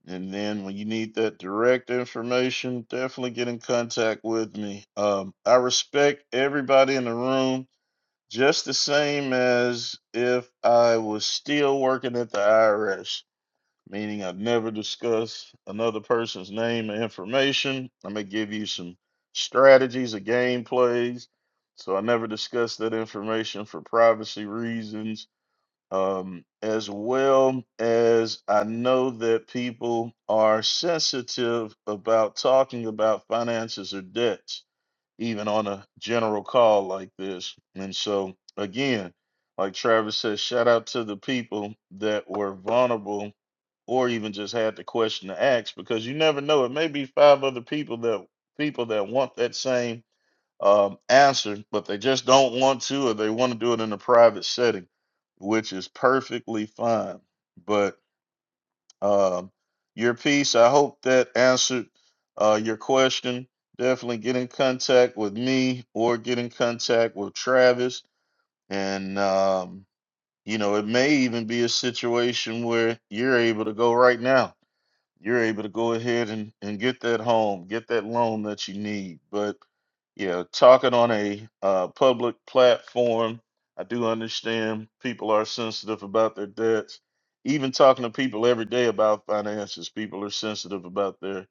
Speaker 1: And then when you need that direct information, definitely get in contact with me. Um, I respect everybody in the room. just the same as if I was still working at the IRS, meaning I'd never discuss another person's name and information. I'm gonna give you some strategies or game plays. So I never discuss that information for privacy reasons. Um, as well as I know that people are sensitive about talking about finances or debts even on a general call like this. And so, again, like Travis says, shout out to the people that were vulnerable or even just had the question to ask because you never know. It may be five other people that people that want that same um, answer, but they just don't want to, or they want to do it in a private setting, which is perfectly fine. But um, your piece, I hope that answered uh, your question. Definitely get in contact with me or get in contact with Travis. And, um, you know, it may even be a situation where you're able to go right now you're able to go ahead and, and get that home, get that loan that you need. But yeah, talking on a uh, public platform, I do understand people are sensitive about their debts. Even talking to people every day about finances, people are sensitive about their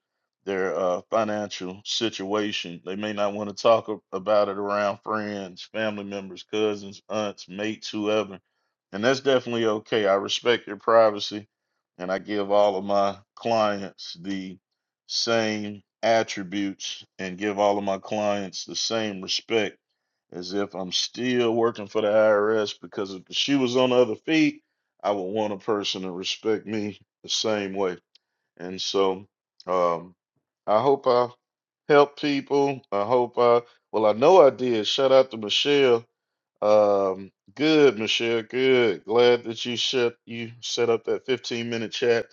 Speaker 1: their uh, financial situation. They may not want to talk a- about it around friends, family members, cousins, aunts, mates, whoever, and that's definitely okay. I respect your privacy and I give all of my clients the same attributes and give all of my clients the same respect as if I'm still working for the IRS because if the shoe was on the other feet, I would want a person to respect me the same way. And so um, I hope I help people. I hope I, well, I know I did. Shout out to Michelle um, good, Michelle. Good. Glad that you set you set up that 15 minute chat,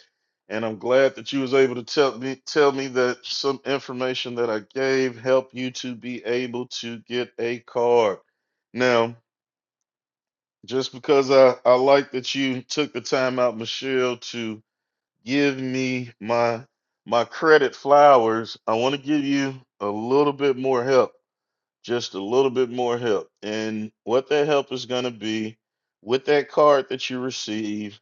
Speaker 1: and I'm glad that you was able to tell me tell me that some information that I gave helped you to be able to get a card. Now, just because I I like that you took the time out, Michelle, to give me my my credit flowers, I want to give you a little bit more help just a little bit more help. And what that help is going to be with that card that you receive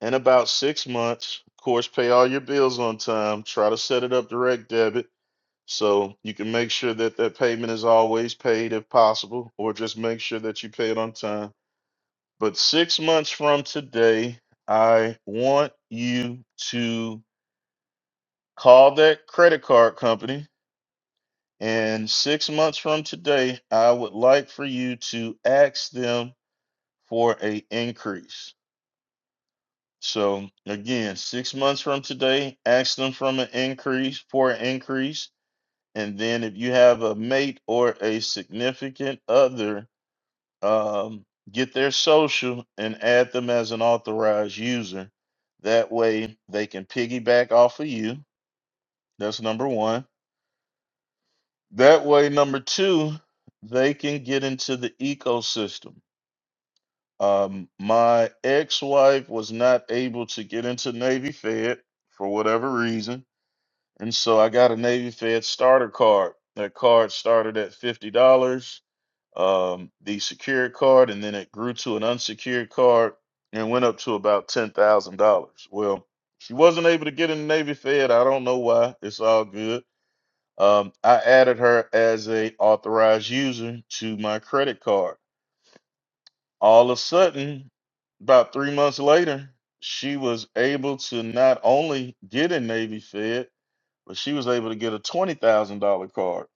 Speaker 1: in about six months. Of course, pay all your bills on time. Try to set it up direct debit so you can make sure that that payment is always paid if possible, or just make sure that you pay it on time. But six months from today, I want you to call that credit card company And six months from today, I would like for you to ask them for a increase. So again, six months from today, ask them from an increase for an increase. And then if you have a mate or a significant other, um, get their social and add them as an authorized user. That way they can piggyback off of you. That's number one. That way, number two, they can get into the ecosystem. Um, my ex-wife was not able to get into Navy Fed for whatever reason, and so I got a Navy Fed starter card. That card started at fifty dollars, um, the secured card, and then it grew to an unsecured card and went up to about ten thousand dollars. Well, she wasn't able to get in Navy Fed. I don't know why. It's all good. Um, I added her as a authorized user to my credit card. All of a sudden, about three months later, she was able to not only get a Navy Fed, but she was able to get a twenty thousand dollar card.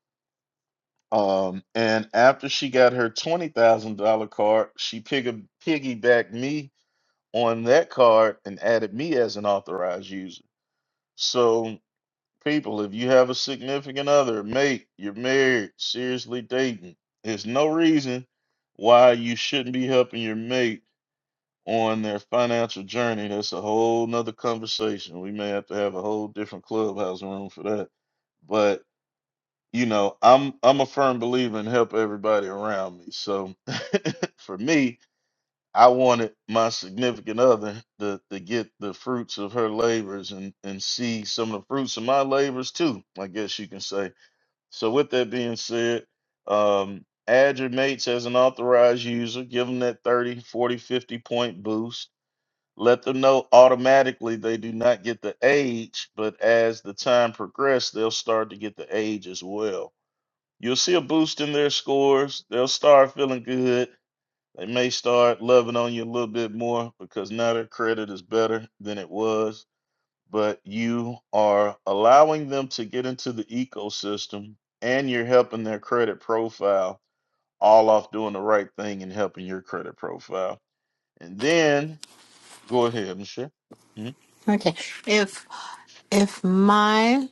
Speaker 1: Um, and after she got her twenty thousand dollar card, she piggy piggybacked me on that card and added me as an authorized user. So people, if you have a significant other, mate, you're married, seriously dating, there's no reason why you shouldn't be helping your mate on their financial journey. That's a whole nother conversation. We may have to have a whole different clubhouse room for that. But you know, I'm I'm a firm believer in help everybody around me. So [laughs] for me, I wanted my significant other to, to get the fruits of her labors and, and see some of the fruits of my labors too, I guess you can say. So, with that being said, um, add your mates as an authorized user, give them that 30, 40, 50 point boost. Let them know automatically they do not get the age, but as the time progresses, they'll start to get the age as well. You'll see a boost in their scores. They'll start feeling good they may start loving on you a little bit more because now their credit is better than it was, but you are allowing them to get into the ecosystem and you're helping their credit profile all off doing the right thing and helping your credit profile. And then go ahead, Michelle. Mhm.
Speaker 8: Okay, if if my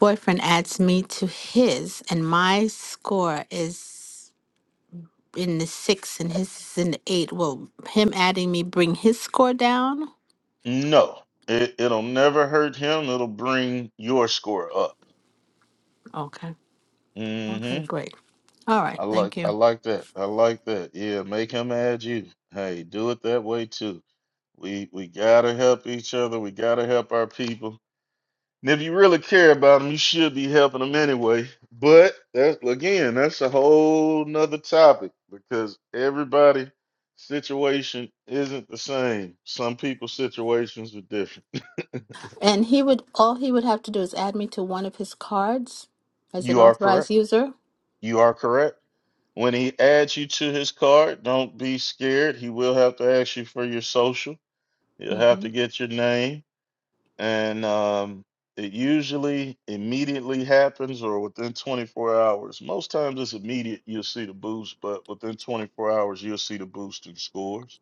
Speaker 8: boyfriend adds me to his and my score is in the six and his is in the eight, will him adding me bring his score down?
Speaker 1: No, it, it'll never hurt him. It'll bring your score up.
Speaker 8: Okay.
Speaker 1: mm
Speaker 8: Okay,
Speaker 1: hmm
Speaker 8: great. All right,
Speaker 1: I like
Speaker 8: thank
Speaker 1: I
Speaker 8: you.
Speaker 1: like that. I like that. Yeah, make him add you. Hey, do it that way too. We we gotta help each other. We gotta help our people. And if you really care about them, you should be helping them anyway. But that's again, that's a whole nother topic because everybody situation isn't the same. Some people's situations are different.
Speaker 8: And he would all he would have to do is add me to one of his cards as an
Speaker 1: You are
Speaker 8: authorized
Speaker 1: correct.
Speaker 8: user.
Speaker 1: You are correct. When he adds you to his card, don't be scared. He will have to ask you for your social. He'll have
Speaker 8: Mm-hmm.
Speaker 1: to get your name and um, it usually immediately happens or within 24 hours. Most times it's immediate, you'll see the boost, but within 24 hours, you'll see the boost in scores.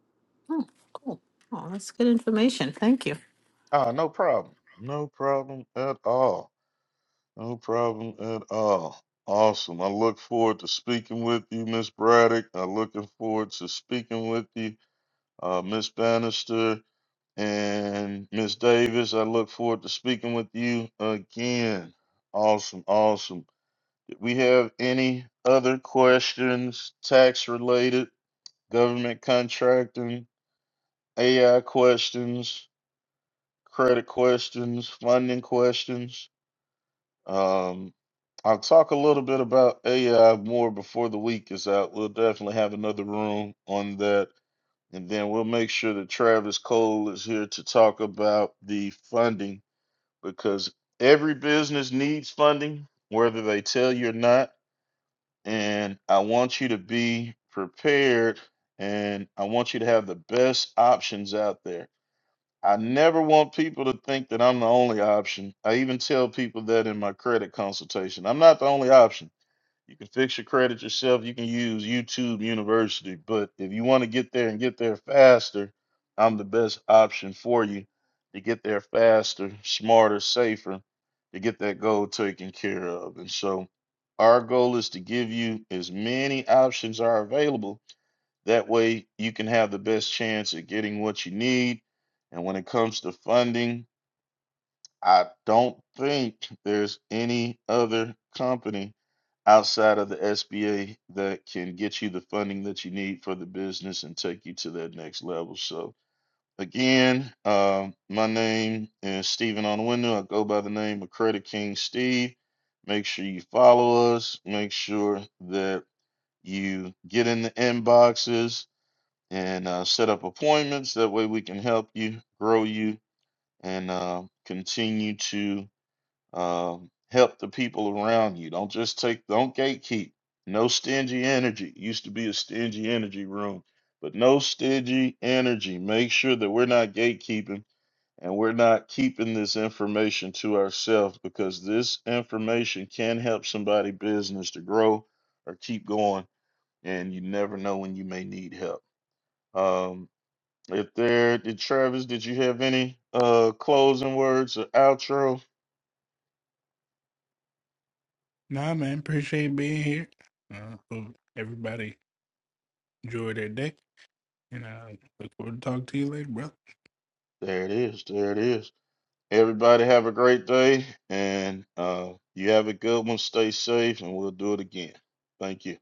Speaker 8: Oh, cool. Oh, that's good information. Thank you.
Speaker 1: Ah, no problem. No problem at all. No problem at all. Awesome. I look forward to speaking with you, Miss Braddock. I'm looking forward to speaking with you, uh, Miss Bannister and Miss Davis. I look forward to speaking with you again. Awesome, awesome. We have any other questions, tax related, government contracting, AI questions, credit questions, funding questions? Um, I'll talk a little bit about AI more before the week is out. We'll definitely have another room on that. And then we'll make sure that Travis Cole is here to talk about the funding because every business needs funding, whether they tell you or not and I want you to be prepared and I want you to have the best options out there. I never want people to think that I'm the only option. I even tell people that in my credit consultation. I'm not the only option. You can fix your credit yourself. You can use YouTube University. But if you want to get there and get there faster, I'm the best option for you to get there faster, smarter, safer, to get that goal taken care of. And so our goal is to give you as many options are available. That way you can have the best chance at getting what you need. And when it comes to funding, I don't think there's any other company outside of the SBA that can get you the funding that you need for the business and take you to that next level. So again, um, my name is Stephen on the window. I go by the name of Credit King Steve. Make sure you follow us. Make sure that you get in the inboxes and uh, set up appointments. That way we can help you grow you and uh, continue to um, help the people around you. Don't just take, don't gatekeep. No stingy energy. Used to be a stingy energy room, but no stingy energy. Make sure that we're not gatekeeping and we're not keeping this information to ourselves because this information can help somebody business to grow or keep going. And you never know when you may need help. Um, if there, did Travis, did you have any uh closing words or outro?
Speaker 3: Nah, man, appreciate being here. Uh, hope everybody enjoy their day, and I uh, look forward to talking to you later, brother.
Speaker 1: There it is. There it is. Everybody have a great day, and uh, you have a good one. Stay safe, and we'll do it again. Thank you.